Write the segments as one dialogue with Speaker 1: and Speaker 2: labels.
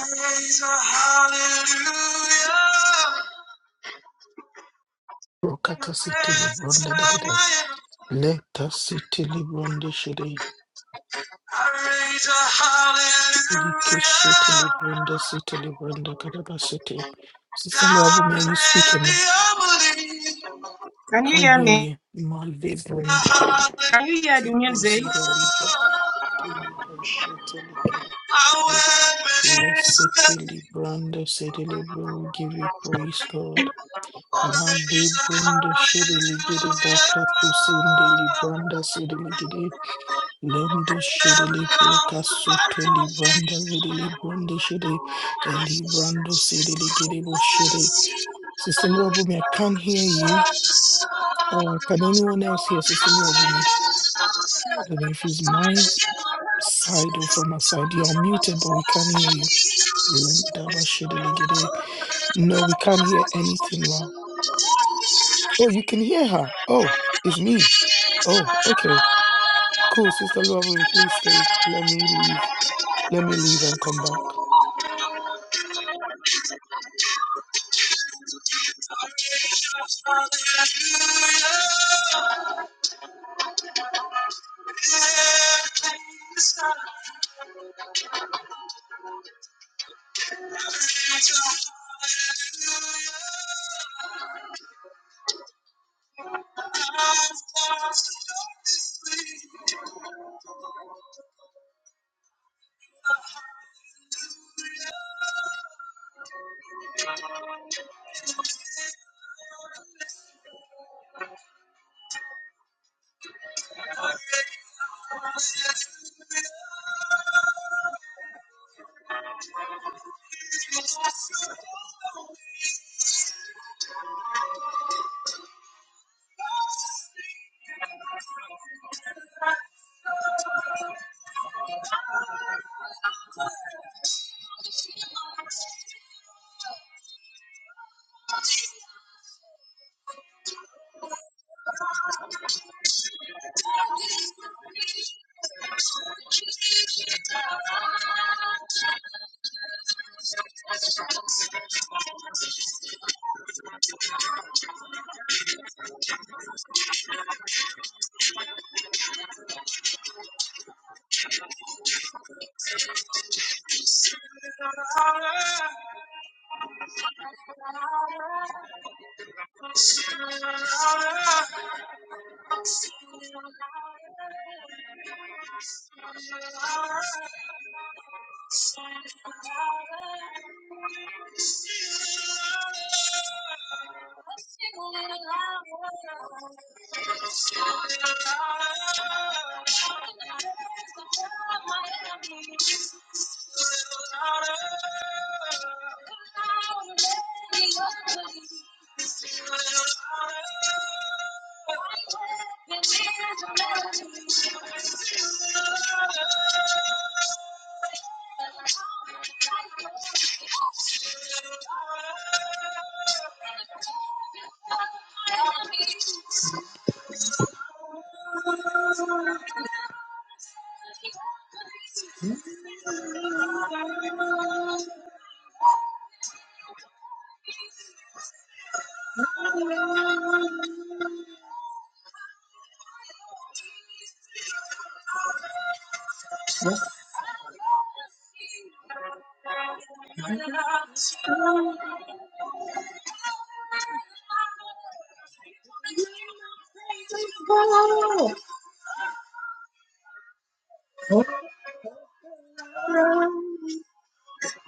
Speaker 1: Praise a hallelujah in the
Speaker 2: Brokata City
Speaker 1: presence
Speaker 2: Librunda da da
Speaker 1: of my enemy.
Speaker 2: Leta City Librunda Shiri.
Speaker 1: I raise a
Speaker 2: Like
Speaker 1: hallelujah
Speaker 2: City Librunda City Librunda Kadaba City. Sister Luabumi, are
Speaker 1: louder
Speaker 2: you
Speaker 1: than
Speaker 2: speaking
Speaker 1: the
Speaker 2: now?
Speaker 1: unbelief. Can you
Speaker 2: Can't
Speaker 1: hear
Speaker 2: hear
Speaker 1: me?
Speaker 2: you. Malibunda.
Speaker 1: Can you hear the music? I
Speaker 2: Kibuzida Libra. Libra Shitty Libra.
Speaker 1: will
Speaker 2: Le
Speaker 1: praise the
Speaker 2: City Libranda, City Libra. We give you praise, God.
Speaker 1: Lord. I Raise a
Speaker 2: Malibrunda Shiri Ligidi
Speaker 1: hallelujah.
Speaker 2: Bakatu Sindi Libranda City Ligidi. Lendo shede libro
Speaker 1: Everyone Fight
Speaker 2: casuto
Speaker 1: for me.
Speaker 2: libranda lede libronde shede elibrando sede ligedebo shede. Sister Luabumi, I can't hear you. Uh, can anyone else hear Sister Luabumi? I don't know if it's my side or from her side. You're muted, but we can't hear you. Lenda ba shede ligede. No, we can't hear anything. Wow. Oh, you can hear her. Oh, it's me. Oh, okay. Cool, Sister Luabumi, please stay. Let me leave. Let me leave and come back.
Speaker 1: I raise a hallelujah.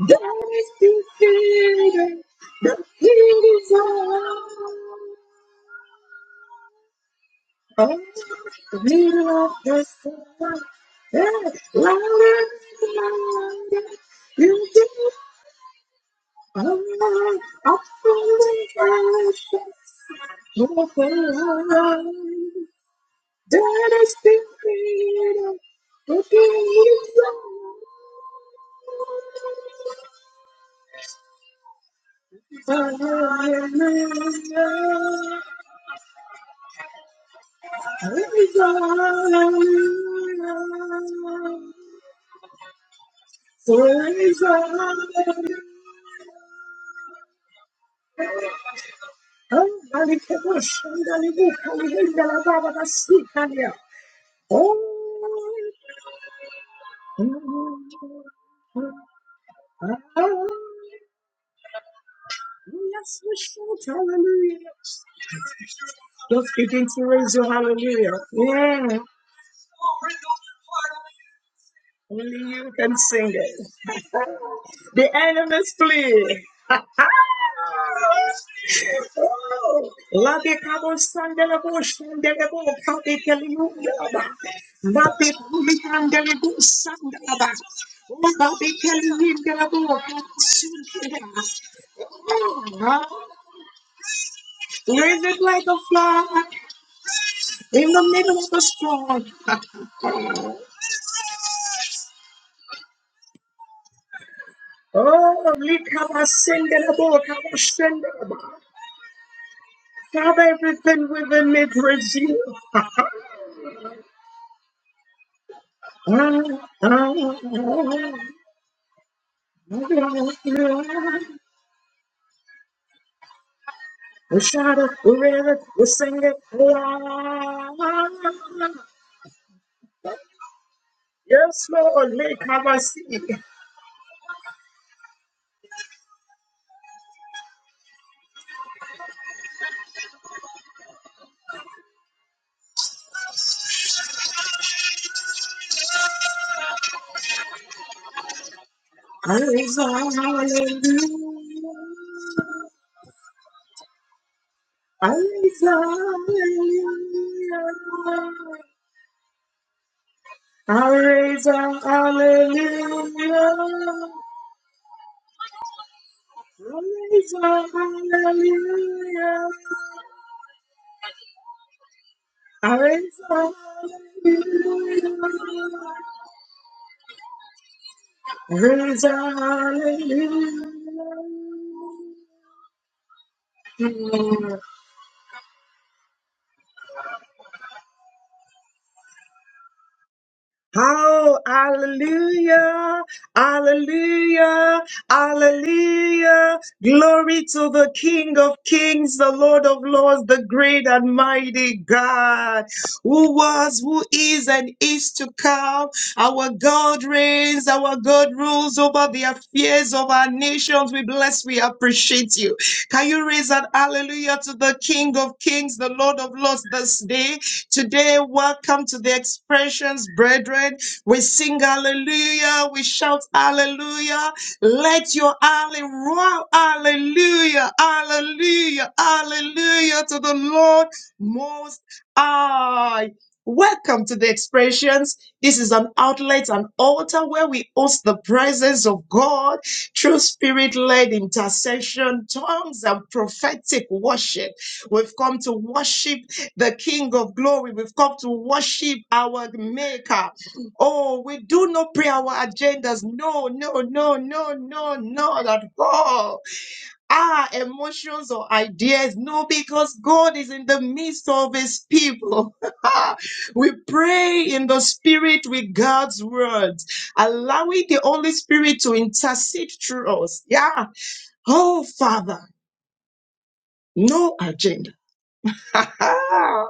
Speaker 1: Don't be scared. The heat is on. Oh, we of the sound that's louder and louder. You give oh, I feel the passion of love. That is the freedom that gives us Hallelujah. Praise the Lord. Oh, Malikebush, Andalibu, Oh, hallelujah. Just begin to raise your hallelujah. Yeah, only you can sing it. The enemies flee. Oh, La Bikabo, Sandalabush, Sandalabu, Kabikaliu, Rabbi Kumitandarabo Sandaraba. Rabbi Kelimindarabo Sundara. Raise it like a flag in the middle of the storm. Oh, Likaba Sendarabo, Kaba Sendaraba. Have everything within me praise you. Ah, ah, ah, ah. We shout it, we read it, we sing it. Ah, ah, ah, ah. Yes, Lord, make my see. Exile, hallelujah. Exile, hallelujah. Exile, hallelujah. Exile, hallelujah. Exile, hallelujah. Oh, hallelujah, hallelujah, hallelujah. Glory to the King of Kings, the Lord of Lords, the great and mighty God, who was, who is, and is to come. Our God reigns, our God rules over the affairs of our nations. We bless, we appreciate you. Can you raise an hallelujah to the King of Kings, the Lord of Lords this day? Today, welcome to the expressions, brethren. We sing hallelujah, we shout hallelujah. Let your hallelujah, roar hallelujah, hallelujah, hallelujah to the Lord Most High. Welcome to the expressions. This is an outlet, an altar where we host the presence of God through spirit led intercession, tongues, and prophetic worship. We've come to worship the King of glory. We've come to worship our Maker. Oh, we do not pray our agendas. No, no, no, no, no, no, not at all. Our emotions or ideas. No, because God is in the midst of His people. we pray in the Spirit with God's words, allowing the Holy Spirit to intercede through us. Yeah. Oh, Father, no agenda.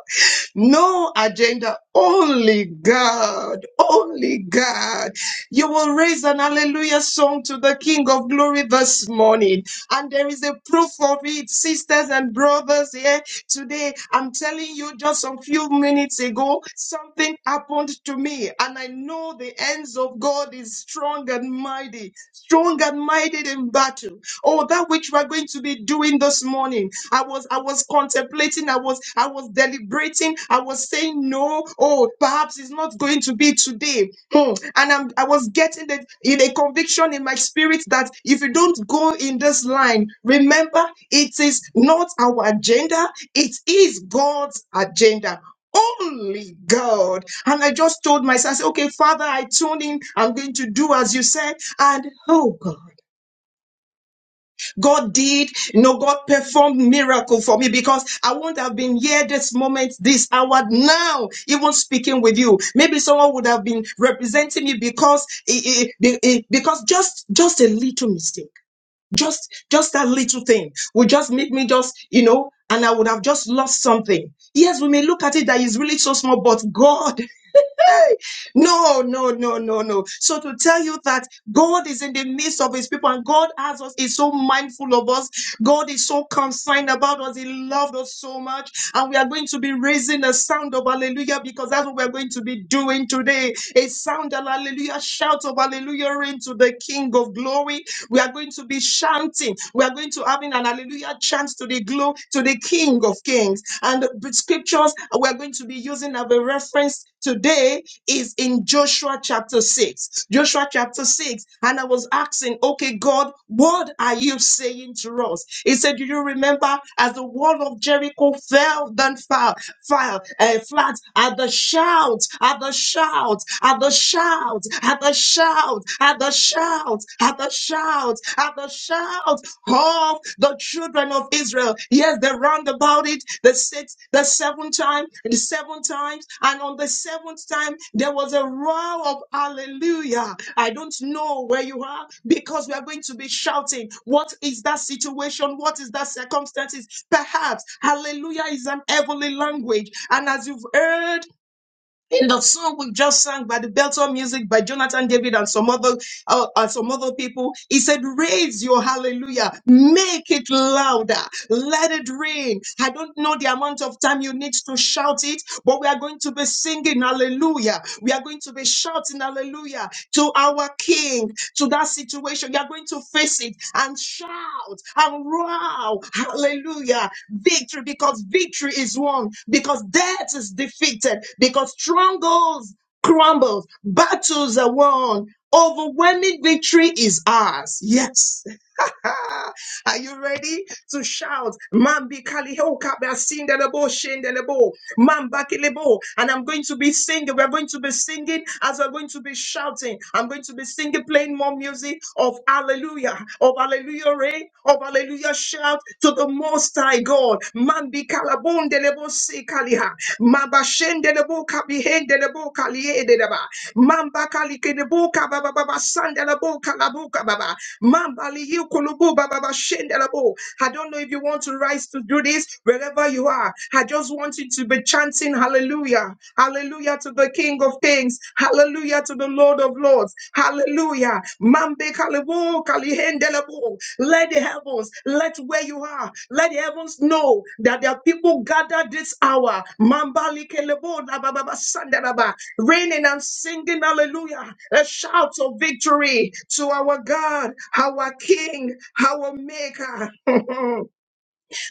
Speaker 1: No agenda, only God, only God. You will raise an hallelujah song to the King of Glory this morning. And there is a proof of it, sisters and brothers here today. I'm telling you, just a few minutes ago, something happened to me. And I know the hands of God is strong and mighty, strong and mighty in battle. Oh, that which we're going to be doing this morning. I was I was contemplating, I was I was deliberating, I was saying no, oh, perhaps it's not going to be today. Hmm. And I'm I was getting the in a conviction in my spirit that if you don't go in this line, remember it is not our agenda, it is God's agenda only God. And I just told myself, I said, okay, Father, I tune in. I'm going to do as you said. And oh God. God did, you know, God performed miracle for me because I wouldn't have been here this moment, this now, even speaking with you. Maybe would have been repeating me because it, it, it- because just just a little mistake, just, just thing, we just you know, and I was loving. Yes, we made it that is really so small, but God, no, no. So to tell you that God is people and God has us mindful of us. God is so concerned about us. He loved us so much. And we are going to be raising a sound of hallelujah because that's what we're going to be doing today. A sound of hallelujah, shout of hallelujah into the King of glory. We are going to be shouting. We are going to having an hallelujah chant to the glow to the King of Kings. And the scriptures we are going to be using as a reference today is in Joshua chapter 6. Joshua chapter 6. And I was asking, okay, God, what are you saying to us? He said, Do you remember as the wall of Jericho fell down fast? fire and flat at the shout, at the shout, at the shout, at the shout, at the shout, at the shout, at the shout, of the children of Israel. Yes, they ran about it the sixth, the seventh time, and the seven times, and on the seventh time there was a roar of hallelujah. I don't know where you are because we are going to be shouting. What is that situation? What is that circumstances? Perhaps hallelujah is an heavenly language, and as you've heard in the song we just sang by the Belton music by Jonathan David and some other uh, and some other people, he said, "Raise your hallelujah, make it louder, let it rain." I don't know the amount of time you need to shout it, but we are going to be singing hallelujah. We are going to be shouting hallelujah to our King, to that situation. You are going to face it and shout and wow, hallelujah. Victory because victory is won, because death is defeated, because strongholds crumbles, battles are won. Overwhelming victory is ours. Yes. Are you ready to shout? Mambi kaliho kabia sindelebo shendelebo. Mamba kilebo. And I'm going to be singing. We're going to be singing as we're going to be shouting. I'm going to be singing, playing more music of hallelujah, of hallelujah rain, of hallelujah shout to the most high God. Mambi kalabondelebo se kaliha. Mabashendelebo kabihendelebo kalihe Mamba kalikidibuka baba baba sandela sandalabuka labuka baba. Mamba liyukulubu baba baba shendela bo. I don't know if you want to rise to do this wherever you are. I just want you to be chanting hallelujah. Hallelujah to the King of Kings. Hallelujah to the Lord of Lords. Hallelujah. Mambe Wo kalihendelebo. Let the heavens, let where you are, let the heavens know that there are people gathered this hour. Mambali kelebo na ba ba ba sanda na ba. Raining and singing hallelujah. A shout of victory to our God, our King, our Maker,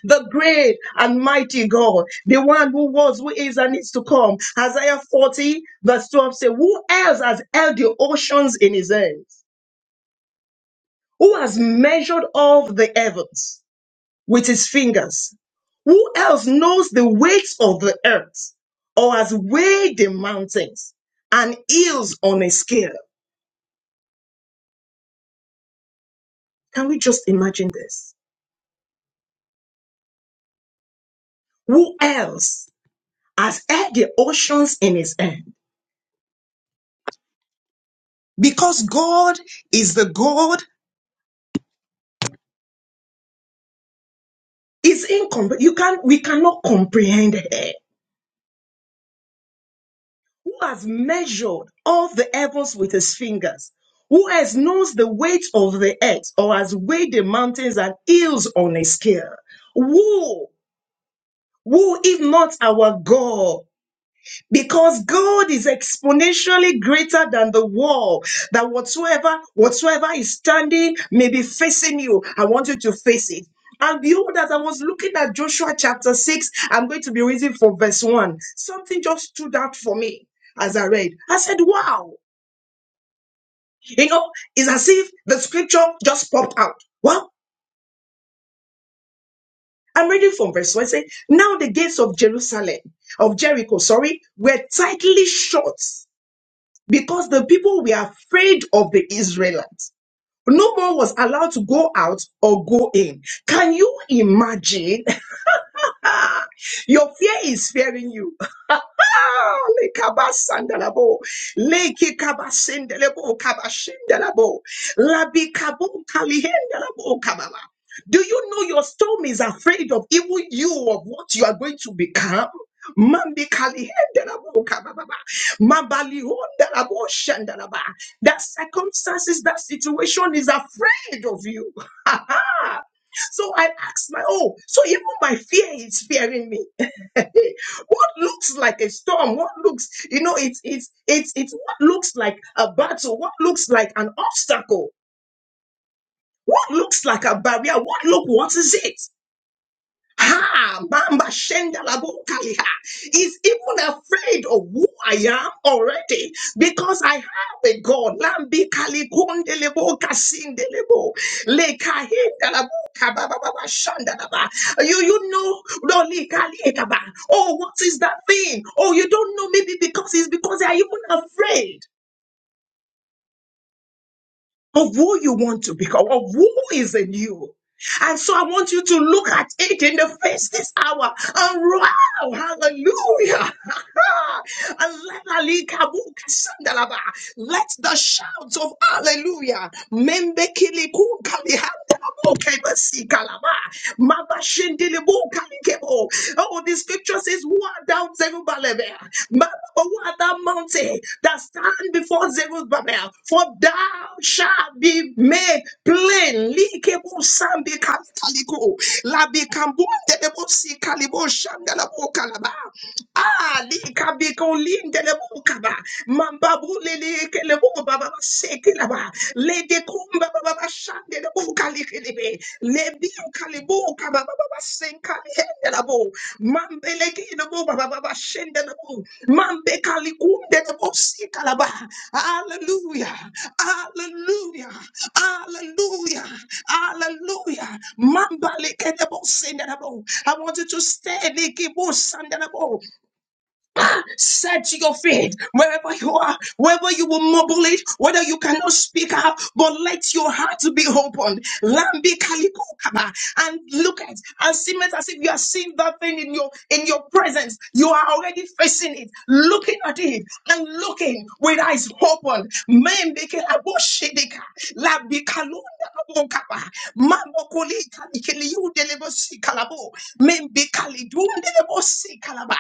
Speaker 1: the great and mighty God, the one who was, who is, and is to come. Isaiah 40, verse 12 says, Who else has held the oceans in his hands? who has measured all the heavens with his fingers? Who else knows the weight of the earth or has weighed the mountains and hills on a scale? Can we just imagine this? Who else has held the oceans in his hand? Because God is the God is incomprehensible. You can we cannot comprehend it. who has measured all the heavens with his fingers, who has knows the weight of the earth, or has weighed the mountains and hills on a scale. Who, who, if not our God? because God is exponentially greater than the wall that whatsoever whatsoever is standing may be facing you I want you to face it and behold as I was looking at Joshua chapter 6 I'm going to be reading from verse 1 something just stood out for me as I read I said wow you know it's as if the scripture just popped out well I'm reading from verse 1 I say now the gates of Jerusalem of Jericho sorry were tightly shut because the people were afraid of the Israelites. No one was allowed to go out or go in. Can you imagine? Your fear is fearing you. Lekabasandelabo. Lekekabasendelebo kabashendelabo. Labikabo kalihendelabo kababa. Do you know your storm is afraid of even you of what you are going to become? Mambi kalihendelabo kabababa. Mabali hondelabo shendelaba. That circumstances, that situation is afraid of you up. So I asked my, oh, so even my fear is fearing me. what looks like a storm, what looks, you know, it's, it's, it's, it's what looks like a battle, what looks like an obstacle, what looks like a barrier, what look, what is it? Ha, Mamba Shenda Labokaliha is even afraid of who I am already because I have a God. Lambi Kalikundelebo Kasindelebo Lekahinda Laboka Baba Baba Shanda Baba. You you know Loli Kaliekaba. Oh, what is that thing? Oh, you don't know maybe because it's because they are even afraid of who you want to become, of who is in you. And so I want you to look at it in the face this hour and wow, hallelujah. Alalikabukasangalaba. Let the shouts of hallelujah. Membekilikunkalihandalabokebesikala. Mabashindilibukalikebo. Oh, the scripture says is what down Zerubbabel. Mama, what that mountain that stand before Zerubbabel. For thou shalt be made plain. Likebo sambi kapitaliko. Labi kambu ndedebo si kalibo shandalabo kalaba. Ah, likabiko lindelebukaba. Mambabu lilekelebu baba sekelaba. Lede kumba baba baba shande lebuka likelebe. Lebi ukalibuka baba baba senkali hendelabo. Mambele kinebu baba baba shende lebu. Mambe kalikunde lebu sikalaba. Hallelujah. Hallelujah. Hallelujah. Hallelujah. Mamba lekelebo sendelebo. I want you to stand. lekibu sandelebo. Set your feet wherever you are, wherever you will mumble it, whether you cannot speak up, but let your heart be opened. Lambi kaliko kaba. And look at and see it as if you are seeing that thing in your in your presence. You are already facing it, looking at it, and looking with eyes open. Men beke labo shedeka. Lambi kalunda labo kaba. Mambo koli kalikeli you deliver sikalabo. Membikali Dundalabo Kalaba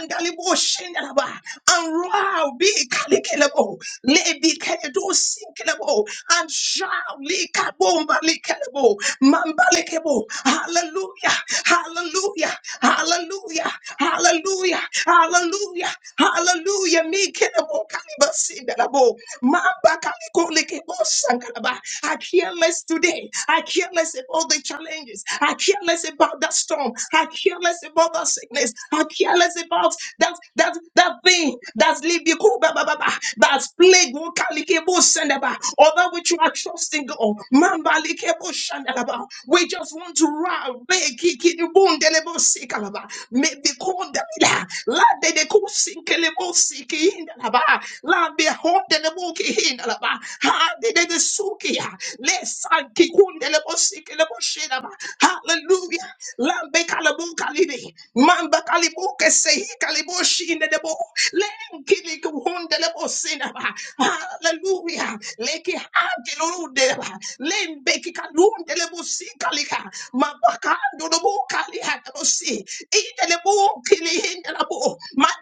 Speaker 1: and Alibo Shendalaba and Rao be Kalikelabo Lebi Keledo Sinkelabo and Shao Likabomba Likelabo Mambalekebo Hallelujah Hallelujah Hallelujah Hallelujah Hallelujah Hallelujah me kelebo kalibasi Sindelabo Mamba Kaliko Likebo Sankalaba I hear less today day. I care less about the challenges. I care less about that storm. I care less about that sickness. I care less about that that that thing that's leaving you, Cool, ba, ba, ba, ba, that's plague won't carry cable send about, or that which you are trusting God. Man, bali shandalaba. We just want to run. Be kiki ni bun delebo sikalaba. Me be konda la. La de de ko sinkelebo siki indalaba. La be hot suki in alaba. Ha de de de suki ya. Le sanki kunde le bosiki le boshida ba. Hallelujah. Lambe kalabu kalibi. Mamba kalibu kesehi kalibu shinde debo. Lenkili kuhunde lebo sinaba. Hallelujah. Leki hagelurudeba. Lembe kikalunde lebo sikalika. Mabakando lebo kaliha lebo si. Ide lebo kili hinde lebo.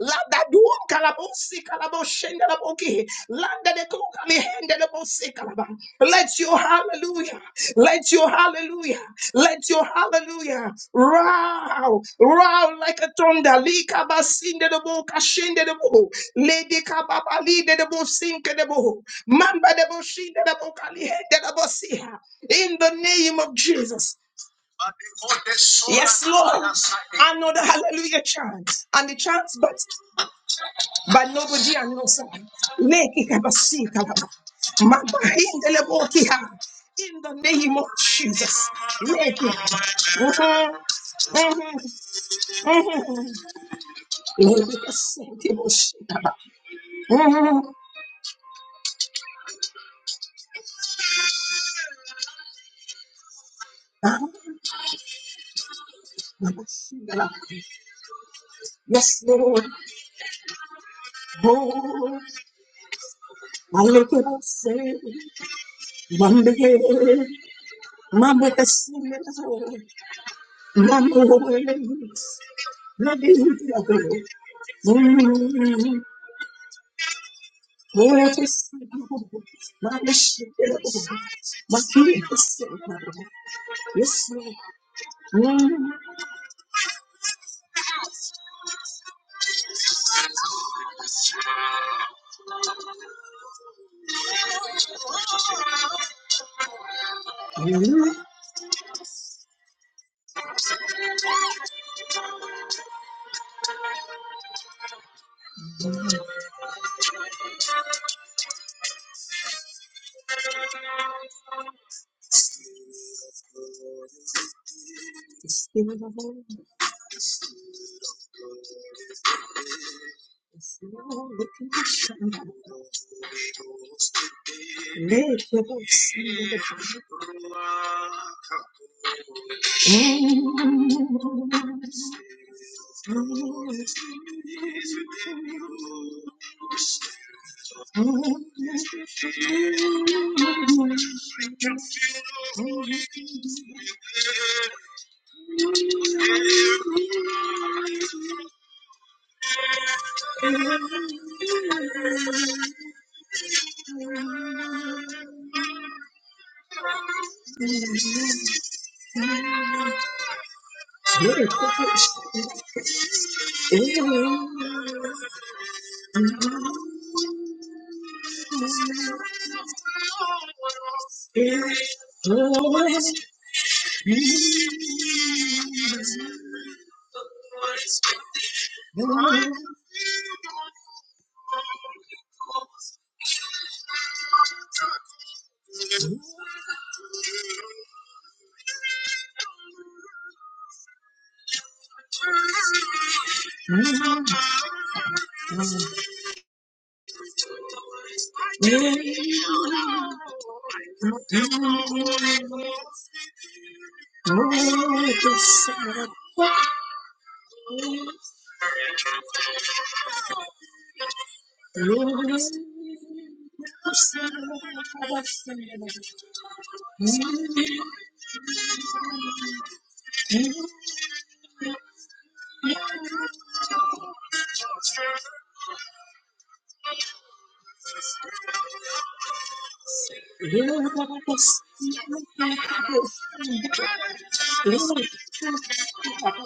Speaker 1: Landa duum kalabosi kalaboshendalaboki. Landa de kukali hendalabosi kalaba. Let your hallelujah, let your hallelujah, let your hallelujah row, row like a thunder. Lika basinde de bo kashinde de bo. Lady kababa lide de bo sinke de bo. Mamba de bo shinde de bo kali de bo siha. In the name of Jesus. Yes, Lord. Another hallelujah chant. And the chant, but but nobody knows. no sign. Make it have a seat, have in the name of Jesus. Make it. Make it a seat, have a so well. so well. Hallelujah, hallelujah, hallelujah, hallelujah,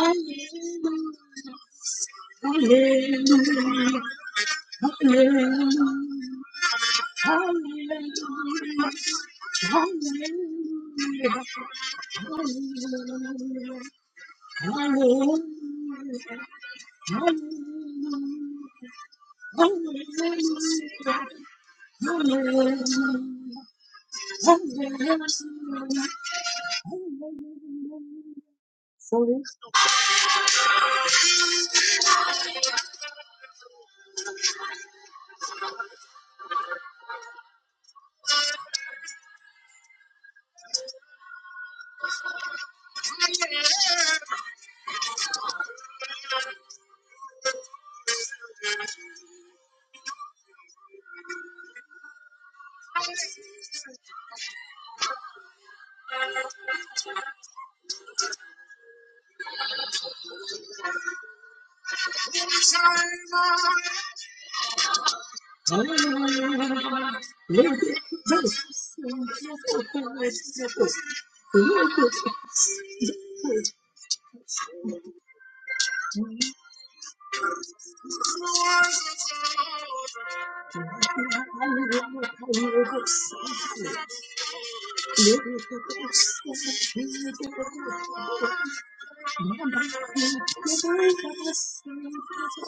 Speaker 1: hallelujah, hallelujah, hallelujah, hallelujah, hallelujah. Sorry.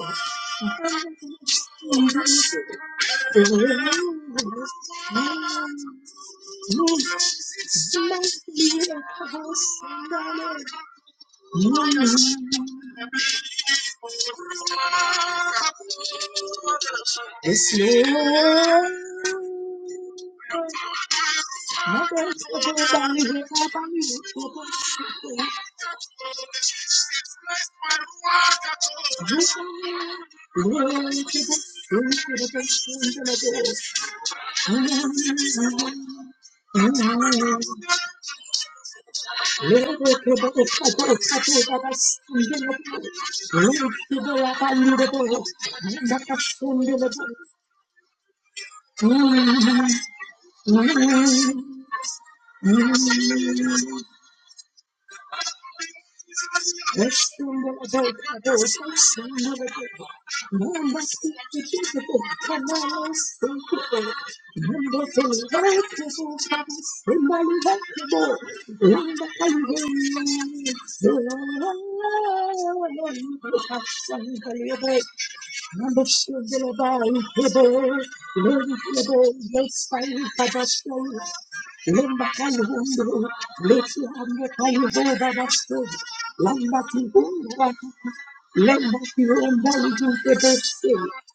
Speaker 1: Thank you. Thank you. Lamba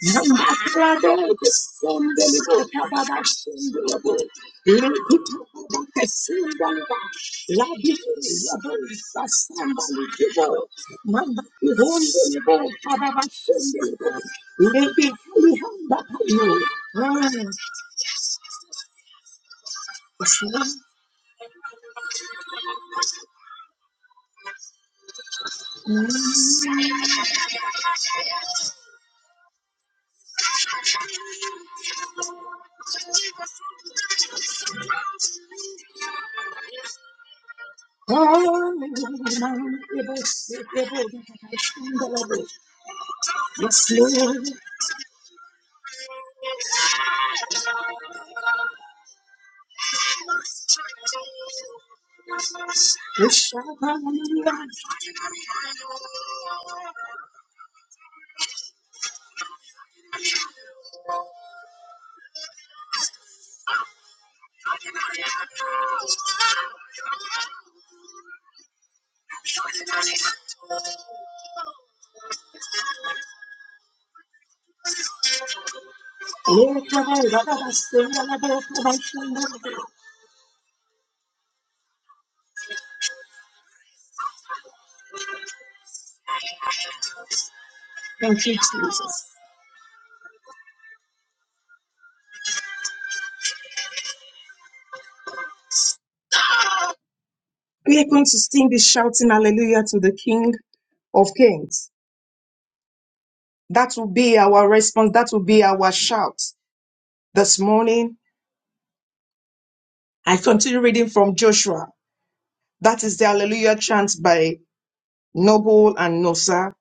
Speaker 1: Thank you, Jesus. We are going to sing this shouting hallelujah to the King of Kings. That will be our response. That will be our shout this morning I continue reading from Joshua. That is the Hallelujah chant by Noble and Nosa.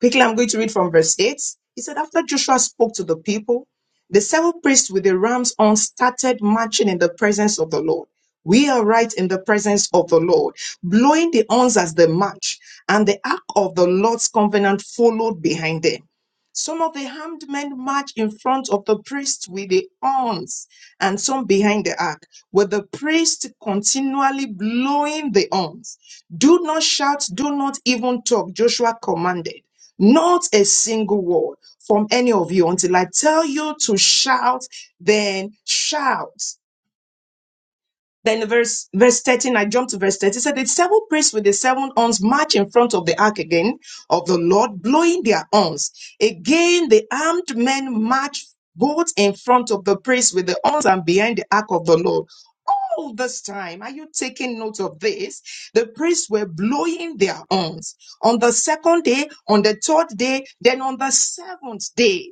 Speaker 1: Quickly, I'm going to read from verse 8. He said, After Joshua spoke to the people, the seven priests with the ram's horn started marching in the presence of the Lord. We are right in the presence of the Lord, blowing the horns as they march, and the ark of the Lord's covenant followed behind them. Some of the armed men marched in front of the priest with the horns, and some behind the ark, with the priest continually blowing the horns. Do not shout, do not even talk, Joshua commanded. Not a single word from any of you until I tell you to shout, then shout. Then in verse verse 13, I jumped to verse 13. It said the seven priests with the seven horns march in front of the ark again of the Lord, blowing their horns. Again, the armed men march both in front of the priests with the horns and behind the ark of the Lord. All this time, are you taking note of this? The priests were blowing their horns on the second day, on the third day, then on the seventh day.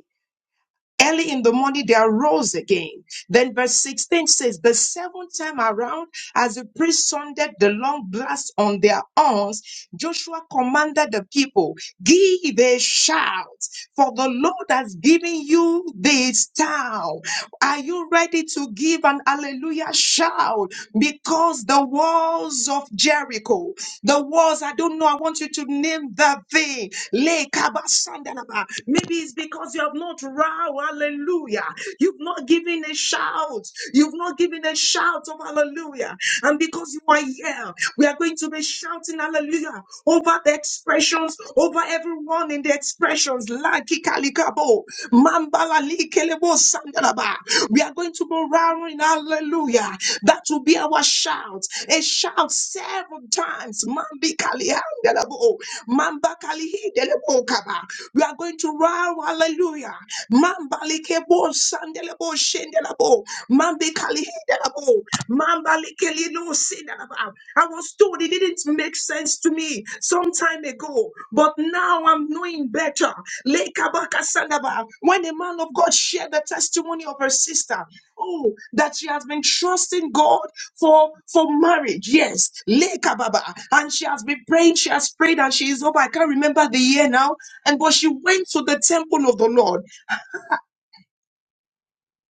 Speaker 1: Early in the morning, they arose again. Then verse 16 says, The seventh time around, as the priest sounded the long blast on their horns, Joshua commanded the people, Give a shout, for the Lord has given you this town. Are you ready to give an hallelujah shout? Because the walls of Jericho, the walls, I don't know, I want you to name that thing Lekabasandalaba. Maybe it's because you have not row, hallelujah. You've not given a shout. You've not given a shout of hallelujah. And because you are here, we are going to be shouting hallelujah over the expressions, over everyone in the expressions. La kikalikabo, mambala likelebo sandalaba. We are going to be roaring hallelujah. That will be our shout. A shout several times. Mambi kalihangalabo, mamba kalihidelebo kaba. We are going to roar hallelujah. Mamba likebo sandelebo shendelabo, mambi kalihidelabo. Mamba likeli no Mambalikelilusinanaba. I was told it didn't make sense to me some time ago, but now I'm knowing better. Lekabakasanaba. When a man of God shared the testimony of her sister, oh, that she has been trusting God for, for marriage. Yes. Lekababa. And she has been praying, she has prayed, and she is over. I can't remember the year now. And but she went to the temple of the Lord.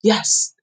Speaker 1: Yes.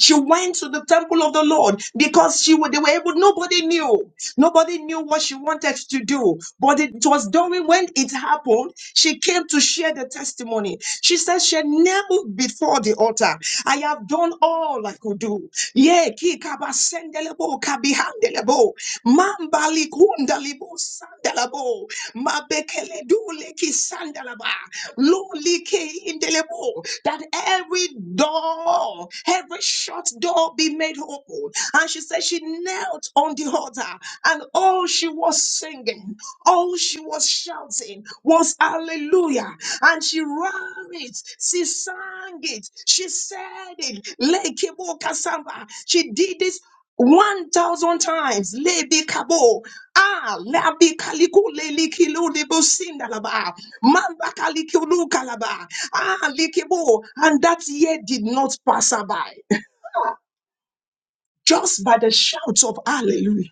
Speaker 1: She went to the temple of the Lord because she wa- they were able, nobody knew. Nobody knew what she wanted to do. But it was during when it happened, she came to share the testimony. She said she had knelt before the altar. I have done all I could do. Yeah, ki kaba sendelebo, kabi handelebo. Mambali kunda libo sandalabo. Mabekele duleki sandalaba. Loli ke indelebo. That every door, every shut door be made open. And she said she knelt on the altar and all she was singing, all she was shouting was hallelujah. And she ran it, she sang it, she said it. Lekebo kasamba. She did this 1,000 times. Lebi kabo. Ah, lebi kaliku leli kilu libo sindalaba. Mamba kalikulu kalaba. Ah, likibo. And that year did not pass her by. Just by the shouts of hallelujah.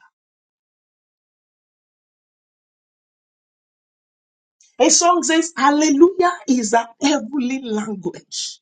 Speaker 1: A song says, Hallelujah is a heavenly language.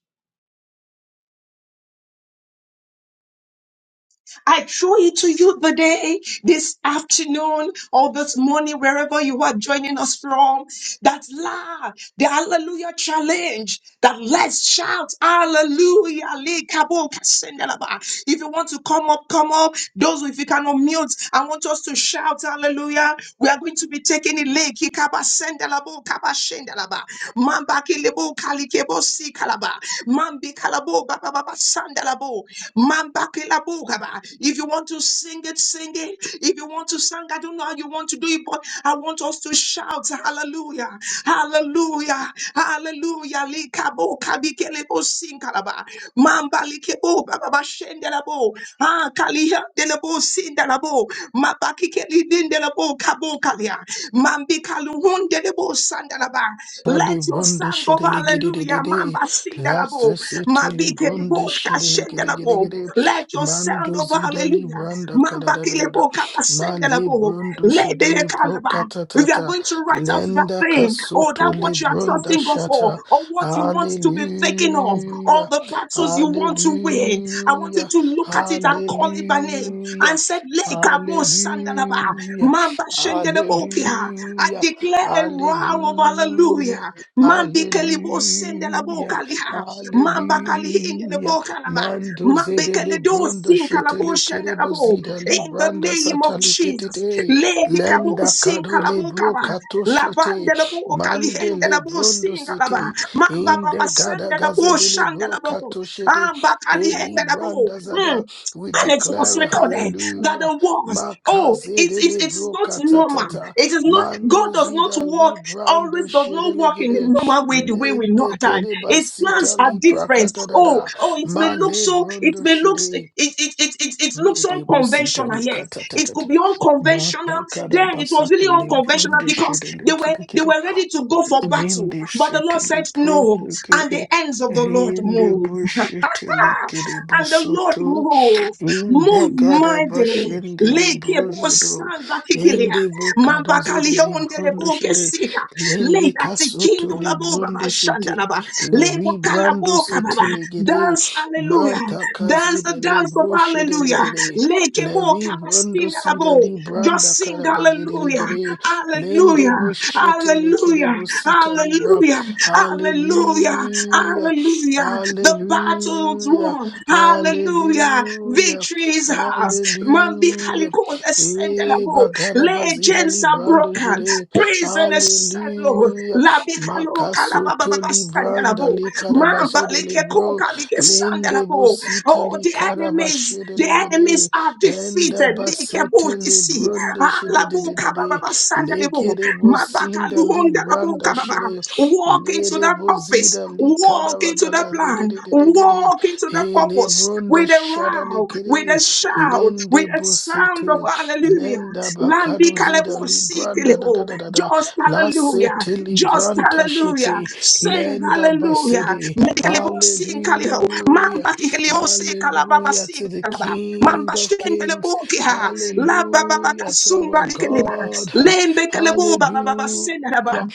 Speaker 1: I throw it to you today, this afternoon, or this morning, wherever you are joining us from. That la, the hallelujah challenge, that let's shout hallelujah. le kabo kasendelaba. If you want to come up, come up. Those, if you cannot mute, I want us to shout hallelujah. We are going to be taking it le kikaba sendelabo kaba shendelaba. Mamba kelebo kalikebo si kalaba. Mambi kalabo baba baba sandalabo. Mambakilabugaba. If you want to sing it, sing it. If you want to sing, I don't know how you want to do it, but I want us to shout hallelujah, hallelujah, hallelujah. Likabo kabikelebo sinkalaba. Mambalikebo bababa shendelabo. Ah, kaliha delebo kalihandelebo sindelabo. Mabakikelidindelebo kabokalia. Mambikaluhundelebo sandalaba. Let your
Speaker 2: Libronde
Speaker 1: song Mango,
Speaker 2: shiddily giddy diddy
Speaker 1: hallelujah.
Speaker 2: day.
Speaker 1: Mamba
Speaker 2: Last
Speaker 1: sindarabo.
Speaker 2: city
Speaker 1: Mabike
Speaker 2: libronde
Speaker 1: libo
Speaker 2: shiddily giddy giddy
Speaker 1: kashendarabo.
Speaker 2: giddy.
Speaker 1: Let your sound
Speaker 2: Mando
Speaker 1: of
Speaker 2: zida
Speaker 1: hallelujah.
Speaker 2: libranda kada
Speaker 1: Mamba
Speaker 2: da da da da.
Speaker 1: kilebo
Speaker 2: Ma
Speaker 1: kabasendarabo.
Speaker 2: librondo
Speaker 1: Let the
Speaker 2: shiddily bro
Speaker 1: kalaba.
Speaker 2: kata
Speaker 1: If you are
Speaker 2: tata.
Speaker 1: going to write out that
Speaker 2: Lenda
Speaker 1: thing, or
Speaker 2: kasuto
Speaker 1: that
Speaker 2: li
Speaker 1: what you are
Speaker 2: brunda
Speaker 1: trusting God for,
Speaker 2: shata.
Speaker 1: or what you want to be thinking of, all
Speaker 2: Hallelujah.
Speaker 1: the battles you want to win, I want you
Speaker 2: Hallelujah.
Speaker 1: to look at it and call it by name and
Speaker 2: Hallelujah.
Speaker 1: said, Lekabo
Speaker 2: Hallelujah.
Speaker 1: Sandalaba, shendelebukia. I
Speaker 2: Hallelujah.
Speaker 1: declare a roar of
Speaker 2: Hallelujah.
Speaker 1: hallelujah. Mandi kelibo
Speaker 2: Hallelujah.
Speaker 1: sendelebukalia. Mamba kali
Speaker 2: Hallelujah.
Speaker 1: indelebukalaba.
Speaker 2: Mando
Speaker 1: Mambi
Speaker 2: zedele
Speaker 1: keledo
Speaker 2: bronda
Speaker 1: sinkalabo
Speaker 2: shetele kerebo
Speaker 1: shendelebo.
Speaker 2: zida
Speaker 1: In the
Speaker 2: libranda
Speaker 1: name of
Speaker 2: satali
Speaker 1: Jesus.
Speaker 2: ketete.
Speaker 1: Lady kabo
Speaker 2: Lenda kadole bro
Speaker 1: sinkalabukaba.
Speaker 2: kato shete.
Speaker 1: Labandelebo
Speaker 2: Mandele
Speaker 1: kalihendelebo
Speaker 2: brondo
Speaker 1: sinkalaba.
Speaker 2: sete.
Speaker 1: Mamba baba
Speaker 2: Inde gada
Speaker 1: sendelebo
Speaker 2: gazedele bro
Speaker 1: shandelebo.
Speaker 2: kato shete.
Speaker 1: Amba
Speaker 2: Eli branda zada.
Speaker 1: kalihendelebo
Speaker 2: We
Speaker 1: and it was
Speaker 2: declare
Speaker 1: recorded that the
Speaker 2: hallelujah.
Speaker 1: was oh it's
Speaker 2: Makazedele
Speaker 1: it's it's
Speaker 2: bro
Speaker 1: not normal
Speaker 2: katatata.
Speaker 1: it is not god
Speaker 2: Mando
Speaker 1: does not
Speaker 2: zida
Speaker 1: walk
Speaker 2: librando
Speaker 1: always does not walk in the
Speaker 2: shedelegere
Speaker 1: normal way the way we know
Speaker 2: lende
Speaker 1: at time
Speaker 2: kere
Speaker 1: his plans
Speaker 2: basita
Speaker 1: are
Speaker 2: libra
Speaker 1: different oh
Speaker 2: katadada
Speaker 1: oh it may
Speaker 2: ma
Speaker 1: look so it
Speaker 2: lebrondo
Speaker 1: may look it
Speaker 2: shede
Speaker 1: it it it, it, it looks
Speaker 2: lede busita
Speaker 1: unconventional
Speaker 2: li
Speaker 1: yes it could
Speaker 2: katatata
Speaker 1: be unconventional
Speaker 2: mata kada
Speaker 1: then it was
Speaker 2: basato
Speaker 1: really unconventional
Speaker 2: lebrondo
Speaker 1: because they were
Speaker 2: shedelegere
Speaker 1: they
Speaker 2: kere
Speaker 1: were ready to go for battle
Speaker 2: lende
Speaker 1: but the
Speaker 2: shete
Speaker 1: lord said
Speaker 2: libro
Speaker 1: no and the
Speaker 2: kere
Speaker 1: ends of the lord
Speaker 2: lende
Speaker 1: moved
Speaker 2: bushete legere
Speaker 1: and the Lord
Speaker 2: busoto
Speaker 1: move,
Speaker 2: Inde
Speaker 1: move
Speaker 2: gada
Speaker 1: mightily.
Speaker 2: bashinde
Speaker 1: Leke bo
Speaker 2: libruzudo,
Speaker 1: sanda kikilia.
Speaker 2: inde bukadozi de
Speaker 1: Mambakalio
Speaker 2: librundo
Speaker 1: ndelebuke
Speaker 2: shere,
Speaker 1: siha.
Speaker 2: lende
Speaker 1: Leba
Speaker 2: kasuto
Speaker 1: tikindo labo baba
Speaker 2: librundo
Speaker 1: shanda
Speaker 2: sete,
Speaker 1: laba.
Speaker 2: le
Speaker 1: Lebo
Speaker 2: vibrando
Speaker 1: kalaboka
Speaker 2: sete
Speaker 1: baba.
Speaker 2: legere,
Speaker 1: Dance hallelujah.
Speaker 2: mata kazi
Speaker 1: Dance the
Speaker 2: de
Speaker 1: dance of
Speaker 2: libro shere
Speaker 1: hallelujah.
Speaker 2: legere,
Speaker 1: Lekebo
Speaker 2: le
Speaker 1: bo
Speaker 2: vibrando
Speaker 1: kamastinda
Speaker 2: si
Speaker 1: labo.
Speaker 2: libranda
Speaker 1: Just sing
Speaker 2: karabazi de
Speaker 1: hallelujah.
Speaker 2: legere, lende
Speaker 1: Hallelujah.
Speaker 2: boshete lekere
Speaker 1: Hallelujah.
Speaker 2: bosita libra,
Speaker 1: Hallelujah. Hallelujah.
Speaker 2: hallelujah,
Speaker 1: Hallelujah. The battle's
Speaker 2: hallelujah.
Speaker 1: won. Hallelujah.
Speaker 2: Hallelujah.
Speaker 1: Victory Jesus. Mambi
Speaker 2: Hallelujah.
Speaker 1: Kaliko, ascend the
Speaker 2: Eh,
Speaker 1: labo.
Speaker 2: bagara bazira
Speaker 1: Legends are
Speaker 2: librando
Speaker 1: broken.
Speaker 2: jere.
Speaker 1: Prison is set, Lord.
Speaker 2: Hallelujah.
Speaker 1: Labikalo
Speaker 2: Makasoto
Speaker 1: kalabababa
Speaker 2: libranda
Speaker 1: sandelabo.
Speaker 2: li karabazere
Speaker 1: Mambalikeko
Speaker 2: libro.
Speaker 1: kalike
Speaker 2: Lende
Speaker 1: sandelabo.
Speaker 2: bosita
Speaker 1: Oh,
Speaker 2: li
Speaker 1: the enemies,
Speaker 2: karabashere
Speaker 1: the
Speaker 2: legere.
Speaker 1: enemies are
Speaker 2: Enda
Speaker 1: defeated. Likebo
Speaker 2: basete
Speaker 1: kisi.
Speaker 2: libranda shede de
Speaker 1: Alabo
Speaker 2: de de de.
Speaker 1: kabababa sandelabo.
Speaker 2: Legere bosinda
Speaker 1: Mabakaluhondelabo
Speaker 2: libranda
Speaker 1: kababa.
Speaker 2: shere.
Speaker 1: Walk into
Speaker 2: Lede
Speaker 1: that office.
Speaker 2: bozida li
Speaker 1: Walk into that that
Speaker 2: karabadaga de de
Speaker 1: plan.
Speaker 2: de de de de.
Speaker 1: Walk into that purpose
Speaker 2: Elebronda
Speaker 1: with a row, with a
Speaker 2: shadalikiri
Speaker 1: shout,
Speaker 2: lende
Speaker 1: with a sound of
Speaker 2: bosete
Speaker 1: hallelujah.
Speaker 2: lenda
Speaker 1: Landi
Speaker 2: bakarozida
Speaker 1: kalebo
Speaker 2: libranda da da
Speaker 1: sikilebo.
Speaker 2: da da da
Speaker 1: Just hallelujah.
Speaker 2: lasete
Speaker 1: Just
Speaker 2: libranta
Speaker 1: hallelujah.
Speaker 2: shiti
Speaker 1: Sing
Speaker 2: lenda
Speaker 1: hallelujah.
Speaker 2: basidi.
Speaker 1: Mekalebo sing kalebo.
Speaker 2: Hallelujah.
Speaker 1: Mamba kikelebo se kalababa
Speaker 2: Hallelujah
Speaker 1: si
Speaker 2: to the
Speaker 1: kalaba.
Speaker 2: King
Speaker 1: Mamba
Speaker 2: of Kings.
Speaker 1: shenkelebo kiha. La baba baka
Speaker 2: Hallelujah to our
Speaker 1: sumba likeleba.
Speaker 2: God. Ha-
Speaker 1: Lembe kelebo baba baba senaba.
Speaker 2: Hallelujah.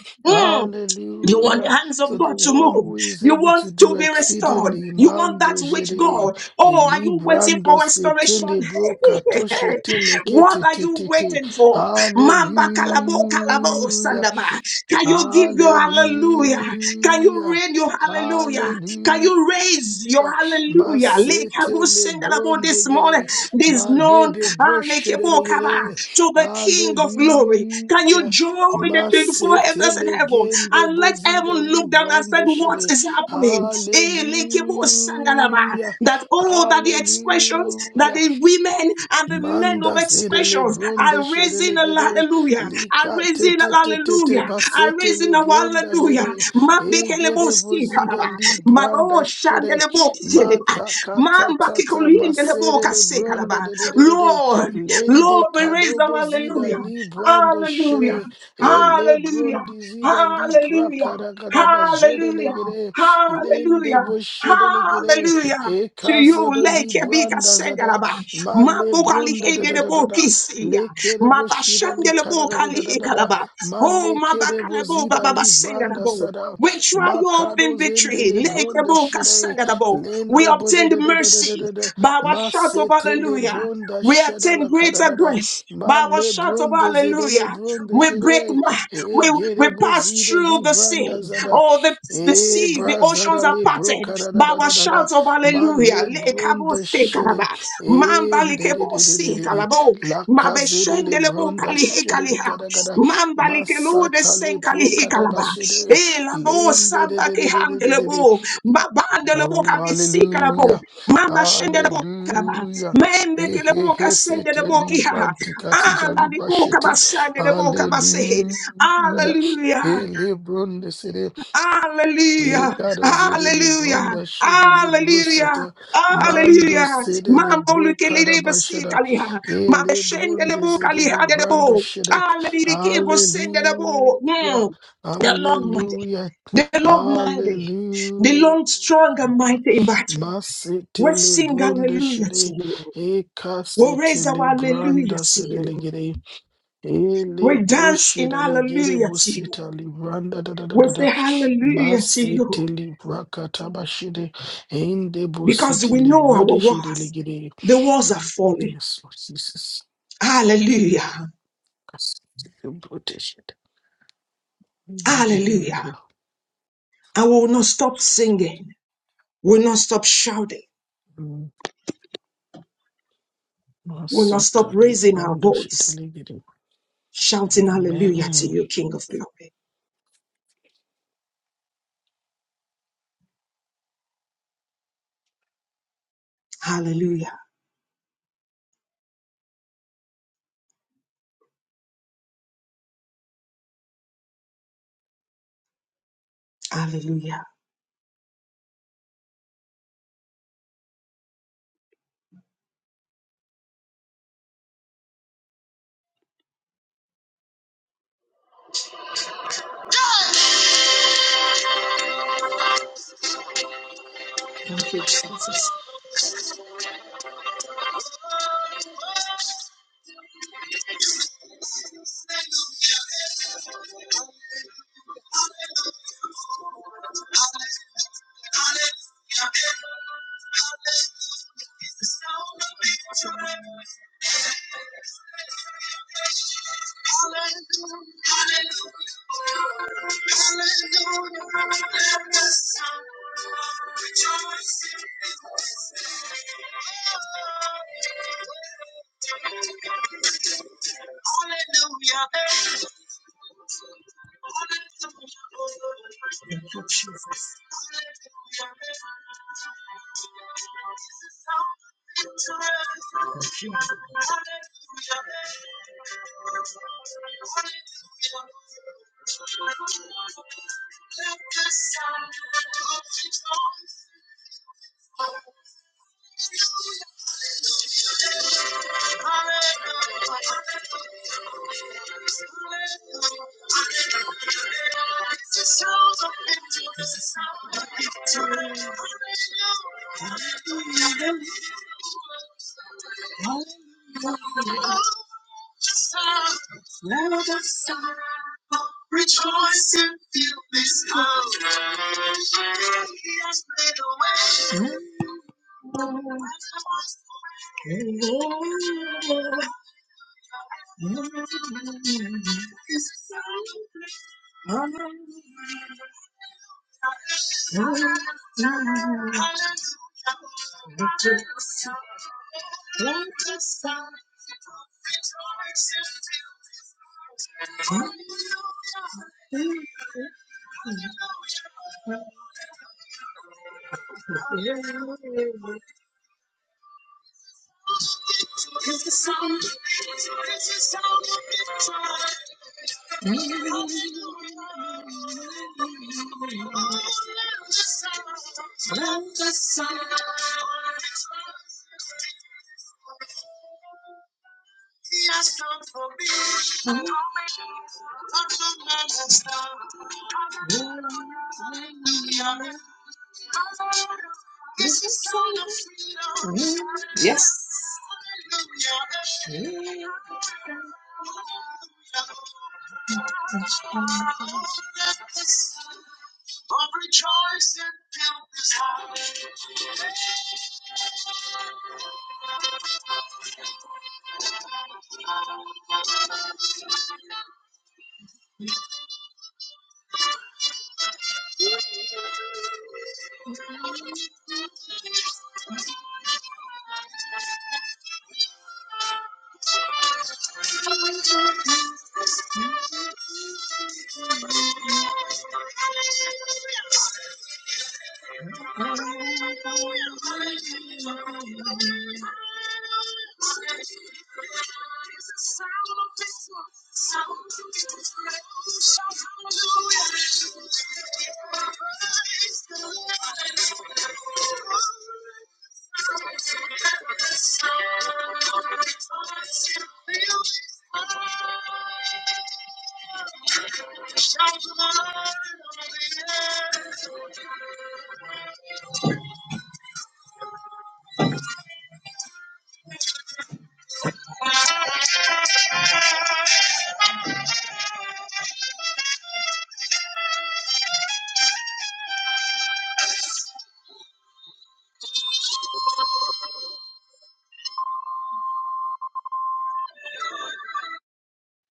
Speaker 1: You want
Speaker 2: Hallelujah
Speaker 1: the hands
Speaker 2: to
Speaker 1: of
Speaker 2: the
Speaker 1: God to
Speaker 2: one
Speaker 1: move.
Speaker 2: who is
Speaker 1: You
Speaker 2: able
Speaker 1: want
Speaker 2: to do
Speaker 1: to be restored.
Speaker 2: exceedingly
Speaker 1: You want
Speaker 2: mando
Speaker 1: that which
Speaker 2: jede
Speaker 1: God. Oh, are you waiting
Speaker 2: elibrando
Speaker 1: for restoration?
Speaker 2: setele broca toshe tele kete
Speaker 1: What are you
Speaker 2: tete
Speaker 1: waiting for? Mamba kalabo kalabo
Speaker 2: hallelujah
Speaker 1: sandaba. Can you give your hallelujah? Can you
Speaker 2: Hallelujah.
Speaker 1: rain your hallelujah? Can you raise your
Speaker 2: Hallelujah.
Speaker 1: hallelujah? Like I was
Speaker 2: Masetele
Speaker 1: singing about this morning,
Speaker 2: brondegere.
Speaker 1: this known
Speaker 2: Malede
Speaker 1: ah, like a walk about,
Speaker 2: broshedelegere.
Speaker 1: to the King of glory. Can you
Speaker 2: Hallelujah.
Speaker 1: join the 24 elders in
Speaker 2: Masetele
Speaker 1: heaven
Speaker 2: gende
Speaker 1: and let
Speaker 2: bozida
Speaker 1: heaven look down and said,
Speaker 2: librando
Speaker 1: What
Speaker 2: shede.
Speaker 1: is happening? Eh,
Speaker 2: Hallelujah.
Speaker 1: that all that the expressions that
Speaker 2: Hallelujah.
Speaker 1: the women and the men of
Speaker 2: Manda zedele
Speaker 1: expressions
Speaker 2: bronda
Speaker 1: are raising
Speaker 2: shedele
Speaker 1: a
Speaker 2: gede
Speaker 1: hallelujah, are
Speaker 2: lika te
Speaker 1: raising a
Speaker 2: te te te te
Speaker 1: hallelujah, are
Speaker 2: basete
Speaker 1: raising
Speaker 2: le
Speaker 1: a
Speaker 2: bronda
Speaker 1: hallelujah.
Speaker 2: jede e gede bozida
Speaker 1: Mabekelebosikadaba.
Speaker 2: li branda shere
Speaker 1: Maboshandelebokeleba.
Speaker 2: mata kata tata masede le bronda
Speaker 1: Mambakikulindelebokasekalaba.
Speaker 2: de de de de de
Speaker 1: Lord,
Speaker 2: lende
Speaker 1: Lord, we raise
Speaker 2: kado
Speaker 1: a
Speaker 2: bozida
Speaker 1: hallelujah,
Speaker 2: li brando
Speaker 1: hallelujah,
Speaker 2: shede e le
Speaker 1: hallelujah.
Speaker 2: brondi zida li
Speaker 1: Hallelujah.
Speaker 2: prakada kada basede le
Speaker 1: Hallelujah.
Speaker 2: gede lende
Speaker 1: Hallelujah.
Speaker 2: bo shede le gede
Speaker 1: Hallelujah.
Speaker 2: e
Speaker 1: To you,
Speaker 2: kazodo
Speaker 1: like
Speaker 2: li
Speaker 1: a big
Speaker 2: branda zada
Speaker 1: ascenderaba.
Speaker 2: Male
Speaker 1: Mabukali
Speaker 2: bronda da da da da
Speaker 1: hedelebo
Speaker 2: da.
Speaker 1: kisia.
Speaker 2: Le kerebo shida li kada
Speaker 1: Mabashandelebo
Speaker 2: da da
Speaker 1: kali
Speaker 2: da da da da.
Speaker 1: hekalaba. Oh,
Speaker 2: Male kerebo
Speaker 1: mabakalebo
Speaker 2: zida
Speaker 1: bababa
Speaker 2: li branda
Speaker 1: senderabo.
Speaker 2: sada.
Speaker 1: We triumph
Speaker 2: Makado
Speaker 1: in
Speaker 2: zende
Speaker 1: victory.
Speaker 2: le bronda
Speaker 1: Lekebo
Speaker 2: shire.
Speaker 1: kasenderabo. We
Speaker 2: Lende bo da
Speaker 1: obtained
Speaker 2: da da da da da
Speaker 1: mercy
Speaker 2: da da.
Speaker 1: by our shout of
Speaker 2: Masete le
Speaker 1: hallelujah.
Speaker 2: bronda
Speaker 1: We
Speaker 2: shada
Speaker 1: attain
Speaker 2: la kada
Speaker 1: greater
Speaker 2: da da.
Speaker 1: grace by our
Speaker 2: Male
Speaker 1: shout of
Speaker 2: bronda zede le
Speaker 1: hallelujah.
Speaker 2: bronda
Speaker 1: We break,
Speaker 2: shire.
Speaker 1: ma-
Speaker 2: E
Speaker 1: we, we
Speaker 2: gerebo
Speaker 1: pass
Speaker 2: zida
Speaker 1: through
Speaker 2: li
Speaker 1: the
Speaker 2: branda
Speaker 1: sea.
Speaker 2: zada.
Speaker 1: Oh, the, the
Speaker 2: E
Speaker 1: seas, the
Speaker 2: brazada
Speaker 1: oceans are
Speaker 2: le bro
Speaker 1: parted
Speaker 2: kada da
Speaker 1: by
Speaker 2: da
Speaker 1: our
Speaker 2: da da da.
Speaker 1: shout of hallelujah.
Speaker 2: Male
Speaker 1: Lekabo
Speaker 2: bronda
Speaker 1: se
Speaker 2: shere.
Speaker 1: kalaba. Mamba
Speaker 2: In de de
Speaker 1: likebo
Speaker 2: de de de
Speaker 1: se
Speaker 2: de de
Speaker 1: kalabo.
Speaker 2: la casa Endededededede. Lakazedele
Speaker 1: Mabeshendelebo
Speaker 2: bronda
Speaker 1: kalihe
Speaker 2: shedele
Speaker 1: kaliha.
Speaker 2: gada gada.
Speaker 1: Mamba likelo de
Speaker 2: Masatale
Speaker 1: sen kalihe
Speaker 2: brokada
Speaker 1: kalaba.
Speaker 2: bashede.
Speaker 1: Elabo
Speaker 2: lin de. de
Speaker 1: samba
Speaker 2: de de de de de de de
Speaker 1: kihandelebo. Mabandelebo
Speaker 2: Oh,
Speaker 1: kabisi kalabo.
Speaker 2: hallelujah.
Speaker 1: Mamba sende de boca la ba.
Speaker 2: Hallelujah.
Speaker 1: Mende
Speaker 2: He
Speaker 1: che le
Speaker 2: he he Hey, hey,
Speaker 1: boca
Speaker 2: hey,
Speaker 1: sende de boca
Speaker 2: setele
Speaker 1: ha. Ah, la
Speaker 2: brantikatishali
Speaker 1: di boca ba
Speaker 2: bashete.
Speaker 1: sende de boca ba se.
Speaker 2: Hallelujah.
Speaker 1: Hallelujah!
Speaker 2: he lebron
Speaker 1: Hallelujah!
Speaker 2: Igado zidili
Speaker 1: Hallelujah!
Speaker 2: brunda shidele brusata
Speaker 1: Hallelujah!
Speaker 2: mando
Speaker 1: Alleluia.
Speaker 2: zidili
Speaker 1: Mambo
Speaker 2: bru
Speaker 1: lu che le riva si
Speaker 2: karabashada
Speaker 1: calia. Ma
Speaker 2: ele
Speaker 1: scende le
Speaker 2: brunde
Speaker 1: boca li
Speaker 2: zidili
Speaker 1: ha de
Speaker 2: brando
Speaker 1: bo.
Speaker 2: shide
Speaker 1: Alleluia che vo sende de bo.
Speaker 2: hallelujah
Speaker 1: The Lord mighty.
Speaker 2: hallelujah
Speaker 1: The Lord mighty. The Lord strong and
Speaker 2: hallelujah
Speaker 1: mighty in battle. We
Speaker 2: masitili
Speaker 1: sing
Speaker 2: brunda
Speaker 1: hallelujah to
Speaker 2: shide
Speaker 1: you. We'll raise
Speaker 2: ekasitili
Speaker 1: our hallelujah
Speaker 2: branda
Speaker 1: to you.
Speaker 2: zidili gidi ele
Speaker 1: We dance in
Speaker 2: brushidili gidi
Speaker 1: hallelujah to you.
Speaker 2: busita libranda da da da
Speaker 1: We
Speaker 2: da da
Speaker 1: say hallelujah to you
Speaker 2: Masetili brakatabashide in the
Speaker 1: because we
Speaker 2: busitili
Speaker 1: know our
Speaker 2: brodeshide
Speaker 1: worth.
Speaker 2: ligide.
Speaker 1: The walls are falling.
Speaker 2: Yes, Lord Jesus.
Speaker 1: Hallelujah.
Speaker 2: Kasetili brodeshide.
Speaker 1: Hallelujah.
Speaker 2: Hallelujah.
Speaker 1: and we will not stop singing. We'll not stop shouting.
Speaker 2: Mm,
Speaker 1: We'll not stop
Speaker 2: Masatali
Speaker 1: raising our
Speaker 2: brandoshide
Speaker 1: voice,
Speaker 2: ligide.
Speaker 1: shouting hallelujah
Speaker 2: Amen.
Speaker 1: to you, King of Glory. Hallelujah.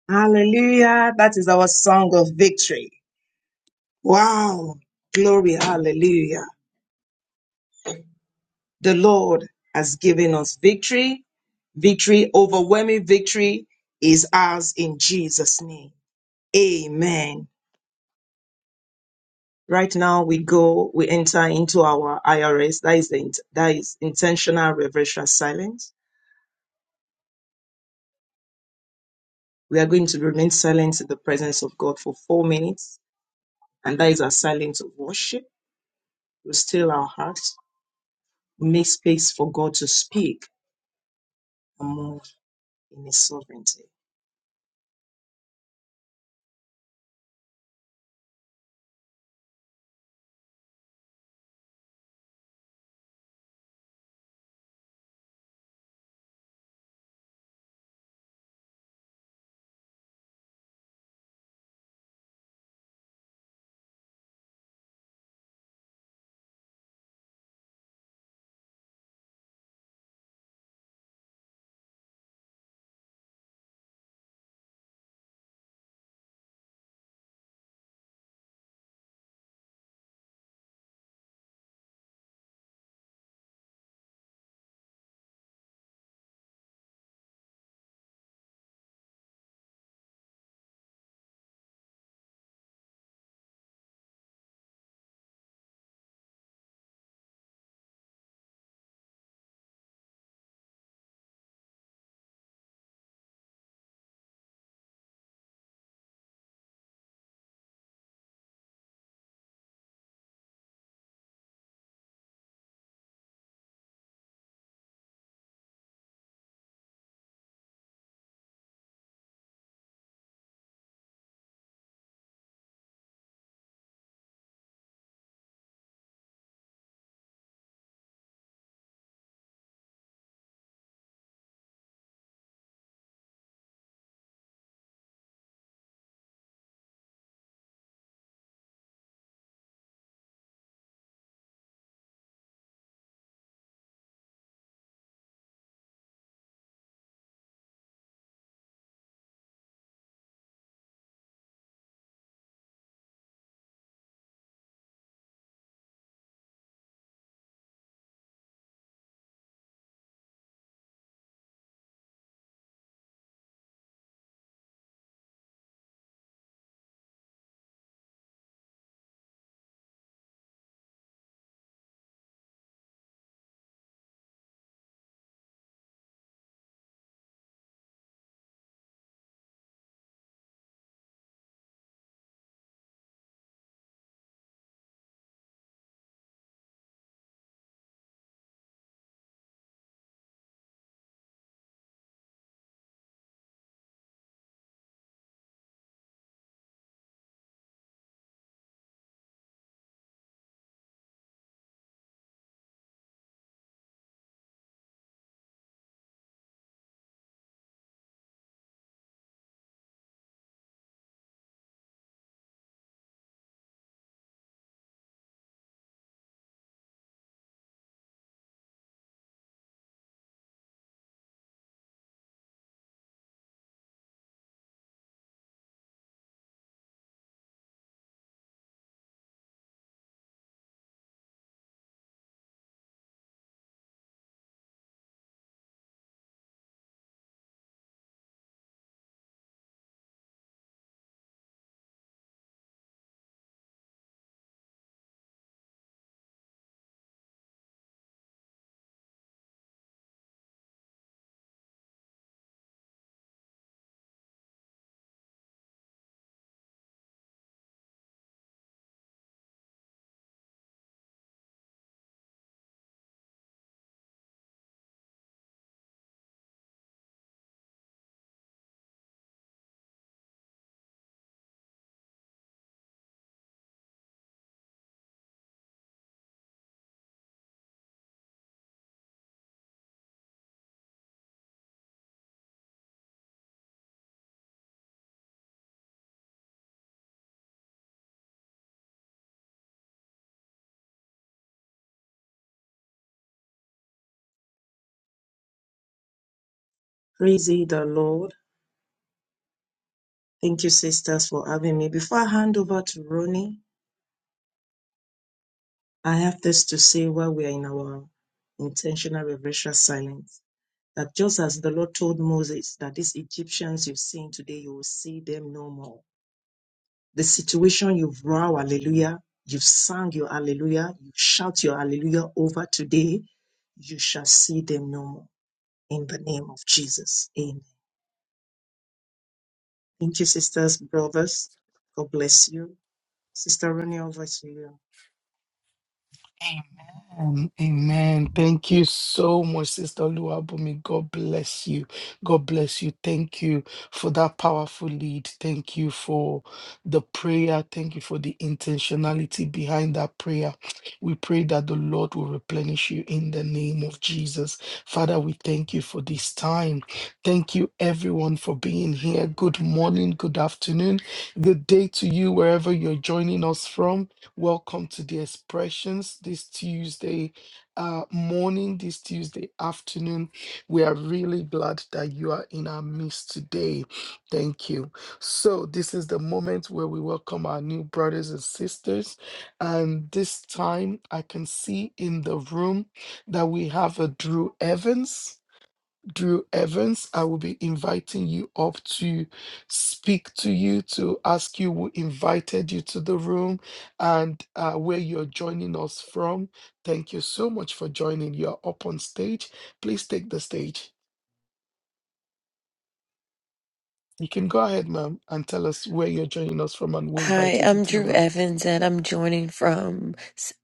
Speaker 1: Hallelujah. That is our song of victory. Oh, glory. Hallelujah. The Lord has given us victory. Victory, overwhelming victory is ours in Jesus' name. Amen. Right now we go, we enter into our IRS. That is the, int- that is intentional reverential silence. We are going to remain silent in the presence of God for four minutes. And that is our silence of worship. We still our hearts. We make space for God to speak and move in His sovereignty. Praise ye the Lord. Thank you, sisters, for having me. Before I hand over to Ronnie, I have this to say while we are in our intentional reverential silence. That just as the Lord told Moses that these Egyptians you've seen today, you will see them no more. The situation you've roared hallelujah, you've sung your hallelujah, you shout your hallelujah over today, you shall see them no more. In the name of Jesus. Amen. Thank you, sisters, brothers. God bless you. Sister Ronnie, over to you.
Speaker 2: Amen. Amen. Thank you so much, Sister Luabumi. God bless you. God bless you. Thank you for that powerful lead. Thank you for the prayer. Thank you for the intentionality behind that prayer. We pray that the Lord will replenish you in the name of Jesus. Father, we thank you for this time. Thank you, everyone, for being here. Good morning, good afternoon, good day to you, wherever you're joining us from. Welcome to the expressions this Tuesday uh, morning, this Tuesday afternoon. We are really glad that you are in our midst today. Thank you. So, this is the moment where we welcome our new brothers and sisters. And this time, I can see in the room that we have a Drew Evans. Drew Evans. I will be inviting you up to speak to you, to ask you who invited you to the room and uh, where you're joining us from. Thank you so much for joining. You're up on stage. Please take the stage. You can go ahead, ma'am, and tell us where you're joining us from and who
Speaker 3: Hi,
Speaker 2: invited you
Speaker 3: I'm
Speaker 2: to the
Speaker 3: Drew
Speaker 2: room.
Speaker 3: Evans, and I'm joining from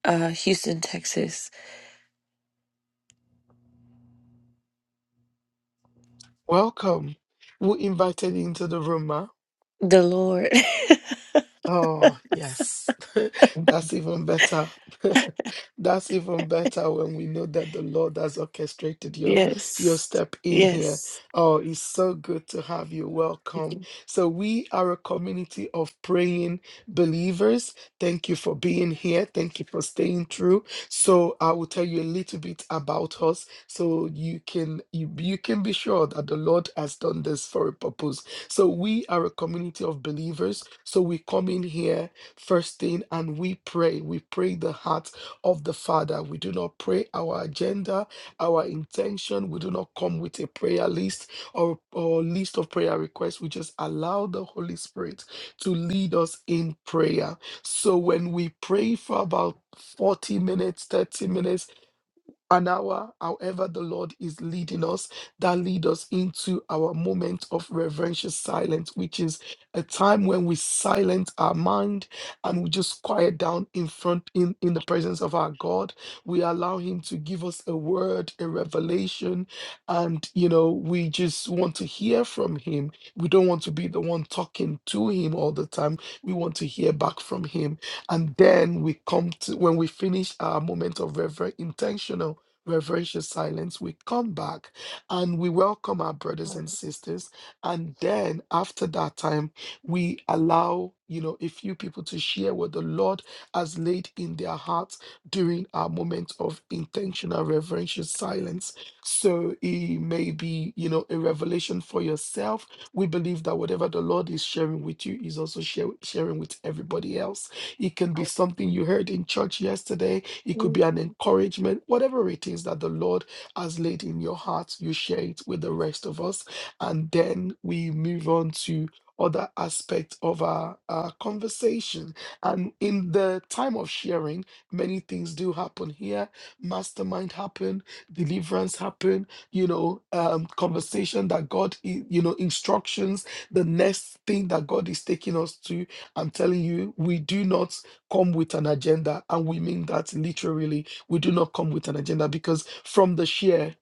Speaker 3: uh, Houston, Texas.
Speaker 2: Welcome. Who invited you into the room, ma?
Speaker 3: The Lord.
Speaker 2: Oh, yes. That's even better. That's even better when we know that the Lord has orchestrated your your
Speaker 3: Yes.
Speaker 2: step in here.
Speaker 3: Yes.
Speaker 2: Oh, it's so good to have you. Welcome. So we are a community of praying believers. Thank you for being here. Thank you for staying through. So I will tell you a little bit about us so you can you, you can be sure that the Lord has done this for a purpose so we are a community of believers. So we come in here first thing and we pray. We pray the heart of the Father. We do not pray our agenda, our intention. We do not come with a prayer list or, or list of prayer requests. We just allow the Holy Spirit to lead us in prayer. So when we pray for about 40 minutes, 30 minutes, an hour, however, the Lord is leading us, that lead us into our moment of reverential silence, which is a time when we silence our mind and we just quiet down in front in, in the presence of our God. We allow Him to give us a word, a revelation, and you know, we just want to hear from Him. We don't want to be the one talking to Him all the time. We want to hear back from Him. And then we come to when we finish our moment of reverent intentional reverential silence, we come back and we welcome our brothers and sisters. And then after that time, we allow, you know, a few people to share what the Lord has laid in their hearts during our moment of intentional reverential silence. So it may be, you know, a revelation for yourself. We believe that whatever the Lord is sharing with you is also share, sharing with everybody else. It can be something you heard in church yesterday it could be an encouragement, whatever it is that the Lord has laid in your heart, you share it with the rest of us. And then we move on to other aspects of our, our conversation. And in the time of sharing, many things do happen here. Mastermind happen, deliverance happen, you know, um, conversation that God, i- you know, instructions, the next thing that God is taking us to. I'm telling you, we do not come with an agenda. And we mean that literally. We do not come with an agenda because from the share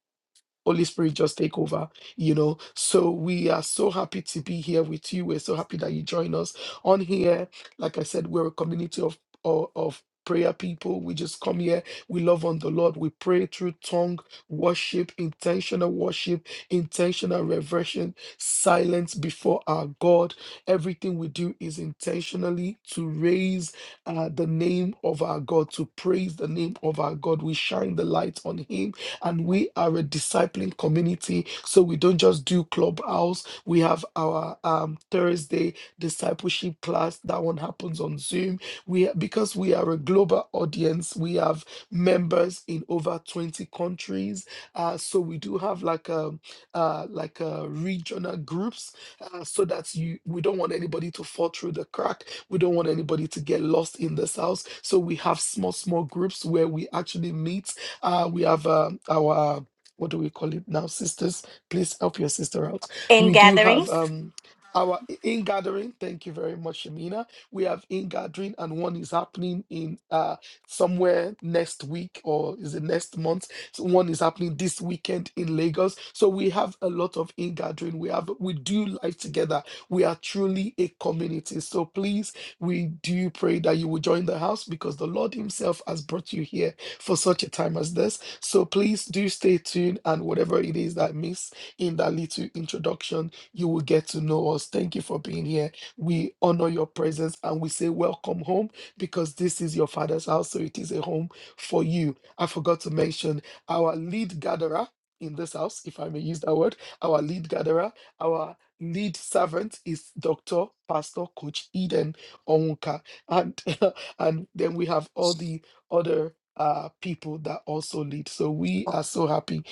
Speaker 2: Holy Spirit, just take over, you know. So we are so happy to be here with you. We're so happy that you join us on here. Like I said, we're a community of of, of prayer people. We just come here. We love on the Lord. We pray through tongue worship, intentional worship, intentional reversion, silence before our God. Everything we do is intentionally to raise uh, the name of our God, to praise the name of our God. We shine the light on Him and we are a discipling community. So we don't just do clubhouse. We have our um, Thursday discipleship class. That one happens on Zoom. We because we are a global audience. We have members in over twenty countries. Uh, so we do have like a uh, like a regional groups uh, so that you we don't want anybody to fall through the crack. We don't want anybody to get lost in this house. So we have small small groups where we actually meet uh, we have uh, our, uh, what do we call it now, sisters? Please help your sister out.
Speaker 4: in
Speaker 2: We do have
Speaker 4: gatherings.
Speaker 2: um, our in gathering. Thank you very much, Shamina. We have in gathering, and one is happening in uh, somewhere next week or is it next month? So one is happening this weekend in Lagos. So we have a lot of in gathering. We have we do life together. We are truly a community. So please we do pray that you will join the house because the Lord Himself has brought you here for such a time as this. So please do stay tuned, and whatever it is that I miss in that little introduction, you will get to know us. Thank you for being here. We honor your presence and we say welcome home because this is your father's house, so it is a home for you. I forgot to mention our lead gatherer. In this house, if I may use that word, our lead gatherer, our lead servant is Dr. Pastor Coach Eden Onwuka. And and then we have all the other uh, people that also lead. So we are so happy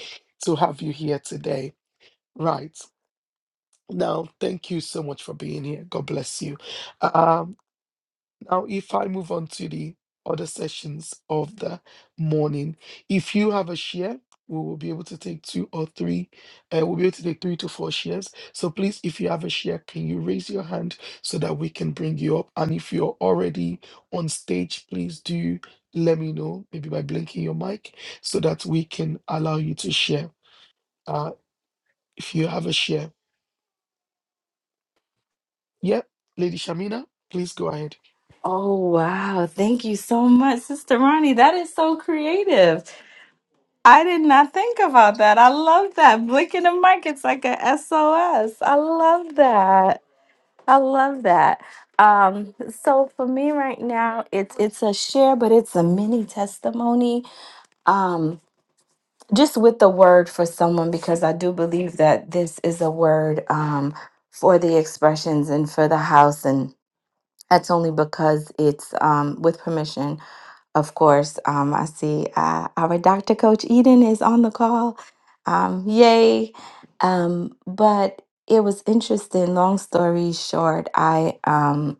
Speaker 2: to have you here today. Right. Now, thank you so much for being here. God bless you. Um. Now, if I move on to the other sessions of the morning, if you have a share, we will be able to take two or three. Uh, we'll be able to take three to four shares. So please, if you have a share, can you raise your hand so that we can bring you up? And if you're already on stage, please do let me know, maybe by blinking your mic, so that we can allow you to share. Uh, if you have a share, yeah, Lady Shamina, please go ahead.
Speaker 4: Oh, wow. Thank you so much, Sister Ronnie. That is so creative. I did not think about that. I love that. Blinking the mic, it's like a SOS. I love that. I love that. Um, so for me right now, it's it's a share, but it's a mini testimony. Um, just with the word for someone, because I do believe that this is a word um for the expressions and for the house. and. That's only because it's um, with permission, of course. Um, I see uh, our Dr. Coach Eden is on the call. Um, yay. Um, but it was interesting. Long story short, I. Um,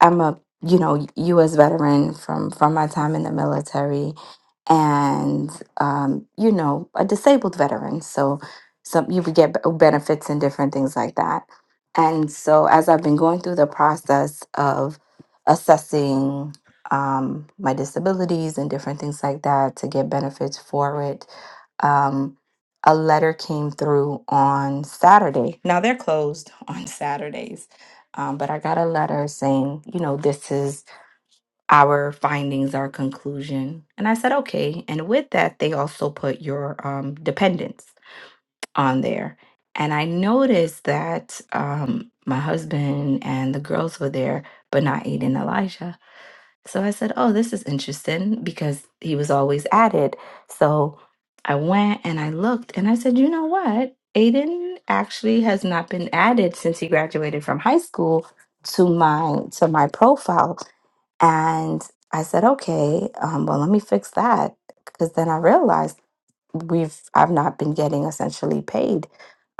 Speaker 4: I'm a you know U.S. veteran from from my time in the military, and um, you know a disabled veteran. So some you would get b- benefits and different things like that. And so as I've been going through the process of assessing um, my disabilities and different things like that to get benefits for it. Um, a letter came through on Saturday. Now they're closed on Saturdays um, but I got a letter saying, you know, this is our findings, our conclusion. And I said, okay. And with that, they also put your um, dependents on there. And I noticed that um, my husband and the girls were there, but not Aiden and Elijah. So I said, Oh, this is interesting because he was always at it. So I went and I looked and I said, You know what? Aiden actually has not been added since he graduated from high school to my to my profile. And I said, Okay, um, well, let me fix that. Because then I realized we've I've not been getting essentially paid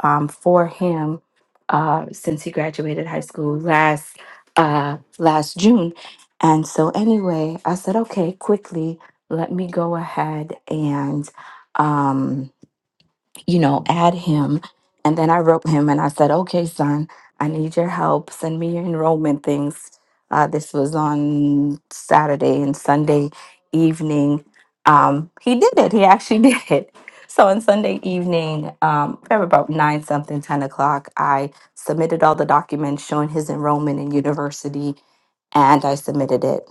Speaker 4: um, for him uh, since he graduated high school last uh, last June, and so anyway, I said, okay, quickly, let me go ahead and. Um, you know, add him. And then I wrote him and I said, okay, son, I need your help. Send me your enrollment things. Uh, this was on Saturday and Sunday evening. Um, he did it. He actually did it. So on Sunday evening, um, probably about nine something, 10 o'clock, I submitted all the documents showing his enrollment in university and I submitted it.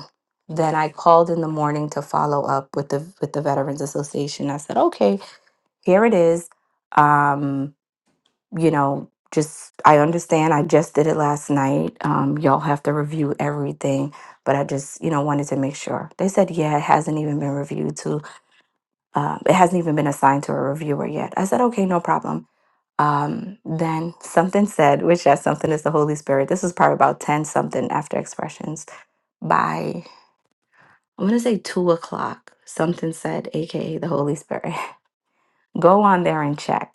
Speaker 4: Then I called in the morning to follow up with the with the Veterans Association. I said, okay, here it is um you know just i understand i just did it last night um y'all have to review everything but i just you know wanted to make sure they said yeah it hasn't even been reviewed to uh, it hasn't even been assigned to a reviewer yet i said okay no problem um then something said which that something is the holy spirit this was probably about 10 something after expressions by i'm gonna say two o'clock something said aka the holy spirit go on there and check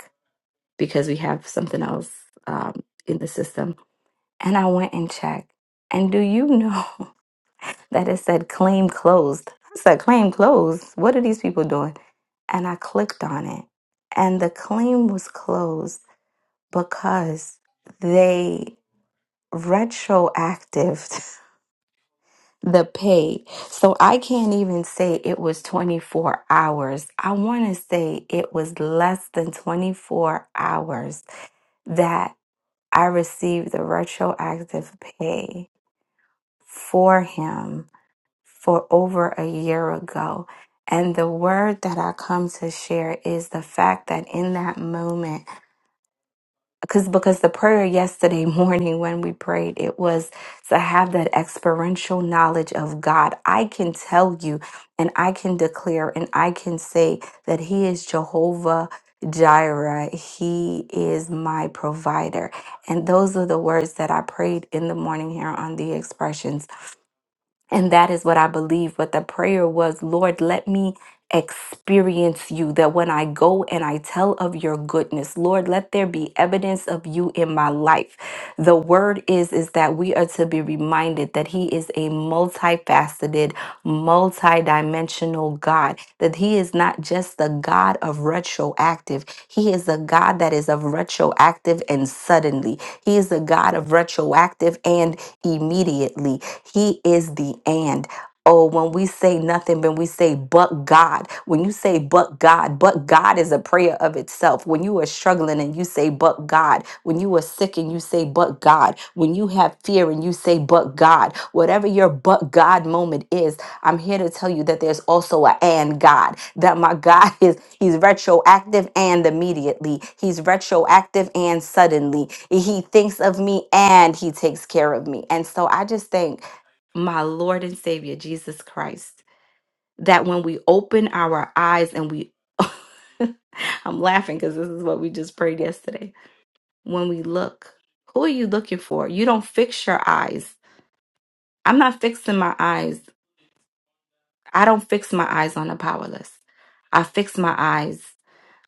Speaker 4: because we have something else um, in the system. And I went and checked. And do you know that it said claim closed? I said, claim closed. What are these people doing? And I clicked on it. And the claim was closed because they retroactive the pay. So I can't even say it was 24 hours. I want to say it was less than 24 hours that I received the retroactive pay for him for over a year ago. And the word that I come to share is the fact that in that moment, because because the prayer yesterday morning when we prayed it was to have that experiential knowledge of God. I can tell you and I can declare and I can say that he is Jehovah Jireh. He is my provider. And those are the words that I prayed in the morning here on the expressions and that is what I believe. But the prayer was, Lord, let me experience you. That when I go and I tell of your goodness, Lord, let there be evidence of you in my life. The word is, is that we are to be reminded that He is a multifaceted, multi-dimensional God. That He is not just the God of retroactive. He is a God that is of retroactive and suddenly. He is a God of retroactive and immediately. He is the and. Oh, when we say nothing, when we say but God, when you say but God, but God is a prayer of itself. When you are struggling and you say but God, when you are sick and you say but God, when you have fear and you say but God, whatever your but God moment is, I'm here to tell you that there's also a and God. That my God is He's retroactive and immediately. He's retroactive and suddenly. He thinks of me and He takes care of me. And so I just thank my Lord and Savior Jesus Christ that when we open our eyes and we I'm laughing because this is what we just prayed yesterday. When we look, who are you looking for? You don't fix your eyes. I'm not fixing my eyes. I don't fix my eyes on the powerless. I fix my eyes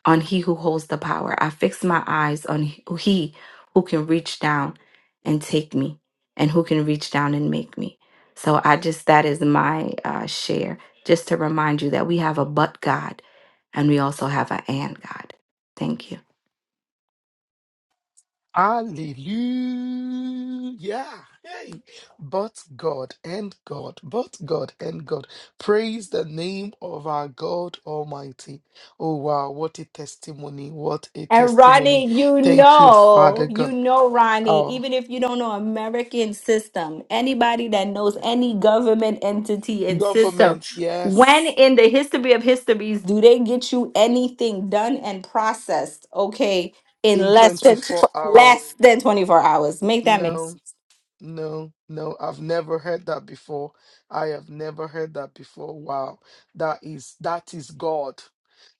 Speaker 4: on he who holds the power. I fix my eyes on he who can reach down and take me and who can reach down and make me. So I just, that is my uh, share, just to remind you that we have a but God and we also have an and God. Thank you.
Speaker 2: Hallelujah. Hey. But God and God, but God and God. Praise the name of our God Almighty. Oh, wow. What a testimony. What a
Speaker 4: And
Speaker 2: testimony.
Speaker 4: Ronnie, you
Speaker 2: Thank you, Father
Speaker 4: know, you
Speaker 2: God.
Speaker 4: know, Ronnie,
Speaker 2: Our
Speaker 4: even if you don't know American system, anybody that knows any government entity and system,
Speaker 2: government,
Speaker 4: when
Speaker 2: yes,
Speaker 4: in the history of histories do they get you anything done and processed, okay, in
Speaker 2: in
Speaker 4: less than
Speaker 2: 24 hours.
Speaker 4: less than 24 hours? Make that make
Speaker 2: No.
Speaker 4: sense.
Speaker 2: No, no, I've never heard that before. I have never heard that before. Wow. That is that is God.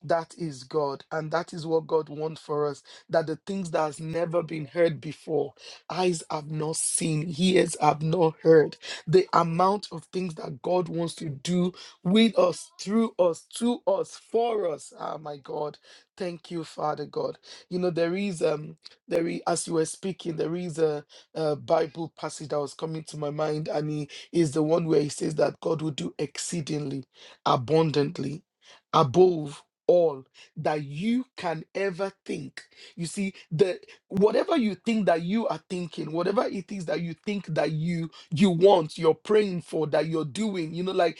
Speaker 2: That is God. And that is what God wants for us. That the things that has never been heard before, eyes have not seen, ears have not heard. The amount of things that God wants to do with us, through us, to us, for us. Ah my God. Thank you, Father God. You know, there is um there is as you were speaking, there is a uh, Bible passage that was coming to my mind, and he is the one where he says that God will do exceedingly, abundantly, above all that you can ever think. You see, the whatever you think that you are thinking, whatever it is that you think that you you want, you're praying for, that you're doing, you know, like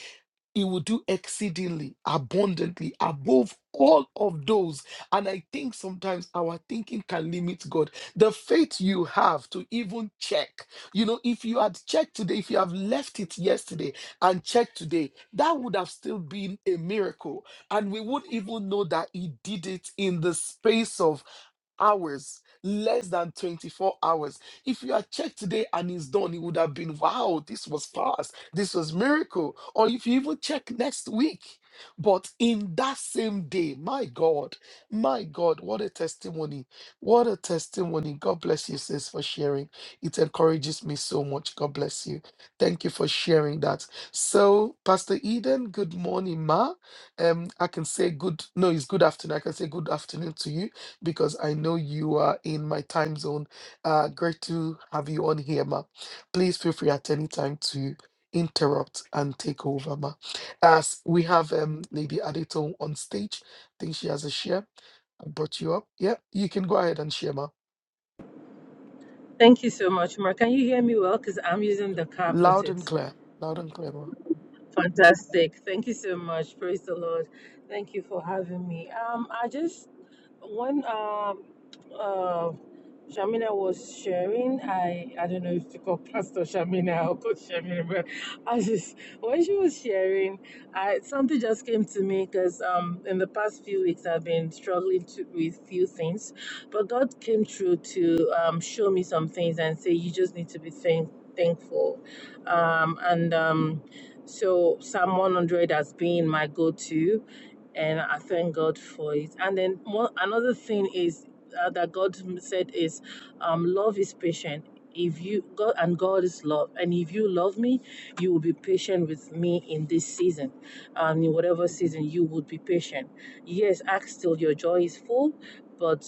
Speaker 2: he will do exceedingly abundantly above all of those and i think sometimes our thinking can limit god the faith you have to even check. You know, if you had checked today, if you have left it yesterday and checked today, that would have still been a miracle. And we would not even know that he did it in the space of hours, less than 24 hours. If you had checked today and it's done, it would have been wow, this was fast, this was miracle. Or if you even check next week. But in that same day, my God, my God, what a testimony. What a testimony. God bless you, sis, for sharing. It encourages me so much. God bless you. Thank you for sharing that. So, Pastor Eden, good morning, Ma. Um, I can say good, no, it's good afternoon. I can say good afternoon to you because I know you are in my time zone. Uh, great to have you on here, Ma. Please feel free at any time to interrupt and take over, Ma. As we have um, Lady Adeton on stage, I think she has a share. I brought you up. Yeah, you can go ahead and share, Ma.
Speaker 5: Thank you so much, Mar. Can you hear me well? Because I'm using the car
Speaker 2: Loud
Speaker 5: Bluetooth.
Speaker 2: and clear. Loud and clear, Ma.
Speaker 5: Fantastic. Thank you so much. Praise the Lord. Thank you for having me. Um, I just when um uh Shamina was sharing, I I don't know if to call Pastor Shamina or Coach Shamina, but I just when she was sharing, I something just came to me because um in the past few weeks I've been struggling to, with few things, but God came through to um show me some things and say you just need to be thank, thankful, um and um. So Psalm 100 has been my go-to, and I thank God for it. And then one another thing is uh, that God said is, um, love is patient. If you God and God is love, and if you love me, you will be patient with me in this season, um, in whatever season you would be patient. Yes, ask till your joy is full, but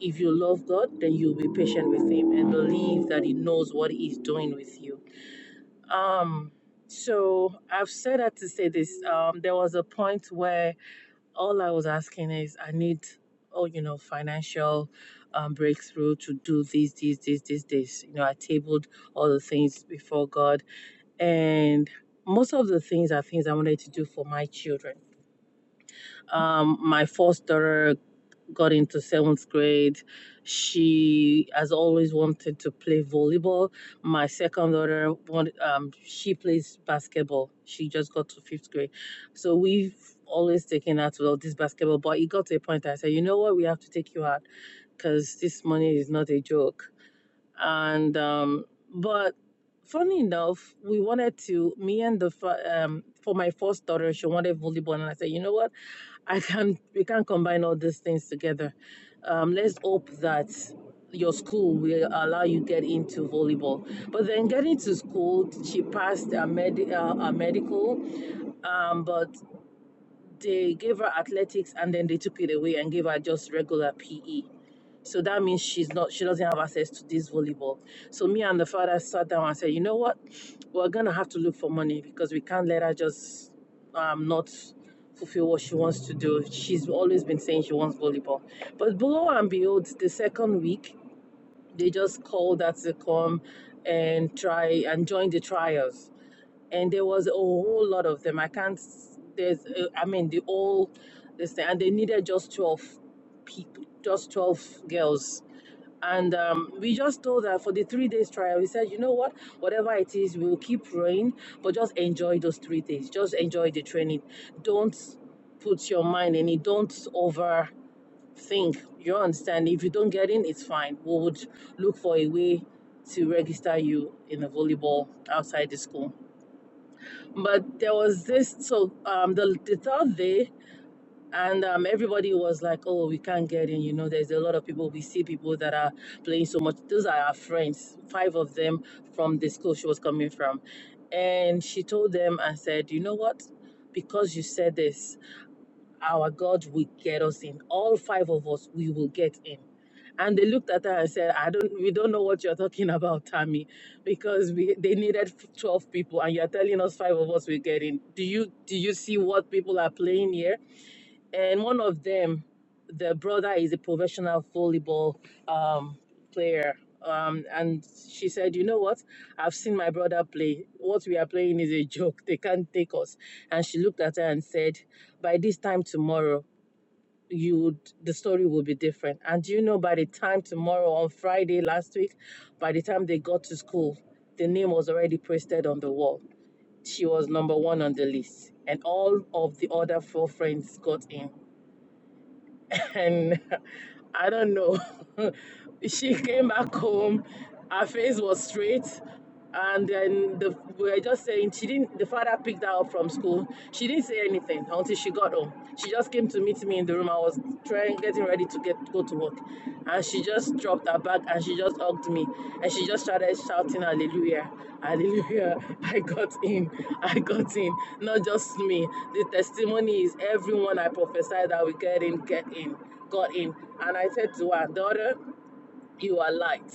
Speaker 5: if you love God, then you'll be patient with Him and believe that He knows what He's doing with you. Um, so I've said that to say this. Um, there was a point where all I was asking is, I need, oh, you know, financial um, breakthrough to do this, this, this, this, this. You know, I tabled all the things before God, and most of the things are things I wanted to do for my children. Um, my first daughter got into seventh grade, she has always wanted to play volleyball. My second daughter, want- um, she plays basketball. She just got to fifth grade. So we've always taken her to all this basketball. But it got to a point I said, you know what, we have to take you out because this money is not a joke and um, but funny enough, we wanted to me and the fir- um for my first daughter, she wanted volleyball, and I said, you know what, I can not we can not combine all these things together. Um, let's hope that your school will allow you get into volleyball. But then getting to school, she passed a, med- uh, a medical, um, but they gave her athletics and then they took it away and gave her just regular PE. So that means she's not she doesn't have access to this volleyball. So me and the father sat down and said, you know what? We're gonna have to look for money because we can't let her just um not fulfill what she wants to do. She's always been saying she wants volleyball. But below and behold, the second week they just called her to come and try and join the trials. And there was a whole lot of them. I can't there's uh, I mean the all this thing and they needed just twelve people just twelve girls and um, we just told her for the three days trial, we said, you know what, whatever it is, we'll keep praying, but just enjoy those three days. Just enjoy the training. Don't put your mind in it. Don't overthink. You understand? If you don't get in, it's fine. We would look for a way to register you in the volleyball outside the school. But there was this, so um, the, the third day, and um, everybody was like, "Oh, we can't get in." You know, there's a lot of people. We see people that are playing so much. Those are our friends. Five of them from the school she was coming from, and she told them and said, "You know what? Because you said this, our God will get us in. All five of us, we will get in." And they looked at her and said, "I don't. We don't know what you're talking about, Tammy, because we they needed 12 people, and you're telling us five of us will get in. Do you do you see what people are playing here?" and one of them, the brother is a professional volleyball um, player. Um, and she said, You know what? I've seen my brother play. What we are playing is a joke. They can't take us. And she looked at her and said, By this time tomorrow, you would the story will be different. And do you know by the time tomorrow on Friday last week, by the time they got to school, the name was already pasted on the wall. She was number one on the list. And all of the other four friends got in and I don't know. she came back home, her face was straight, and then the we were just saying she didn't. The father picked her up from school. She didn't say anything until she got home. She just came to meet me in the room. I was trying, getting ready to get go to go to work. And she just dropped her bag and she just hugged me and she just started shouting hallelujah. Hallelujah. I got in. I got in. Not just me. The testimony is everyone I prophesied that we get in, get in, got in. And I said to her, daughter, you are light.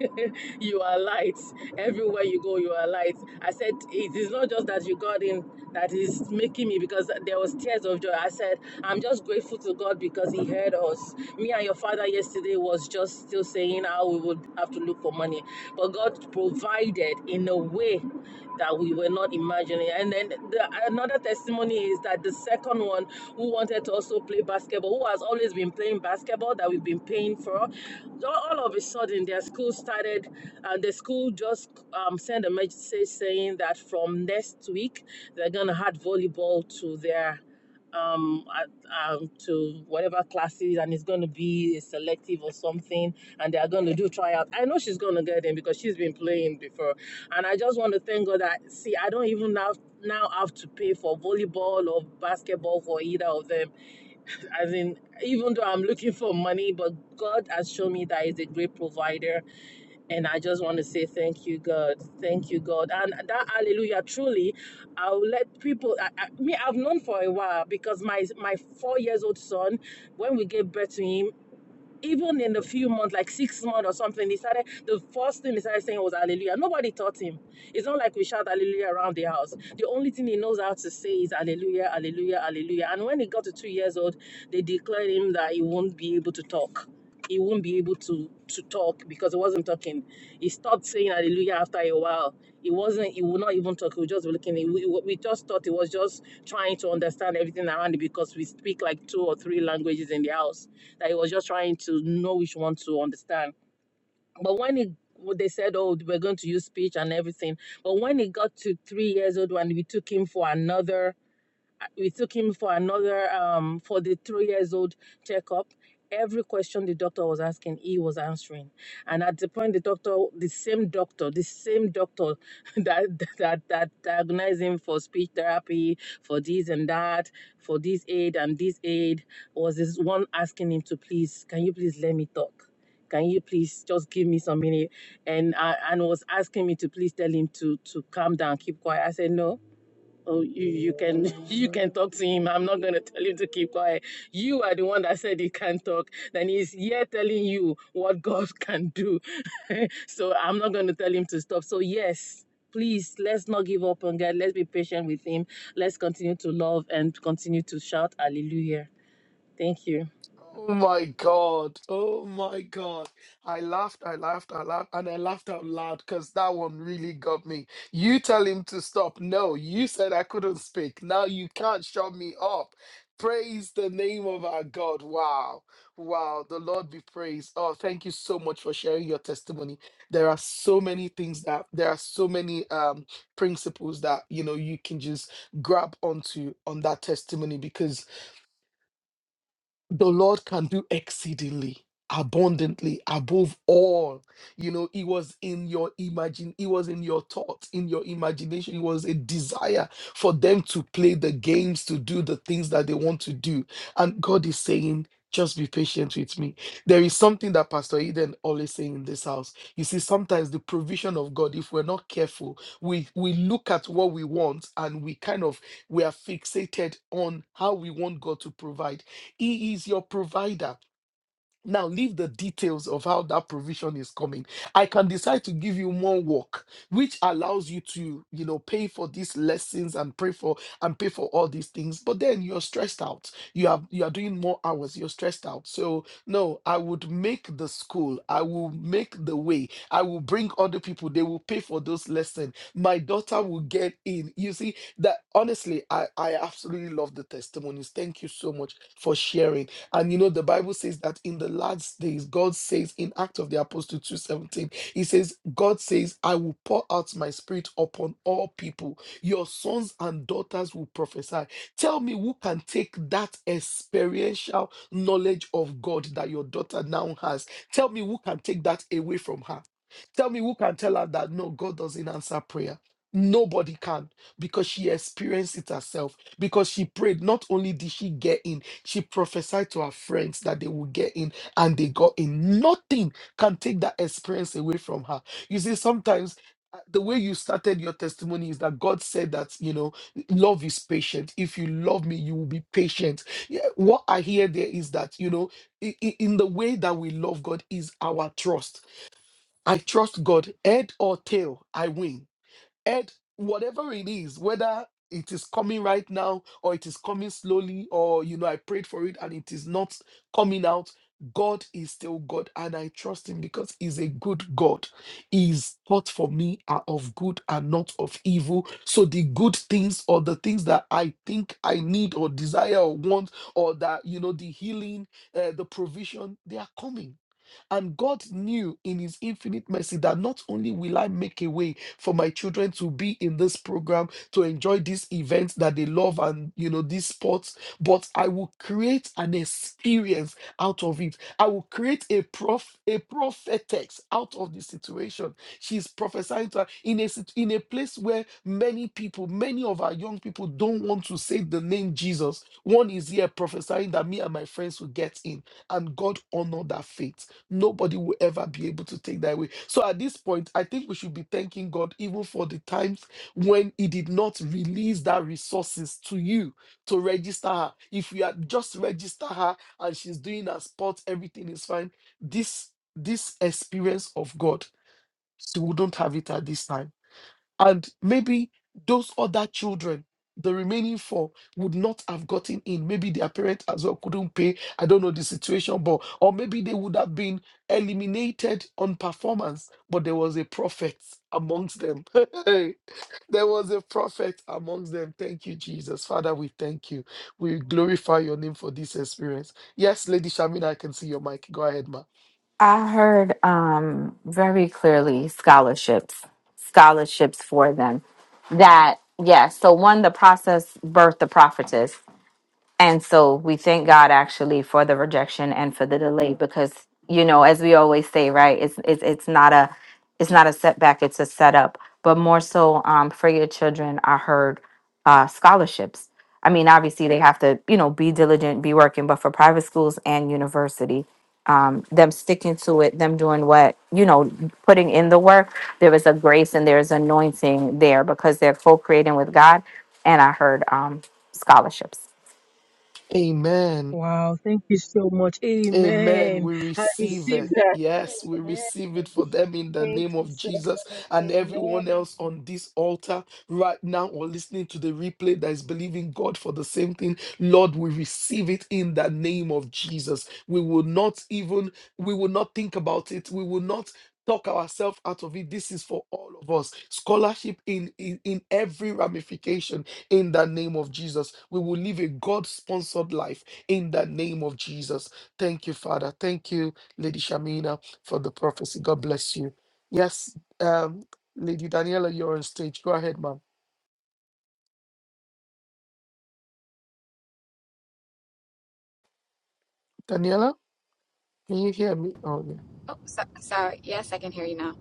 Speaker 5: you are light. Everywhere you go, you are light. I said, it is not just that you got in that is making me because there was tears of joy. I said, I'm just grateful to God because He heard us. Me and your father yesterday was just still saying how we would have to look for money, but God provided in a way that we were not imagining. And then the, another testimony is that the second one who wanted to also play basketball, who has always been playing basketball basketball that we've been paying for. So all of a sudden, their school started, and the school just um, sent a message saying that from next week they're gonna add volleyball to their um, at, um to whatever classes and it's going to be a selective or something and they are going to do tryout i know she's going to get in because she's been playing before and i just want to thank god that see i don't even have now have to pay for volleyball or basketball for either of them as in, even though I'm looking for money, but God has shown me that He's a great provider. And I just want to say thank you, God. Thank you, God. And that hallelujah, truly, I'll let people, I, I, me, I've known for a while because my, my four years old son, when we gave birth to him, even in the few months, like six months or something, he started the first thing he started saying was hallelujah. Nobody taught him. It's not like we shout hallelujah around the house. The only thing he knows how to say is hallelujah, hallelujah, hallelujah. And when he got to two years old, they declared him that he won't be able to talk he won't be able to to talk because he wasn't talking. He stopped saying hallelujah after a while. He wasn't. He would not even talk. He would just looking. He- We, we just thought he was just trying to understand everything around him because we speak like two or three languages in the house. That he was just trying to know which one to understand. But when he when they said, "Oh, we're going to use speech and everything," but when he got to three years old, when we took him for another we took him for another um for the three years old checkup every question the doctor was asking he was answering and at the point the doctor the same doctor the same doctor that that that diagnosed him for speech therapy for this and that for this aid and this aid was this one asking him to please can you please let me talk can you please just give me some minute and uh, and was asking me to please tell him to to calm down keep quiet i said no Oh, you, you can you can talk to him. I'm not going to tell him to keep quiet. You are the one that said he can't talk. Then he's here telling you what God can do. so I'm not going to tell him to stop. So yes, please let's not give up on God. Let's be patient with him. Let's continue to love and continue to shout hallelujah. Thank you.
Speaker 2: Oh my God. Oh my God. I laughed, I laughed, I laughed, and I laughed out loud because that one really got me. You tell him to stop. No, you said I couldn't speak. Now you can't shut me up. Praise the name of our God. Wow. Wow. The Lord be praised. Oh, thank you so much for sharing your testimony. There are so many things that there are so many um principles that you know you can just grab onto on that testimony because the Lord can do exceedingly abundantly above all you know it was in your imagine it was in your thoughts in your imagination it was a desire for them to play the games to do the things that they want to do and god is saying just be patient with me there is something that pastor eden always say in this house you see sometimes the provision of god if we're not careful we we look at what we want and we kind of we are fixated on how we want god to provide he is your provider. Now, leave the details of how that provision is coming. I can decide to give you more work, which allows you to, you know, pay for these lessons and pray for and pay for all these things. But then you're stressed out. You have you are doing more hours. You're stressed out. So no, I would make the school. I will make the way. I will bring other people. They will pay for those lessons. My daughter will get in. You see that honestly, I I absolutely love the testimonies. Thank you so much for sharing and you know, the Bible says that in the last days, God says in Act of the Apostle 2:17, He says, God says, I will pour out my spirit upon all people. Your sons and daughters will prophesy. Tell me who can take that experiential knowledge of God that your daughter now has. Tell me who can take that away from her. Tell me who can tell her that no, God doesn't answer prayer. Nobody can because she experienced it herself because she prayed not only did she get in she prophesied to her friends that they would get in and they got in nothing can take that experience away from her you see sometimes uh, the way you started your testimony is that God said that, you know, love is patient. If you love me, you will be patient. Yeah, what I hear there is that, you know, i- i- in the way that we love God is our trust. I trust God, head or tail, I win. And whatever it is, whether it is coming right now or it is coming slowly, or you know, I prayed for it and it is not coming out. God is still God, and I trust Him because He's a good God. His thoughts for me are of good and not of evil. So, the good things or the things that I think I need or desire or want, or that you know, the healing, uh, the provision, they are coming and God knew in His infinite mercy that not only will I make a way for my children to be in this program, to enjoy these events that they love and, you know, these sports, but I will create an experience out of it. I will create a prof a prophetess out of the situation. She's prophesying to her in a sit- in a place where many people, many of our young people don't want to say the name Jesus. One is here prophesying that me and my friends will get in, and God honored that faith. Nobody will ever be able to take that away. So at this point, I think we should be thanking God even for the times when He did not release that resources to you to register her. If you had just register her and she's doing her sport, everything is fine. This this experience of God, she wouldn't have it at this time and maybe those other children the remaining four would not have gotten in maybe their parent as well couldn't pay i don't know the situation but or maybe they would have been eliminated on performance but there was a prophet amongst them there was a prophet amongst them thank you jesus father we thank you we glorify your name for this experience yes lady shamina i can see your mic go ahead ma
Speaker 4: I heard um, very clearly scholarships, scholarships for them. That yes, so one, the process birthed the prophetess. And so we thank God actually for the rejection and for the delay because you know, as we always say, right? It's it's it's not a it's not a setback, it's a setup. But more so, um, for your children, I heard uh, scholarships. I mean, obviously they have to, you know, be diligent, be working, but for private schools and university, um, them sticking to it, them doing what, you know, putting in the work, there is a grace and there is anointing there because they're co-creating with God. And I heard um, scholarships.
Speaker 2: amen
Speaker 5: Wow, thank you so much.
Speaker 2: Amen.
Speaker 5: Amen.
Speaker 2: We
Speaker 5: I
Speaker 2: receive
Speaker 5: receive
Speaker 2: it.
Speaker 5: that.
Speaker 2: Yes, we
Speaker 5: Amen.
Speaker 2: receive it for them in the
Speaker 5: Thank
Speaker 2: name
Speaker 5: you
Speaker 2: of
Speaker 5: so
Speaker 2: Jesus
Speaker 5: much.
Speaker 2: and everyone
Speaker 5: Amen.
Speaker 2: else on this altar right now or listening to the replay that is believing God for the same thing. Lord, we receive it in the name of Jesus. We will not even, we will not think about it. We will not talk ourselves out of it. This is for all of us. Scholarship in, in, in every ramification in the name of Jesus. We will live a God sponsored life in the name of Jesus. Thank you, Father. Thank you, Lady Shamina, for the prophecy. God bless you. Yes, um, Lady Daniela, you're on stage. Go ahead, ma'am. Daniela, can you hear me? Oh, yeah.
Speaker 6: Oh, so, sorry. Yes, I can hear you now.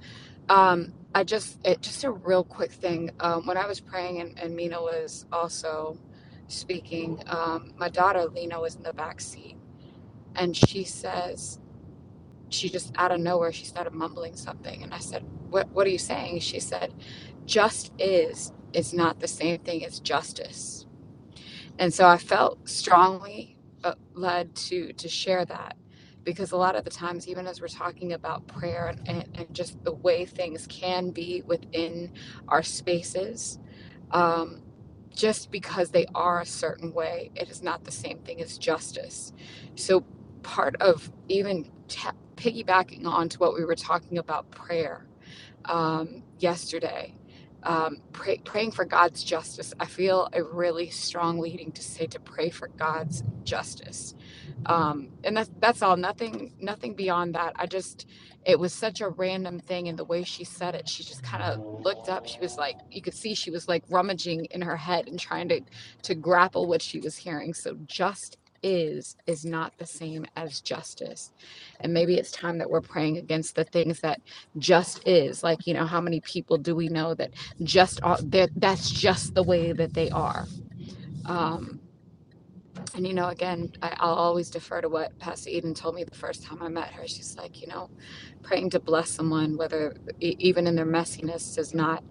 Speaker 6: Um, I just, it, just a real quick thing. Um, when I was praying and, and Mina was also speaking, um, my daughter Lena was in the back seat, and she says she just out of nowhere she started mumbling something, and I said, "What? What are you saying?" She said, "Just is is not the same thing as justice." and so i felt strongly uh, led to to share that because a lot of the times even as we're talking about prayer and, and, and just the way things can be within our spaces um, just because they are a certain way it is not the same thing as justice so part of even ta piggybacking on to what we were talking about prayer um, yesterday, um, pray, praying for God's justice. I feel a really strong leading to say to pray for God's justice um and that's that's all nothing nothing beyond that i just it was such a random thing and the way she said it she just kind of looked up she was like you could see she was like rummaging in her head and trying to to grapple what she was hearing so just is is not the same as justice and maybe it's time that we're praying against the things that just is like you know how many people do we know that just are that that's just the way that they are um and you know, again, I, I'll always defer to what Pastor Eden told me the first time I met her. She's like, you know, praying to bless someone, whether e- even in their messiness, does not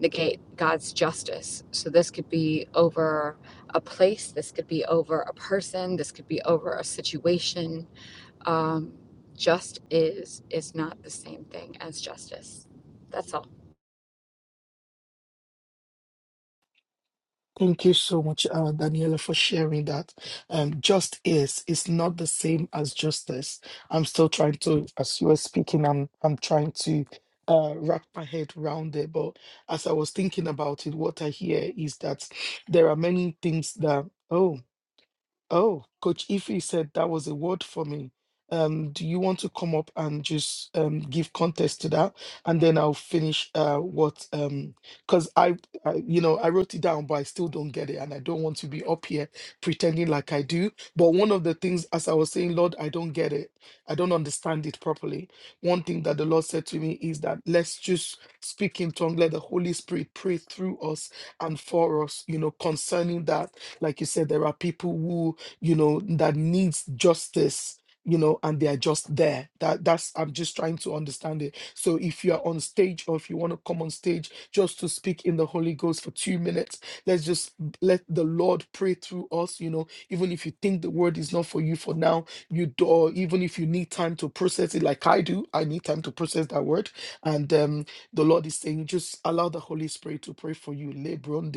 Speaker 6: negate God's justice. So this could be over a place, this could be over a person, this could be over a situation. Um, just is is not the same thing as justice. That's all.
Speaker 2: Thank you so much, uh, Daniela, for sharing that. Um, just is is not the same as justice. I'm still trying to, as you were speaking, I'm I'm trying to uh, wrap my head around it. But as I was thinking about it, what I hear is that there are many things that. oh. Oh, Coach Ify said that was a word for me. Um, do you want to come up and just um, give context to that, and then I'll finish uh, what um, because I, I, you know, I wrote it down, but I still don't get it, and I don't want to be up here pretending like I do. But one of the things, as I was saying, Lord, I don't get it, I don't understand it properly. One thing that the Lord said to me is that let's just speak in tongue, let the Holy Spirit pray through us and for us, you know, concerning that like you said, there are people who you know, that needs justice, you know, and they are just there. That that's I'm just trying to understand it. So if you are on stage or if you want to come on stage just to speak in the Holy Ghost for two minutes, let's just let the Lord pray through us, you know, even if you think the word is not for you for now, you do or even if you need time to process it like I do, I need time to process that word. And um the Lord is saying, just allow the Holy Spirit to pray for you. Lebron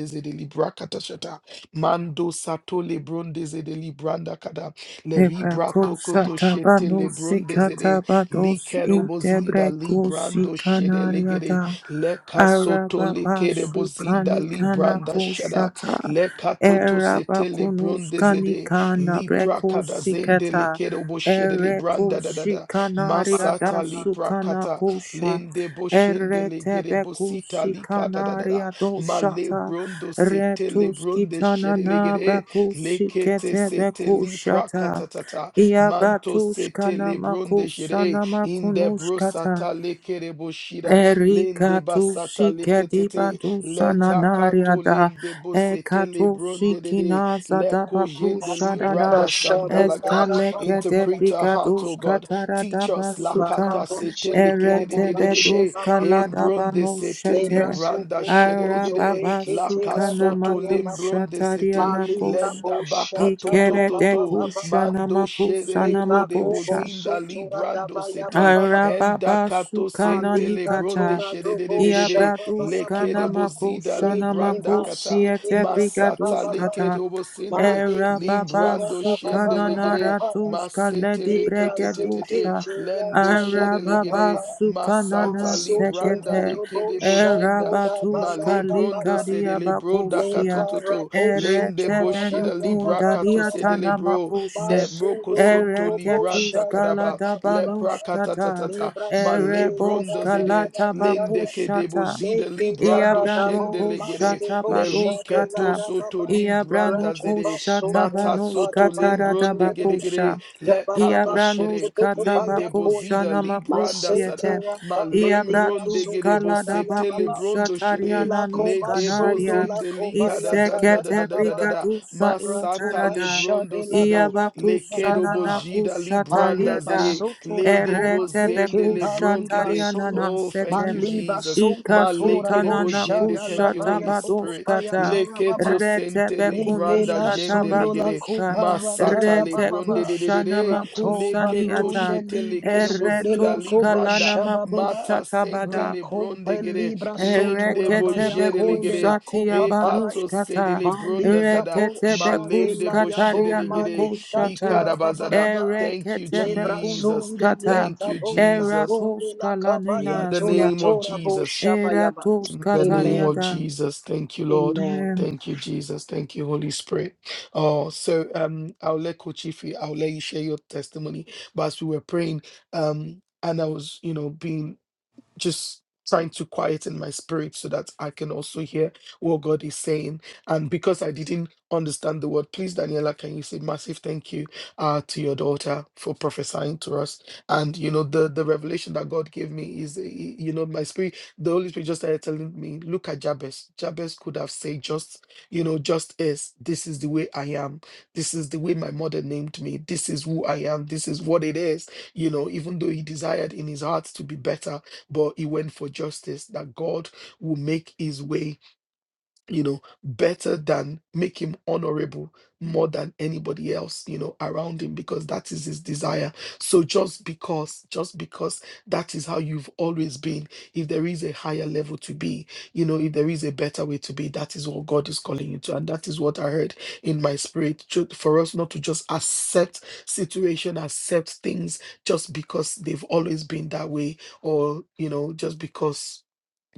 Speaker 2: Mando sato lebronde zede libranda kada. Leribrato koto shete
Speaker 7: Ebrakosatabanusi
Speaker 2: lebronde zede.
Speaker 7: katabados
Speaker 2: Likedo bozinda
Speaker 7: intebrekusi
Speaker 2: librando shede legede.
Speaker 7: kanariada
Speaker 2: Leka soto lekede
Speaker 7: arababasu
Speaker 2: bozinda libranda shada.
Speaker 7: kanikanakushata
Speaker 2: Leka toto sete
Speaker 7: erabakunus
Speaker 2: lebronde zede.
Speaker 7: kanikana
Speaker 2: Lipra kada
Speaker 7: brekusi
Speaker 2: zende
Speaker 7: kata
Speaker 2: lekedo bo shede libranda da da
Speaker 7: erekusi
Speaker 2: da.
Speaker 7: kanariada
Speaker 2: Masata lipra kata.
Speaker 7: sukanakusha
Speaker 2: Lende bo shende legede bosita
Speaker 7: eretebekusi
Speaker 2: lika da da da da. Male
Speaker 7: kanariadoshata
Speaker 2: brondo sete le
Speaker 7: Retus
Speaker 2: bronde
Speaker 7: kitana na
Speaker 2: shedelegede.
Speaker 7: brakusi
Speaker 2: Lekete
Speaker 7: ketebe
Speaker 2: sete li
Speaker 7: kushata.
Speaker 2: prakatatata. Manto
Speaker 7: Iabatus
Speaker 2: sete
Speaker 7: kana
Speaker 2: le bronde shede.
Speaker 7: makusana
Speaker 2: Inde brosata lekere boshida. Lende
Speaker 7: Erika tu
Speaker 2: basata
Speaker 7: sike di
Speaker 2: leketete.
Speaker 7: badusa
Speaker 2: Leta kato
Speaker 7: nanaria da
Speaker 2: lende bosete
Speaker 7: Eka
Speaker 2: le
Speaker 7: tu
Speaker 2: bronde dede.
Speaker 7: sikina zada
Speaker 2: Leko jende li
Speaker 7: bakusha da
Speaker 8: Afrika
Speaker 2: brada
Speaker 7: da
Speaker 8: Shabo
Speaker 2: sandalaga.
Speaker 8: Laka Baba
Speaker 7: Eskaleke de
Speaker 8: Baba
Speaker 2: Interpret our heart, O
Speaker 7: brigadus
Speaker 2: God.
Speaker 7: katara da
Speaker 2: Teach us
Speaker 7: basuka
Speaker 2: lakata
Speaker 8: Rakabo
Speaker 2: sete
Speaker 8: Soto Baba
Speaker 7: Erete
Speaker 8: Shaba
Speaker 2: lekere
Speaker 7: bedus
Speaker 8: Baba
Speaker 7: kala
Speaker 8: baba
Speaker 7: da
Speaker 2: Embronde
Speaker 7: banu
Speaker 2: sete
Speaker 8: Lebra
Speaker 7: shete
Speaker 2: libranda
Speaker 8: Soko Robo
Speaker 2: shedelegede.
Speaker 8: Sore
Speaker 7: Arababa
Speaker 2: La
Speaker 8: Kete
Speaker 7: sukana
Speaker 2: casoto
Speaker 8: Radabaya Baba
Speaker 7: makusha
Speaker 2: lembronde
Speaker 7: taria
Speaker 2: sete.
Speaker 8: Malika
Speaker 7: nakos
Speaker 2: Lenda
Speaker 8: Bo
Speaker 2: baka
Speaker 8: Shata
Speaker 2: toto
Speaker 7: Ikere
Speaker 8: Raba
Speaker 7: de
Speaker 2: toto.
Speaker 8: Baba Baba
Speaker 7: kusha
Speaker 2: Mando
Speaker 7: namakusa
Speaker 8: Leba
Speaker 2: shedeleko de
Speaker 7: namakusha
Speaker 8: Kobo
Speaker 2: bozinda
Speaker 8: Soto
Speaker 2: librando
Speaker 8: Radabaya
Speaker 2: sete.
Speaker 8: Baba Baba
Speaker 2: Enda
Speaker 7: Arababa
Speaker 2: kato
Speaker 7: sukana
Speaker 2: sente
Speaker 8: Malika
Speaker 2: lebronde
Speaker 7: nikata.
Speaker 8: Tora Dobo
Speaker 7: Ia
Speaker 2: shededededede.
Speaker 8: Shaba Baba
Speaker 7: bradushka
Speaker 2: Leke de
Speaker 8: Baba
Speaker 2: bozida
Speaker 7: namakusha
Speaker 8: Leke
Speaker 2: libranda
Speaker 7: namakusi
Speaker 2: kata.
Speaker 8: Basi
Speaker 7: ete
Speaker 8: Radaba Baba
Speaker 2: Masata
Speaker 8: baba
Speaker 2: leke de
Speaker 7: brigadushkata.
Speaker 2: obosende.
Speaker 8: Maliki
Speaker 7: Arababa
Speaker 8: Tira
Speaker 2: Limbrando
Speaker 8: da Baba
Speaker 7: sukana
Speaker 8: Baba
Speaker 2: shendelegede.
Speaker 8: Baba
Speaker 7: naratushka
Speaker 2: Masete
Speaker 7: ledi
Speaker 2: leke
Speaker 8: Debra
Speaker 2: te te te
Speaker 8: seke
Speaker 2: te.
Speaker 7: bregedusha.
Speaker 8: te
Speaker 2: Lendo
Speaker 8: ya ko
Speaker 2: shedelegede.
Speaker 7: Arababa
Speaker 8: baba.
Speaker 7: sukana
Speaker 2: Masata
Speaker 8: Maso
Speaker 2: libranda
Speaker 8: tora
Speaker 7: nasekete.
Speaker 8: dobo
Speaker 2: lekedebojinda.
Speaker 8: shako
Speaker 7: Arabatushka
Speaker 8: balaka
Speaker 2: Malebronda
Speaker 8: baba.
Speaker 7: likaria
Speaker 2: sedelebro da
Speaker 8: Leka
Speaker 7: bakusia.
Speaker 2: katototo.
Speaker 8: rapo so
Speaker 2: Lende
Speaker 7: Erete
Speaker 2: boshida
Speaker 8: ya
Speaker 2: libra
Speaker 8: baba baba
Speaker 2: kato
Speaker 7: benukundaria
Speaker 8: baba.
Speaker 2: sedelebro.
Speaker 7: tanamakushe.
Speaker 2: Ne
Speaker 8: Maso
Speaker 2: moko sonto
Speaker 8: kobo
Speaker 7: Ereketus
Speaker 2: libranta
Speaker 8: shada
Speaker 2: kadaba.
Speaker 7: kalada Ereketuskala
Speaker 8: baba baba.
Speaker 2: Lepra
Speaker 7: dabanushkata,
Speaker 2: katatatata.
Speaker 8: Libra seke da
Speaker 2: Malebronda
Speaker 8: da da
Speaker 7: ereboskala
Speaker 8: da
Speaker 2: zede. Lende
Speaker 7: tabakushata,
Speaker 2: kedebozida
Speaker 8: Leke
Speaker 2: librando shende
Speaker 8: taradabo
Speaker 2: legere.
Speaker 8: maske
Speaker 7: iabranokushata
Speaker 8: bosha de
Speaker 2: Lerike
Speaker 8: la
Speaker 7: baduskata,
Speaker 8: da
Speaker 2: toso to
Speaker 8: baba.
Speaker 2: limbranda
Speaker 8: Ratu
Speaker 2: zede.
Speaker 8: baso
Speaker 7: iabranokushata
Speaker 2: Mata
Speaker 8: tura
Speaker 2: soto
Speaker 8: kada
Speaker 7: banuskata
Speaker 8: baya
Speaker 2: lembronde
Speaker 8: tura
Speaker 2: gere
Speaker 8: baba.
Speaker 2: gere.
Speaker 7: radabakusha,
Speaker 2: Le
Speaker 8: Jaba
Speaker 2: kato
Speaker 8: baba so
Speaker 2: shere
Speaker 8: tutu
Speaker 7: iabranuskata bakusha iabranushkata
Speaker 2: lende
Speaker 8: baya
Speaker 7: bakusha
Speaker 8: konde.
Speaker 2: bozida libranda
Speaker 8: Masai
Speaker 7: namakusyete,
Speaker 2: sada
Speaker 8: rakaba kaba libra
Speaker 2: malembron de
Speaker 7: iabratus
Speaker 2: gedebo
Speaker 7: kalada
Speaker 8: sodora da ya
Speaker 2: setele
Speaker 8: baba.
Speaker 7: iabratuskala dabakusha
Speaker 2: brondo shere
Speaker 8: Ila
Speaker 2: le
Speaker 8: koba
Speaker 2: debo
Speaker 8: sondo
Speaker 7: tariananuskanaria,
Speaker 8: la
Speaker 2: zende
Speaker 8: koba ya
Speaker 2: ligada zanda da
Speaker 7: isekete
Speaker 8: tarada
Speaker 2: da da da
Speaker 8: baba.
Speaker 2: da da
Speaker 7: brigadusa
Speaker 8: Ratu
Speaker 2: masata
Speaker 7: intarada,
Speaker 8: basha
Speaker 2: lebrondo
Speaker 8: de la
Speaker 2: sedo
Speaker 8: baya
Speaker 2: le
Speaker 8: tu
Speaker 2: kedo
Speaker 7: Iabakusanana
Speaker 8: baba.
Speaker 2: bojida libranda
Speaker 8: Maliba
Speaker 7: kushatariada
Speaker 2: zede
Speaker 8: sotora
Speaker 2: le
Speaker 8: koba
Speaker 2: debo
Speaker 7: erete
Speaker 8: neke
Speaker 2: zende lebron
Speaker 8: baliba
Speaker 2: kede
Speaker 8: sondo.
Speaker 7: bekushatarianana
Speaker 2: oh thank
Speaker 7: sete
Speaker 2: you
Speaker 8: Maliba
Speaker 2: Jesus
Speaker 8: soko tora
Speaker 2: malekede
Speaker 8: bo
Speaker 7: ikasutanana
Speaker 2: bojende
Speaker 8: shada
Speaker 2: thank you
Speaker 8: labaya
Speaker 2: Holy
Speaker 8: boko
Speaker 2: Spirit
Speaker 8: baya
Speaker 7: kushatabadoskata
Speaker 2: le
Speaker 8: tarababa.
Speaker 2: keto
Speaker 7: rete
Speaker 2: sente
Speaker 8: Legbe
Speaker 2: libranda
Speaker 8: la
Speaker 7: bekunuskata
Speaker 2: jende
Speaker 8: sondo
Speaker 2: legede
Speaker 7: batuska
Speaker 8: rata
Speaker 2: masata
Speaker 8: ya
Speaker 7: rete
Speaker 2: lebronde
Speaker 8: bababa.
Speaker 2: de de de de
Speaker 7: kushanama
Speaker 8: Rato
Speaker 2: Leketo
Speaker 8: balunde
Speaker 7: kusaniata
Speaker 2: shete
Speaker 8: libra
Speaker 2: kere
Speaker 8: sonde
Speaker 2: wozida
Speaker 8: la
Speaker 7: eretoska
Speaker 8: coba
Speaker 2: libranda
Speaker 7: lanama
Speaker 8: shabababa.
Speaker 2: mata sente
Speaker 7: kushata
Speaker 8: Rakompe
Speaker 2: lebronde gere
Speaker 8: libra
Speaker 2: lende
Speaker 8: sotora baya
Speaker 2: bojere
Speaker 8: konde la
Speaker 2: legere
Speaker 7: Reketebekusatiya
Speaker 8: copa paya.
Speaker 2: ekato sede
Speaker 7: banushkata.
Speaker 2: lebronda
Speaker 8: Malika
Speaker 2: zada
Speaker 8: po shade
Speaker 2: malende
Speaker 8: la
Speaker 2: bojere
Speaker 7: Reketebekuskataria
Speaker 8: yabo
Speaker 2: legere
Speaker 8: malika
Speaker 7: nokoshata.
Speaker 2: likada
Speaker 8: tura
Speaker 2: bazada.
Speaker 8: bababa.
Speaker 2: Thank you,
Speaker 8: Lebra
Speaker 2: Jesus.
Speaker 8: sonde
Speaker 7: Ereketebekunuskata.
Speaker 2: Thank
Speaker 8: lika
Speaker 2: you,
Speaker 8: bo la
Speaker 2: Jesus.
Speaker 8: konde la kabaya
Speaker 2: In the
Speaker 8: tura
Speaker 7: Eratoskalaninasia.
Speaker 2: name of
Speaker 8: tura bo
Speaker 2: Jesus.
Speaker 8: shabayaba.
Speaker 2: In the name of
Speaker 8: Amen.
Speaker 7: Eratoskatariada.
Speaker 2: Jesus, thank you, Lord.
Speaker 8: Amen.
Speaker 7: Amen.
Speaker 2: Thank you, Jesus. Thank you, Holy Spirit. Oh, so um, I'll let Kochifi, I'll let you share your testimony. But as we were praying, um, and I was, you know, being just trying to quieten my spirit so that I can also hear what God is saying. And because I didn't understand the word, please, Daniela, can you say massive thank you uh, to your daughter for prophesying to us? And you know, the the revelation that God gave me is, uh, y- you know, my spirit, the Holy Spirit just started telling me, look at Jabez. Jabez could have said just, you know, just as this is the way I am. This is the way my mother named me. This is who I am. This is what it is. You know, even though he desired in his heart to be better but he went for justice that God will make his way you know, better than make him honorable more than anybody else, you know, around him because that is his desire. So just because, just because that is how you've always been, if there is a higher level to be, you know, if there is a better way to be, that is what God is calling you to. And that is what I heard in my spirit ju- for us not to just accept situation, accept things just because they've always been that way or, you know, just because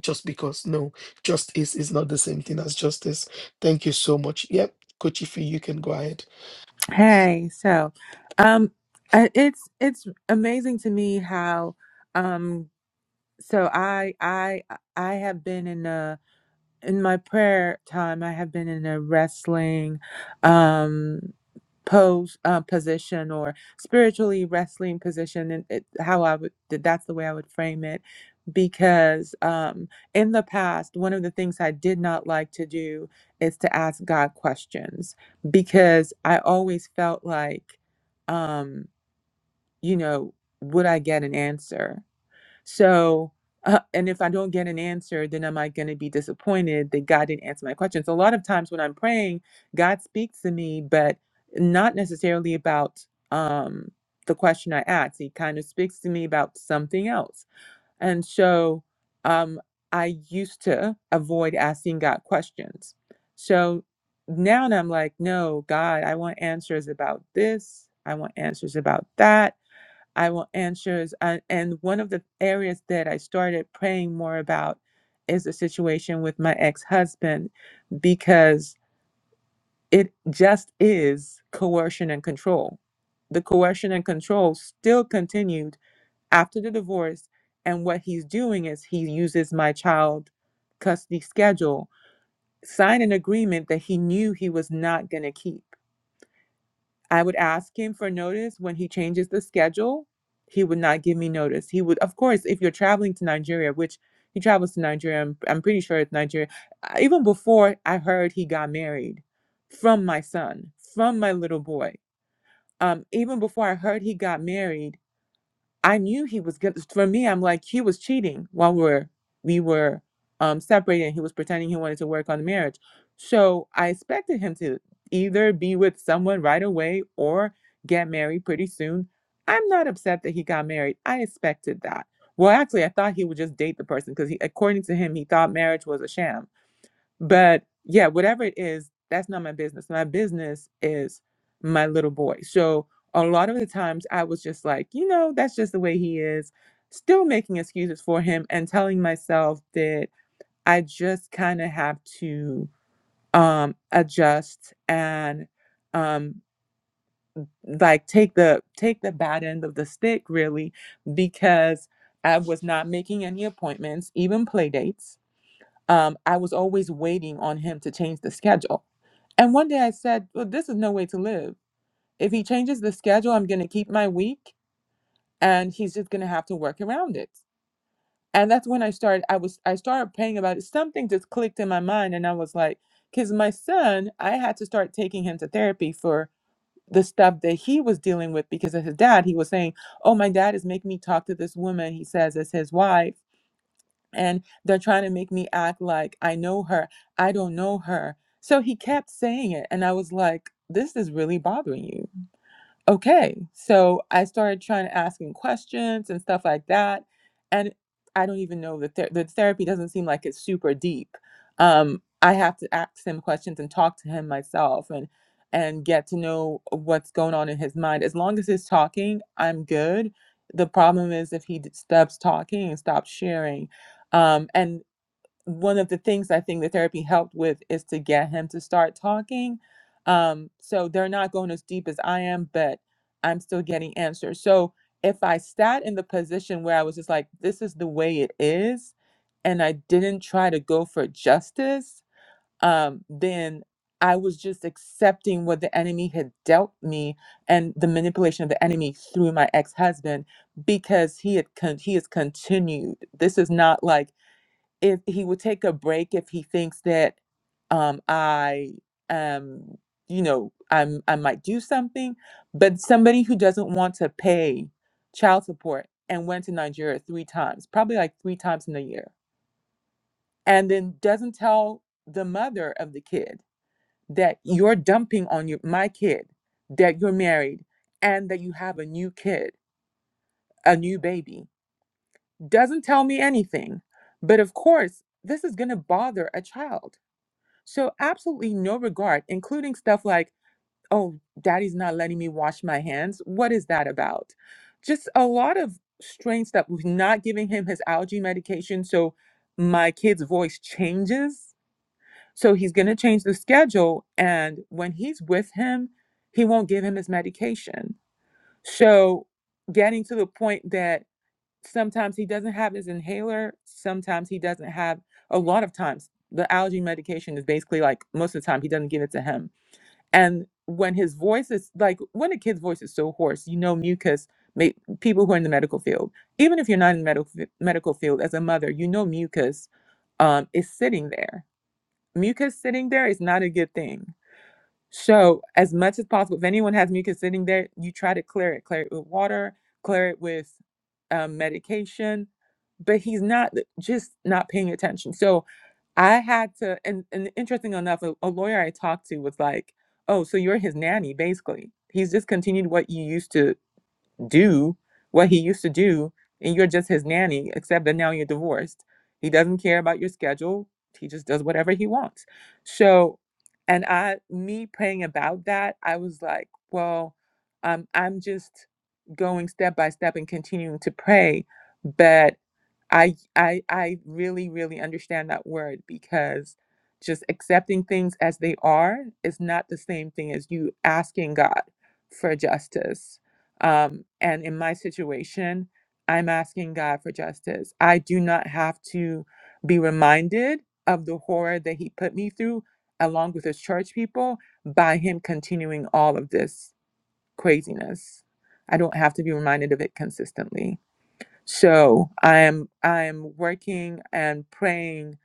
Speaker 2: just because no justice is not the same thing as justice thank you so much yep kochifi you can go ahead
Speaker 7: Hey, so um uh, it's it's amazing to me how um so I I I have been in a in my prayer time i have been in a wrestling um pose uh, position or spiritually wrestling position and it, how i would that's the way i would frame it because um in the past one of the things i did not like to do is to ask god questions because i always felt like um you know would i get an answer so, uh, and if I don't get an answer, then am I going to be disappointed that God didn't answer my questions? A lot of times when I'm praying, God speaks to me, but not necessarily about um, the question I asked. He kind of speaks to me about something else. And so um, I used to avoid asking God questions. So now and I'm like, no, God, I want answers about this. I want answers about that. I will answer. Is, uh, and one of the areas that I started praying more about is the situation with my ex husband because it just is coercion and control. The coercion and control still continued after the divorce. And what he's doing is he uses my child custody schedule, sign an agreement that he knew he was not going to keep I would ask him for notice when he changes the schedule. He would not give me notice. He would, of course, if you're traveling to Nigeria, which he travels to Nigeria, I'm, I'm pretty sure it's Nigeria. I- Even before I heard he got married from my son, from my little boy, um, even before I heard he got married, I knew he was good. For me, I'm like he was cheating while we're we were um separated. and He was pretending he wanted to work on the marriage, so I expected him to either be with someone right away or get married pretty soon. I'm not upset that he got married. I expected that. Well, actually, I thought he would just date the person because he, according to him, he thought marriage was a sham. But yeah, whatever it is, that's not my business. My business is my little boy. So a lot of the times I was just like, you know, that's just the way he is, still making excuses for him and telling myself that I just kind of have to um adjust and um like take the take the bad end of the stick really because I was not making any appointments, even play dates. Um, I was always waiting on him to change the schedule and one day I said, Well, this is no way to live. If he changes the schedule, I'm going to keep my week and he's just going to have to work around it. And that's when I started, I was, I started praying about it. Something just clicked in my mind. And I was like, because my son, I had to start taking him to therapy for the stuff that he was dealing with because of his dad. He was saying, Oh, my dad is making me talk to this woman. He says it's his wife and they're trying to make me act like I know her. I don't know her. So he kept saying it. And I was like, this is really bothering you okay so i started trying to asking questions and stuff like that and i don't even know that the, ther- the therapy doesn't seem like it's super deep um, i have to ask him questions and talk to him myself and and get to know what's going on in his mind as long as he's talking i'm good the problem is if he d- stops talking and stops sharing um, and one of the things I think the therapy helped with is to get him to start talking. Um, so they're not going as deep as I am, but I'm still getting answers. So if I sat in the position where I was just like, this is the way it is, and I didn't try to go for justice, um, then I was just accepting what the enemy had dealt me and the manipulation of the enemy through my ex-husband because he had con- he has continued. This is not like if he would take a break if he thinks that um I um you know I'm I might do something, but somebody who doesn't want to pay child support and went to Nigeria three times, probably like three times in a year, and then doesn't tell the mother of the kid that you're dumping on your my kid, that you're married, and that you have a new kid, a new baby, doesn't tell me anything. But of course, this is gonna bother a child So, absolutely no regard, including stuff like, oh, daddy's not letting me wash my hands. What is that about? Just a lot of strange stuff. We're not giving him his allergy medication. So, my kid's voice changes. So, he's going to change the schedule. And when he's with him, he won't give him his medication. So, getting to the point that sometimes he doesn't have his inhaler sometimes he doesn't have a lot of times the allergy medication is basically like most of the time he doesn't give it to him and when his voice is like when a kid's voice is so hoarse you know mucus ma- people who are in the medical field even if you're not in the medical medical field as a mother you know mucus um, is sitting there mucus sitting there is not a good thing so, as much as possible, if anyone has mucus sitting there, you try to clear it. Clear it with water, clear it with um, medication. But he's not uh, just not paying attention. So I had to, and, and interesting enough, a, a lawyer I talked to was like, "Oh, so you're his nanny, basically. He's just continued what you used to do what he used to do and you're just his nanny except that now you're divorced he doesn't care about your schedule he just does whatever he wants so and i me praying about that i was like well um, i'm just going step by step and continuing to pray but. I I I really really understand that word because just accepting things as they are is not the same thing as you asking God for justice. Um, and in my situation, I'm asking God for justice. I do not have to be reminded of the horror that He put me through, along with His church people, by Him continuing all of this craziness. I don't have to be reminded of it consistently so i am i am working and praying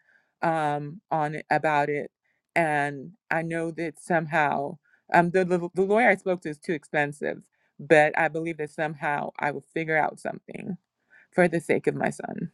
Speaker 7: um on it about it and i know that somehow um the, the the lawyer i spoke to is too expensive but i believe that somehow i will figure out something for the sake of my son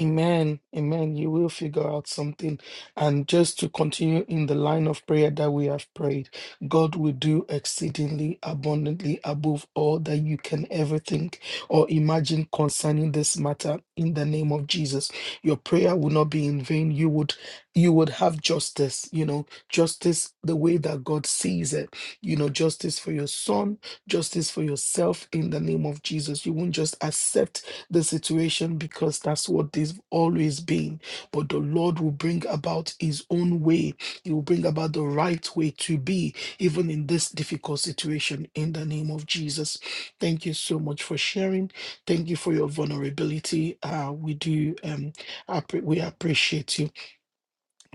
Speaker 2: Amen. Amen. You will figure out something. And just to continue in the line of prayer that we have prayed, God will do exceedingly abundantly above all that you can ever think or imagine concerning this matter in the name of Jesus. Your prayer will not be in vain. You would you would have justice, you know, justice the way that God sees it. You know, justice for your son, justice for yourself in the name of Jesus. You won't just accept the situation because that's what they've always been. But the Lord will bring about His own way. He will bring about the right way to be, even in this difficult situation, in the name of Jesus. Thank you so much for sharing. Thank you for your vulnerability. Uh, we do, um, appre- we appreciate you.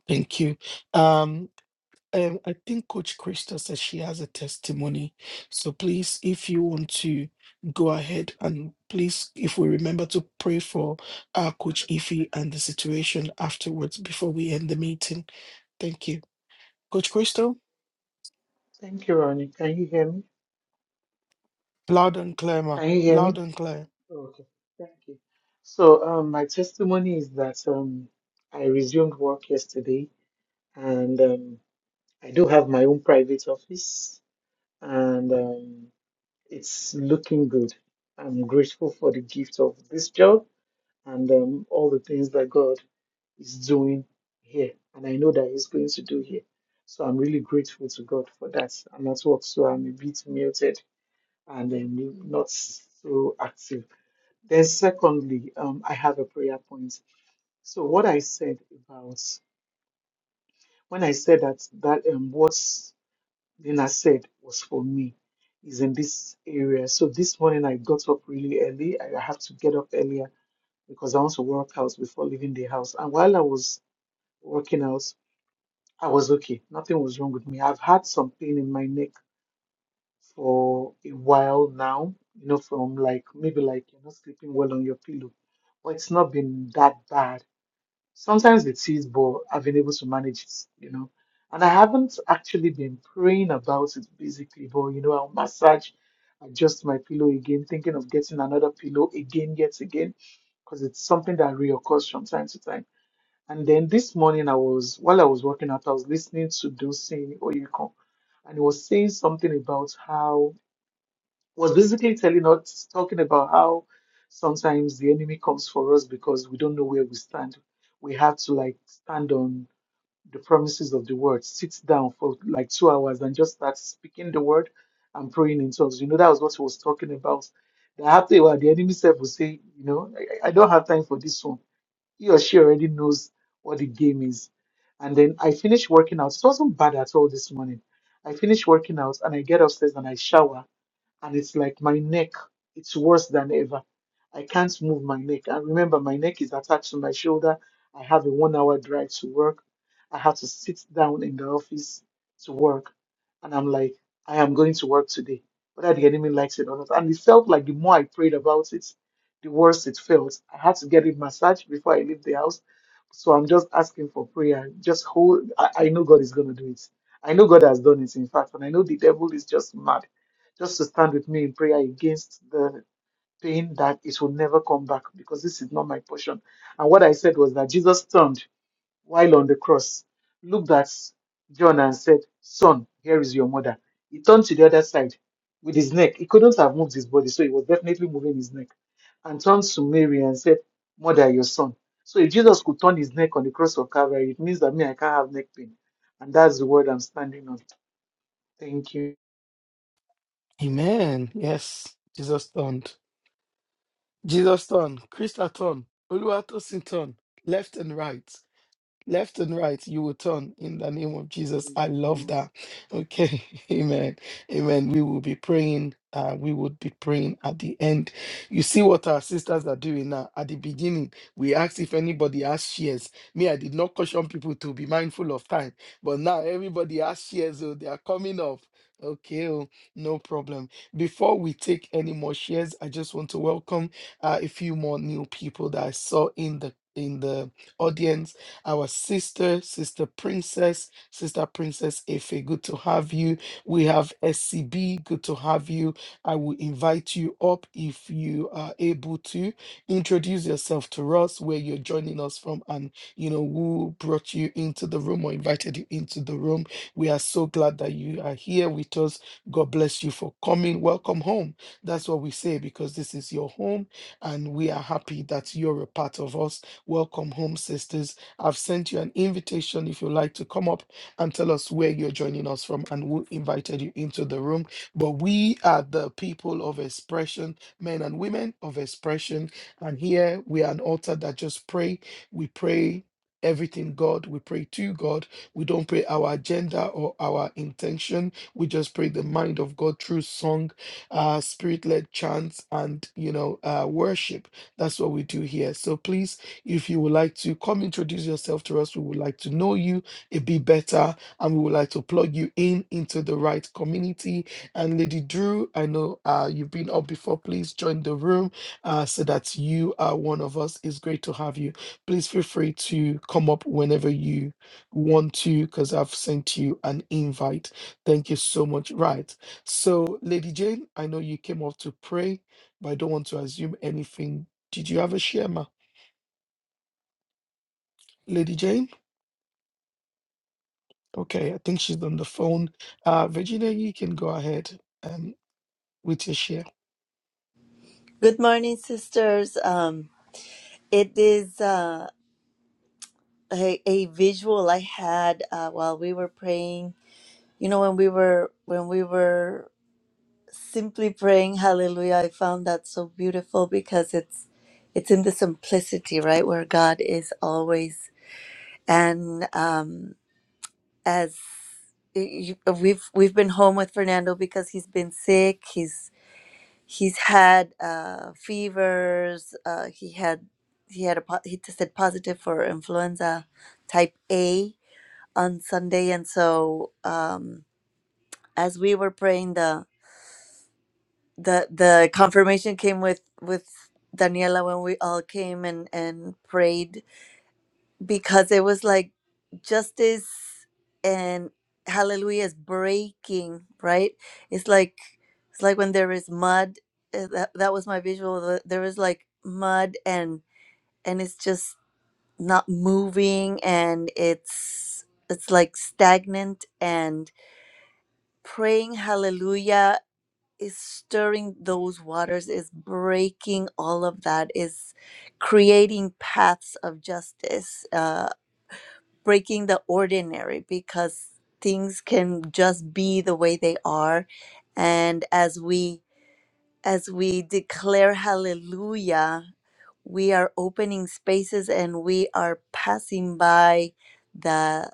Speaker 2: Thank you. Um, um, I think Coach Krista said she has a testimony. So please, if you want to go ahead and please, if we remember to pray for our Coach Ify and the situation afterwards before we end the meeting. Thank you. Coach Crystal,
Speaker 9: Thank you, Ronnie. Can you hear me?
Speaker 2: loud and clear, ma.
Speaker 9: Can you hear
Speaker 2: Loud
Speaker 9: me?
Speaker 2: and clear.
Speaker 9: Okay, thank you. So, um, my testimony is that um, I resumed work yesterday, and um, I do have my own private office, and um, it's looking good. I'm grateful for the gift of this job and um, all the things that God is doing here, and I know that He's going to do here. So I'm really grateful to God for that. I'm at work, so I'm a bit muted. and then you not so active. Then, secondly, um, I have a prayer point. So, what I said about when I said that that um, what Nina said was for me is in this area. So this morning I got up really early. I I have to get up earlier because I want to work out before leaving the house. And while I was working out, I was okay. Nothing was wrong with me. I've had some pain in my neck for a while now, you know, from like maybe like you're not sleeping well on your pillow, but it's not been that bad. Sometimes it is, but I've been able to manage it, you know. And I haven't actually been praying about it basically, but you know, I'll massage, adjust my pillow again, thinking of getting another pillow again, yet again, because it's something that reoccurs from time to time. And then this morning, I was while I was working out, I was listening to Dulcine Oyeko, and he was saying something about how was basically telling us, talking about how sometimes the enemy comes for us because we don't know where we stand. We have to like stand on the promises of the word, sit down for like two hours and just start speaking the word and praying in tongues. You know, that was what he was talking about. That after a while, the enemy self will say, you know, I, I I don't have time for this one. He or she already knows what the game is. And then I finished working out. It wasn't bad at all this morning. I finished working out and I get upstairs and I shower and it's like my neck, it's worse than ever. I can't move my neck. And remember, my neck is attached to my shoulder. I have a one hour drive to work. I have to sit down in the office to work. And I'm like, I am going to work today, whether the enemy likes it or not. And it felt like the more I prayed about it, the worse it felt. I had to get it massaged before I leave the house. So I'm just asking for prayer. Just hold, I, I know God is going to do it. I know God has done it, in fact, and I know the devil is just mad just to stand with me in prayer against the pain that it will never come back because this is not my portion. And what I said was that Jesus turned while on the cross, looked at John and said, Son, here is your mother. He turned to the other side with his neck. He couldn't have moved his body, so he was definitely moving his neck. And turned to Mary and said, Mother, your son. So if Jesus could turn his neck on the cross of Calvary, it means that me, I can't have neck pain. And that's the word I'm standing on. Thank you.
Speaker 2: Amen. Yes. Jesus turned. Jesus turned. Krista turned. Oluwatosin turned. Left and right. Left and right, you will turn in the name of Jesus. I love that. Okay. Amen. Amen. We will be praying. Uh, we would be praying at the end. You see what our sisters are doing now. At the beginning, we asked if anybody has shares. Me, I did not caution people to be mindful of time, but now everybody has shares. Oh, they are coming up. Okay, oh, no problem. Before we take any more shares, I just want to welcome uh, a few more new people that I saw in the in the audience our sister, Sister Princess, Sister Princess Efe, good to have you. We have SCB, good to have you. I will invite you up if you are able to introduce yourself to us, where you're joining us from, and you know who brought you into the room or invited you into the room. We are so glad that you are here with us. God bless you for coming. Welcome home. That's what we say because this is your home, and we are happy that you're a part of us. Welcome home, sisters I've sent you an invitation if you'd like to come up and tell us where you're joining us from and who invited you into the room. But we are the people of expression, men and women of expression. And here we are an altar that just pray. We pray everything God. We pray to God. We don't pray our agenda or our intention. We just pray the mind of God through song, uh, spirit led chants, and, you know, uh, worship. That's what we do here. So please if you would like to come introduce yourself to us, we would like to know you a bit better and we would like to plug you in into the right community. And Lady Drew, I know uh, you've been up before. Please join the room uh, so that you are one of us. It's great to have you. Please feel free to come up whenever you want to because I've sent you an invite. Thank you so much. Right. So, Lady Jane, I know you came up to pray, but I don't want to assume anything. Did you have a share, ma? Lady Jane? Okay, I think she's on the phone. Uh, Virginia, you can go ahead and with your share.
Speaker 10: Good morning, sisters. Um, it is uh, a, a visual I had uh, while we were praying. You know, when we were when we were simply praying Hallelujah, I found that so beautiful because it's it's in the simplicity, right, where God is always. And um, as you, we've we've been home with Fernando because he's been sick. He's he's had uh, fevers. Uh, he had he had a po- he tested positive for influenza type A on Sunday, and so um, as we were praying, the the the confirmation came with with Daniela when we all came and and prayed because it was like justice and hallelujah is breaking right it's like it's like when there is mud uh, that, that was my visual the- there is like mud and and it's just not moving and it's it's like stagnant and praying hallelujah is stirring those waters is breaking all of that is creating paths of justice uh, breaking the ordinary because things can just be the way they are and as we as we declare hallelujah we are opening spaces and we are passing by the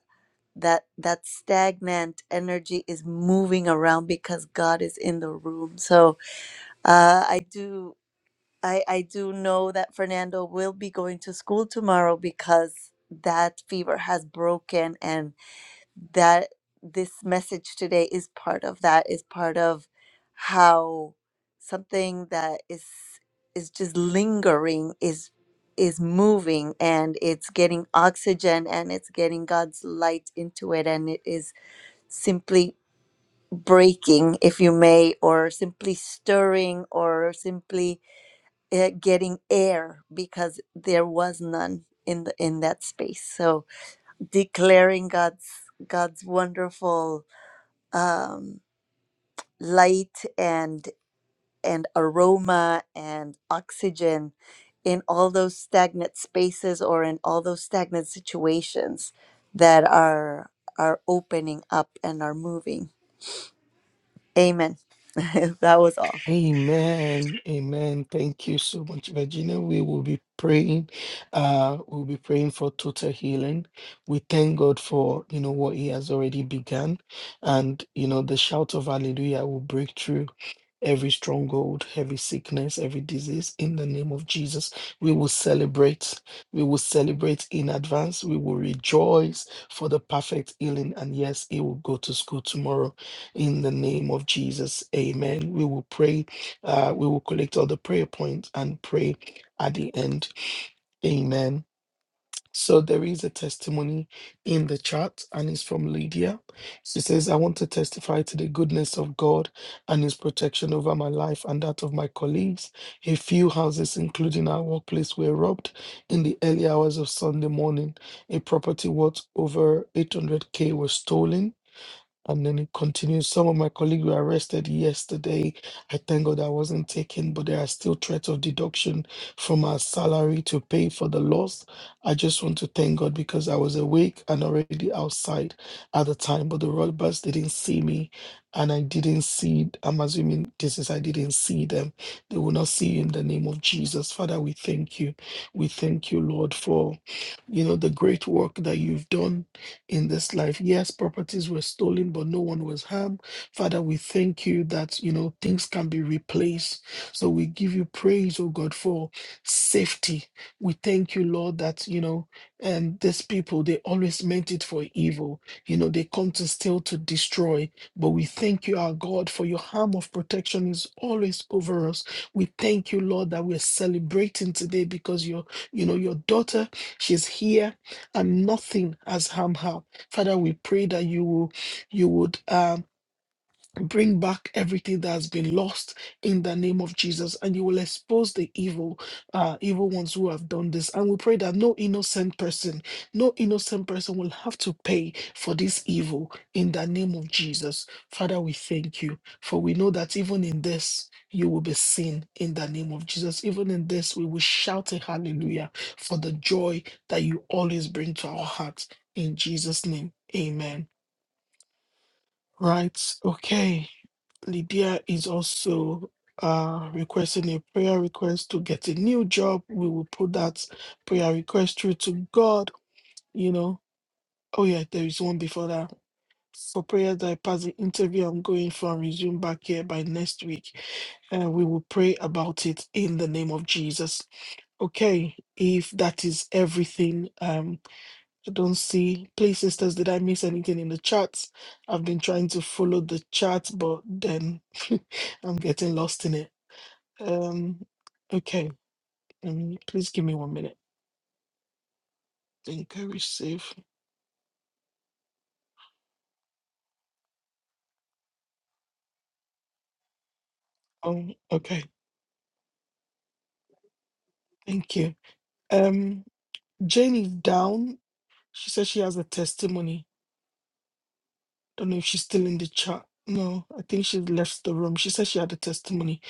Speaker 10: that that stagnant energy is moving around because God is in the room so uh, I do I, I do know that Fernando will be going to school tomorrow because that fever has broken and that this message today is part of that is part of how something that is is just lingering is is moving and it's getting oxygen and it's getting God's light into it and it is simply breaking if you may or simply stirring or simply uh, getting air because there was none in the in that space so declaring God's God's wonderful um, light and and aroma and oxygen in all those stagnant spaces or in all those stagnant situations that are are opening up and are moving. Amen. that was all.
Speaker 2: Amen. Amen. Thank you so much, Virginia. We will be praying. Uh, we'll be praying for total healing. We thank God for you know what He has already begun, and you know the shout of Hallelujah will break through every stronghold, every sickness, every disease in the name of Jesus. We will celebrate. We will celebrate in advance. We will rejoice for the perfect healing. And yes, he will go to school tomorrow in the name of Jesus. Amen. We will pray. Uh, we will collect all the prayer points and pray at the end. Amen. So there is a testimony in the chat, and it's from Lydia. She says, I want to testify to the goodness of God and his protection over my life and that of my colleagues. A few houses, including our workplace, were robbed in the early hours of Sunday morning. A property worth over 800K was stolen. And then it continues. Some of my colleagues were arrested yesterday. I thank God I wasn't taken, but there are still threats of deduction from our salary to pay for the loss. I just want to thank God because I was awake and already outside at the time, but the robbers didn't see me, and I didn't see. I'm assuming this is I didn't see them. They will not see you in the name of Jesus, Father. We thank you. We thank you, Lord, for you know the great work that you've done in this life. Yes, properties were stolen, but no one was harmed. Father, we thank you that, you know, things can be replaced. So we give you praise, oh God, for safety. We thank you, Lord, that, you know, and these people, they always meant it for evil. You know, they come to steal, to destroy. But we thank you, our God, for your arm of protection is always over us. We thank you, Lord, that we're celebrating today because your, you know, your daughter, she's here and nothing has harmed her. Father, we pray that you will, you would. Um, Bring back everything that has been lost in the name of Jesus, and you will expose the evil, uh, evil ones who have done this. And we pray that no innocent person, no innocent person will have to pay for this evil in the name of Jesus. Father, we thank you, for we know that even in this, you will be seen in the name of Jesus. Even in this, we will shout a hallelujah for the joy that you always bring to our hearts. In Jesus' name, amen. Right, okay. Lydia is also uh, requesting a prayer request to get a new job. We will put that prayer request through to God. You know, oh yeah, there is one before that. For prayers that I pass the interview, I'm going for and resume back here by next week. And we will pray about it in the name of Jesus. Okay, if that is everything, um. I don't see. Please, sisters, did I miss anything in the chat? I've been trying to follow the chat, but then I'm getting lost in it. Um, okay. Um, please give me one minute. Encourage safe. Oh, okay. Thank you. Um, Jane is down. She says she has a testimony. Don't know if she's still in the chat. No, I think she's left the room. She said she had a testimony.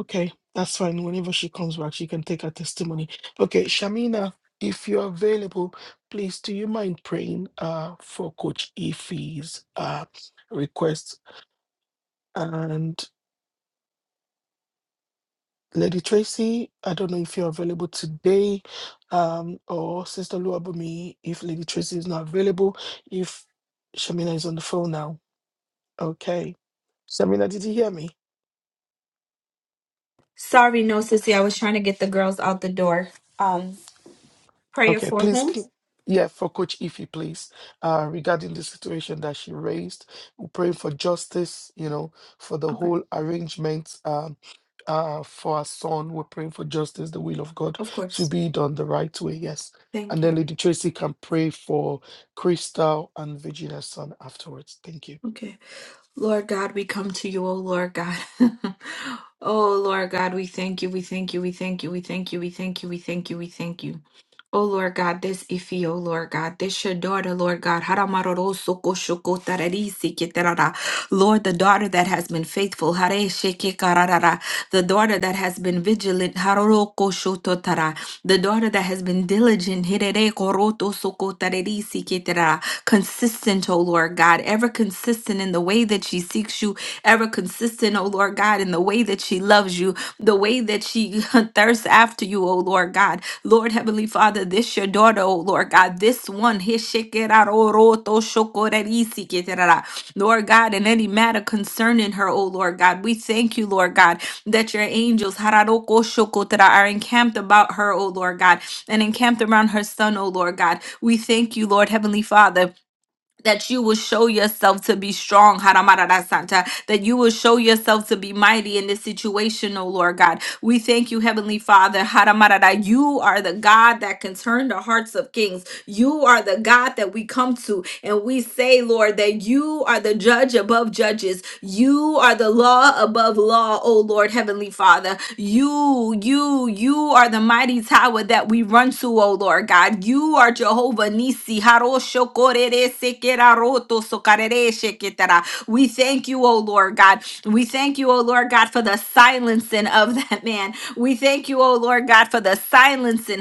Speaker 2: Okay, that's fine. Whenever she comes back, she can take her testimony. Okay, Shamina, if you're available, please do you mind praying uh for Coach Ife's uh request? And Lady Tracy, I don't know if you're available today, um, or Sister Luabumi, if Lady Tracy is not available, if Shamina is on the phone now. Okay. Shamina, did you hear me?
Speaker 4: Sorry, no, sissy. I was trying to get the girls out the door. Um, prayer
Speaker 2: Okay,
Speaker 4: for
Speaker 2: please,
Speaker 4: whom?
Speaker 2: cl- yeah, for Coach Ify, please, uh, regarding the situation that she raised, we're praying for justice, you know, for the
Speaker 4: Okay.
Speaker 2: whole arrangement um, uh, for our son. We're praying for justice, the will of God
Speaker 4: Of
Speaker 2: to
Speaker 4: course.
Speaker 2: be done the right way, yes. And
Speaker 4: Thank
Speaker 2: then
Speaker 4: you.
Speaker 2: Lady Tracy can pray for Crystal and Virginia's son afterwards. Thank you.
Speaker 4: Okay. Lord God, we come to you, O Lord God. oh Lord God, we thank you, we thank you, we thank you, we thank you, we thank you, we thank you, we thank you. Oh Lord God, this Ifi, oh Lord God, this your daughter, Lord God. Haramaroro soko shoko tararisi ketarara. Lord, the daughter that has been faithful, hare sheke kararara. the daughter that has been vigilant, haroro kosho totara. the daughter that has been diligent, hirere koroto soko tararisi ketarara consistent, oh Lord God, ever consistent in the way that she seeks you, ever consistent, oh Lord God, in the way that she loves you, the way that she thirsts after you, oh Lord God. Lord Heavenly Father, this your daughter, oh Lord God, this one, Hishikeraroroto shokorerisikerara. Lord God, in any matter concerning her, oh Lord God, we thank you, Lord God, that your angels hararoko shokotara, are encamped about her, oh Lord God, and encamped around her son, oh Lord God. We thank you, Lord Heavenly Father that you will show yourself to be strong, Haramararasanta, that you will show yourself to be mighty in this situation, oh Lord God. We thank you, Heavenly Father, Haramarara. You are the God that can turn the hearts of kings. You are the God that we come to and we say, Lord, that you are the judge above judges. You are the law above law, oh Lord, Heavenly Father. You, you, you are the mighty mighty tower that we run to, O Lord God. You are Jehovah Nisi. We thank you, O Lord God. We thank you, O Lord God, for the silencing of that man. We thank you, O Lord God, for the silencing.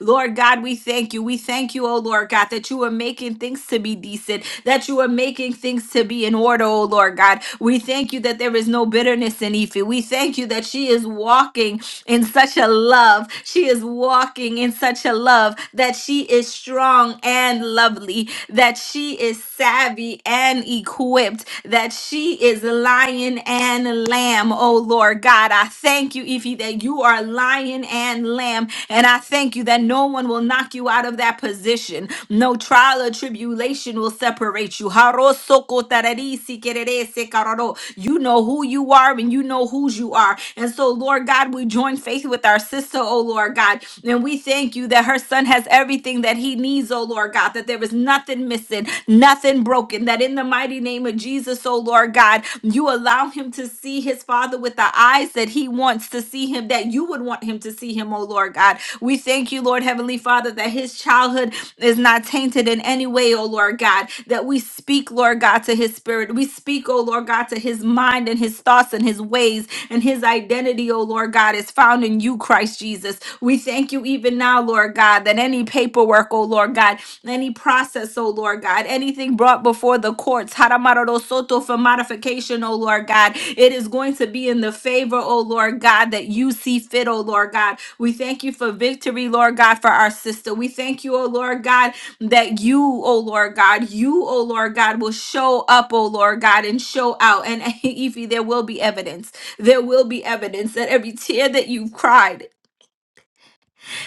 Speaker 4: Lord God, we thank you. We thank you, O Lord God, that you are making things to be decent that you are making things to be in order, oh Lord God. We thank you that there is no bitterness in Ife. We thank you that she is walking in such a love. She is walking in such a love that she is strong and lovely, that she is savvy and equipped, that she is lion and lamb, oh Lord God. I thank you, Ife, that you are lion and lamb Lamb. And I thank you that no one will knock you out of that position. No trial or tribulation will separate you. Harosokotararisikererese kararo. You know who you are and you know whose you are. And so, Lord God, we join faith with our sister, oh Lord God. And we thank you that her son has everything that he needs, oh Lord God, that there is nothing missing, nothing broken, that in the mighty name of Jesus, oh Lord God, you you allow him to see his father with the eyes that he wants to see him, that you would want him to see him, oh Lord God. We thank you, Lord Heavenly Father, that his childhood is not tainted in any way, oh Lord God, that we speak, Lord God, to his spirit. We speak, oh Lord God, to his mind and his thoughts and his ways and his identity, oh Lord God, is found in you, Christ Jesus. We thank you even now, Lord God, that any paperwork, oh Lord God, any process, oh Lord God, anything brought before the courts, Haramaro Soto for modification, oh Lord God. It is going to be in the favor, oh Lord God, that you see fit, oh Lord God. We thank you for victory, Lord God, for our sister. We thank you, oh Lord God, that you, oh Lord God, you, oh Lord God, will show up, oh Lord God, and show out. And ify there will be evidence. There will be evidence that every tear that you've cried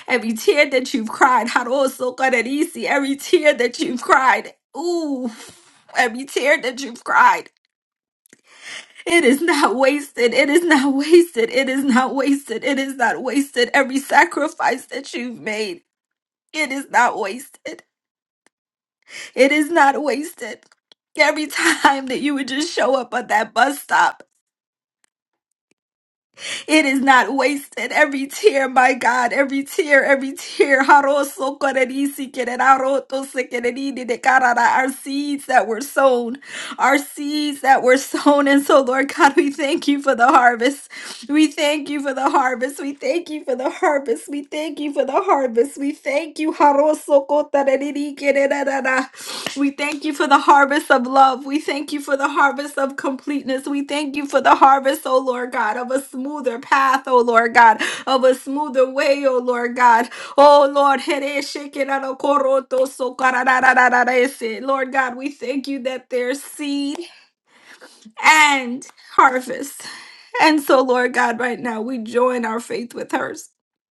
Speaker 4: Every tear that you've cried, Harosokarisi, every tear that you've cried, ooh, every tear that you've cried, it is not wasted. It is not wasted. It is not wasted. It is not wasted. Every sacrifice that you've made, it is not wasted. It is not wasted. Every time that you would just show up at that bus stop It is not wasted. Every tear, my God, every tear, every tear. Haroso korerisi kereraroto sekereridi de karara. Our seeds that were sown, our seeds that were sown. And so, Lord God, we thank you for the harvest. We thank you for the harvest. We thank you for the harvest. We thank you for the harvest. We thank you. Haroso kotareriri kererara. We thank you for the harvest of love. We thank you for the harvest of completeness. We thank you for the harvest, oh Lord God, of a smoother path, oh Lord God, of a smoother way, oh Lord God. Oh Lord, here shekinah no koroto sokarararararese. Lord God, we thank you that there's seed and harvest. And so, Lord God, right now we join our faith with hers.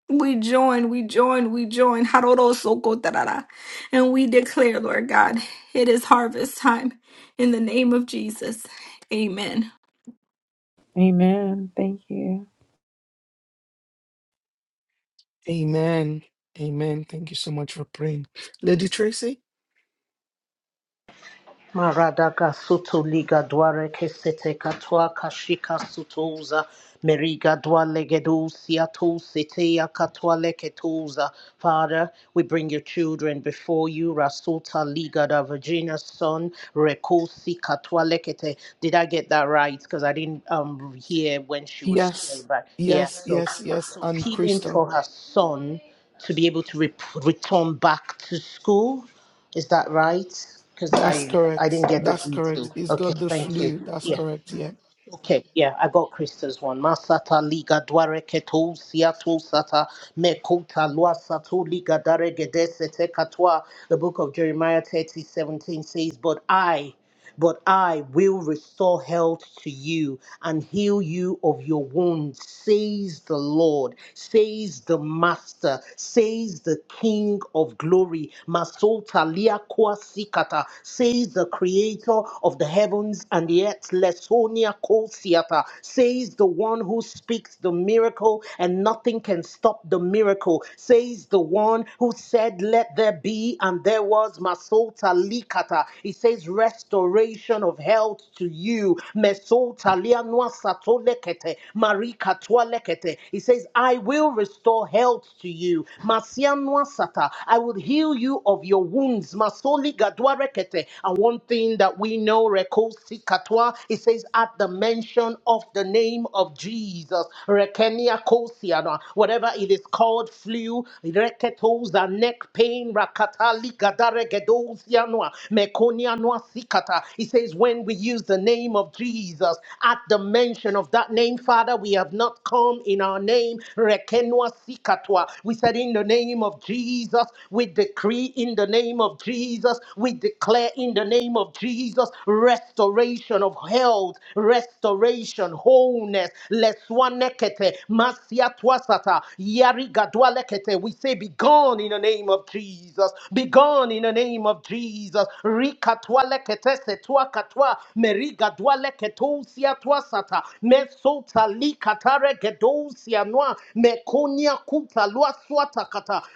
Speaker 4: We join, we join, we join. Harorosokotarara. And we declare, Lord God, it is harvest time in the name of Jesus. Amen.
Speaker 7: Amen. Thank you.
Speaker 2: Amen. Amen. Thank you so much for praying. Lady Tracy?
Speaker 11: Maradaka sutu liga dware kesete katwa kashika sutuza meriga dwale gedusia tu sitea katwa leketuza. Father, we bring your children before you. Rasuta liga da Virginia's son rekusi katwa lekete. Did I get that right? Because I didn't um hear when she was
Speaker 2: Yes.
Speaker 11: sharing, but yeah.
Speaker 2: Yes,
Speaker 11: So
Speaker 2: yes, yes.
Speaker 11: so
Speaker 2: And
Speaker 11: healing
Speaker 2: Crystal.
Speaker 11: for her son to be able to re- return back to school is that right? Because
Speaker 2: That's
Speaker 11: I I
Speaker 2: correct.
Speaker 11: didn't get the
Speaker 2: That's correct.
Speaker 11: GT.
Speaker 2: He's
Speaker 11: Okay,
Speaker 2: got the
Speaker 11: thank you.
Speaker 2: flu. That's
Speaker 11: Yeah.
Speaker 2: correct. Yeah.
Speaker 11: Okay. Yeah, I got Krista's one. Masata liga dware keto siato sata mekota lua sato liga dare gedese te katoa. The book of Jeremiah thirty seventeen says, "But I." But I will restore health to you and heal you of your wounds, says the Lord, says the Master, says the King of glory. Masota liakwa sikata, says the Creator of the heavens and the earth. Lesonia kosiata, says the one who speaks the miracle and nothing can stop the miracle, says is the one who said, Let there be, and there was Masota Likata. He says, Restoration of health to you. Mesota Lianwa Sato Lekete, Marika Twa Lekete. He says, I will restore health to you. Masianwa Sata, I will heal you of your wounds. Masoli Gadwa Rekete. And one thing that we know, Rekosi Katwa, it says, At the mention mention of the name of Jesus, Rekenia Kosiana, whatever it is called, flu, reketosa, neck pain, rakatali gadaregedosianoa, mekonianoa sikata. It says, when we use the name of Jesus, at the mention of that name, Father, we have not come in our name, rekenoa sikatoa. We said, in the name of Jesus, we decree in the name of of Jesus, we declare in the name of Jesus restoration of health, restoration, wholeness. Leswanekete, masiatwasata, yarigadwalekete. We say, Be gone in the name of Jesus. Be gone in the name of Jesus. Rikatwalekete setwakatwa, merigadwaleketo siatwasata, mesota noa mekonia kupa lua swata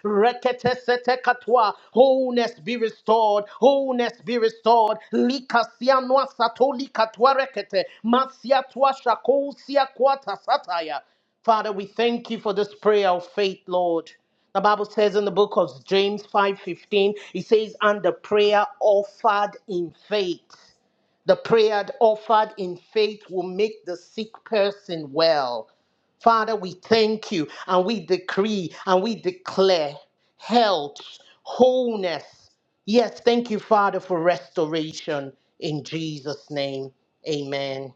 Speaker 11: rekete sete katwa wholeness be restored wholeness be restored lika sia noa sato rekete masia twa shako sia kwata sataya Father, we thank you for this prayer of faith, Lord. The Bible says in the book of James 5:15, it says, and the prayer offered in faith. The prayer offered in faith will make the sick person well. Father, we thank you and we decree and we declare health, wholeness. Yes, thank you, Father, for restoration in Jesus' name. Amen.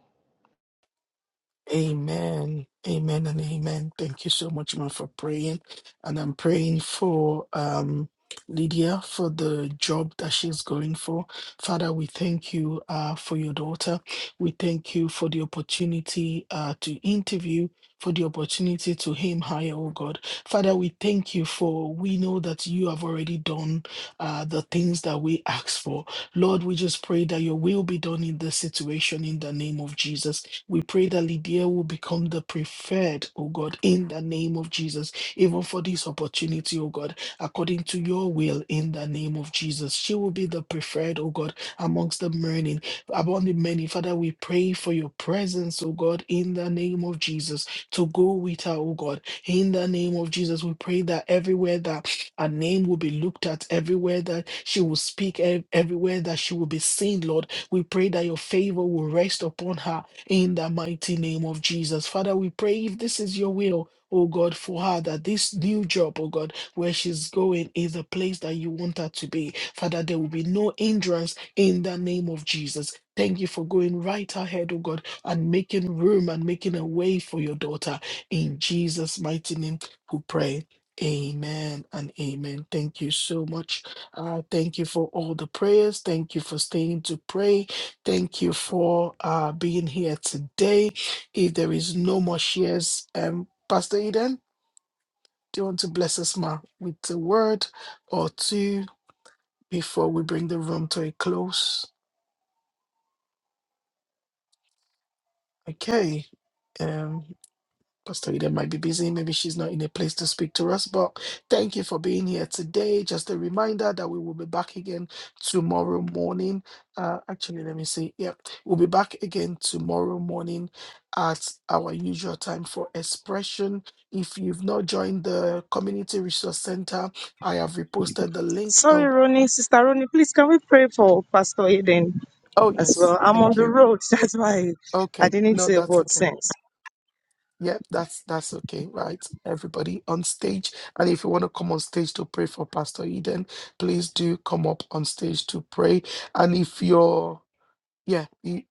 Speaker 2: Amen. Amen and amen. Thank you so much, ma, for praying. And I'm praying for um Lydia for the job that she's going for. Father, we thank you uh for your daughter. We thank you for the opportunity uh to interview. For the opportunity to aim higher, oh God. Father, we thank you for we know that you have already done uh, the things that we ask for. Lord, we just pray that your will be done in this situation in the name of Jesus. We pray that Lydia will become the preferred, oh God, in the name of Jesus, even for this opportunity, oh God, according to your will, in the name of Jesus. She will be the preferred, oh God, amongst the many, among the many. Father, we pray for your presence, oh God, in the name of Jesus, to go with her, oh God, in the name of Jesus. We pray that everywhere that her name will be looked at, everywhere that she will speak, ev- everywhere that she will be seen, Lord, we pray that your favor will rest upon her in the mighty name of Jesus. Father, we pray if this is your will, oh God, for her, that this new job, oh God, where she's going is the place that you want her to be. Father, there will be no hindrance in the name of Jesus. Thank you for going right ahead, oh God, and making room and making a way for your daughter. In Jesus' mighty name, we pray. Amen and amen. Thank you so much. Uh, thank you for all the prayers. Thank you for staying to pray. Thank you for uh, being here today. If there is no more shares, um, Pastor Eden, do you want to bless us, ma, with a word or two before we bring the room to a close? Okay. um, Pastor Eden might be busy. Maybe she's not in a place to speak to us, but thank you for being here today. Just a reminder that we will be back again tomorrow morning. Uh, actually, let me see. Yep, we'll be back again tomorrow morning at our usual time for expression. If you've not joined the Community Resource Center, I have reposted the link.
Speaker 1: Sorry,
Speaker 2: Oh,
Speaker 1: Ronnie. Sister Ronnie, please can we pray for Pastor Eden
Speaker 2: oh
Speaker 1: as well?
Speaker 2: yes,
Speaker 1: I'm on
Speaker 2: thank
Speaker 1: the
Speaker 2: you.
Speaker 1: road. That's why I
Speaker 2: Okay,
Speaker 1: didn't
Speaker 2: no,
Speaker 1: say a
Speaker 2: that's
Speaker 1: word
Speaker 2: okay.
Speaker 1: since.
Speaker 2: Yeah, that's that's okay, right? Everybody on stage. And if you want to come on stage to pray for Pastor Eden, please do come up on stage to pray. And if you're yeah, you,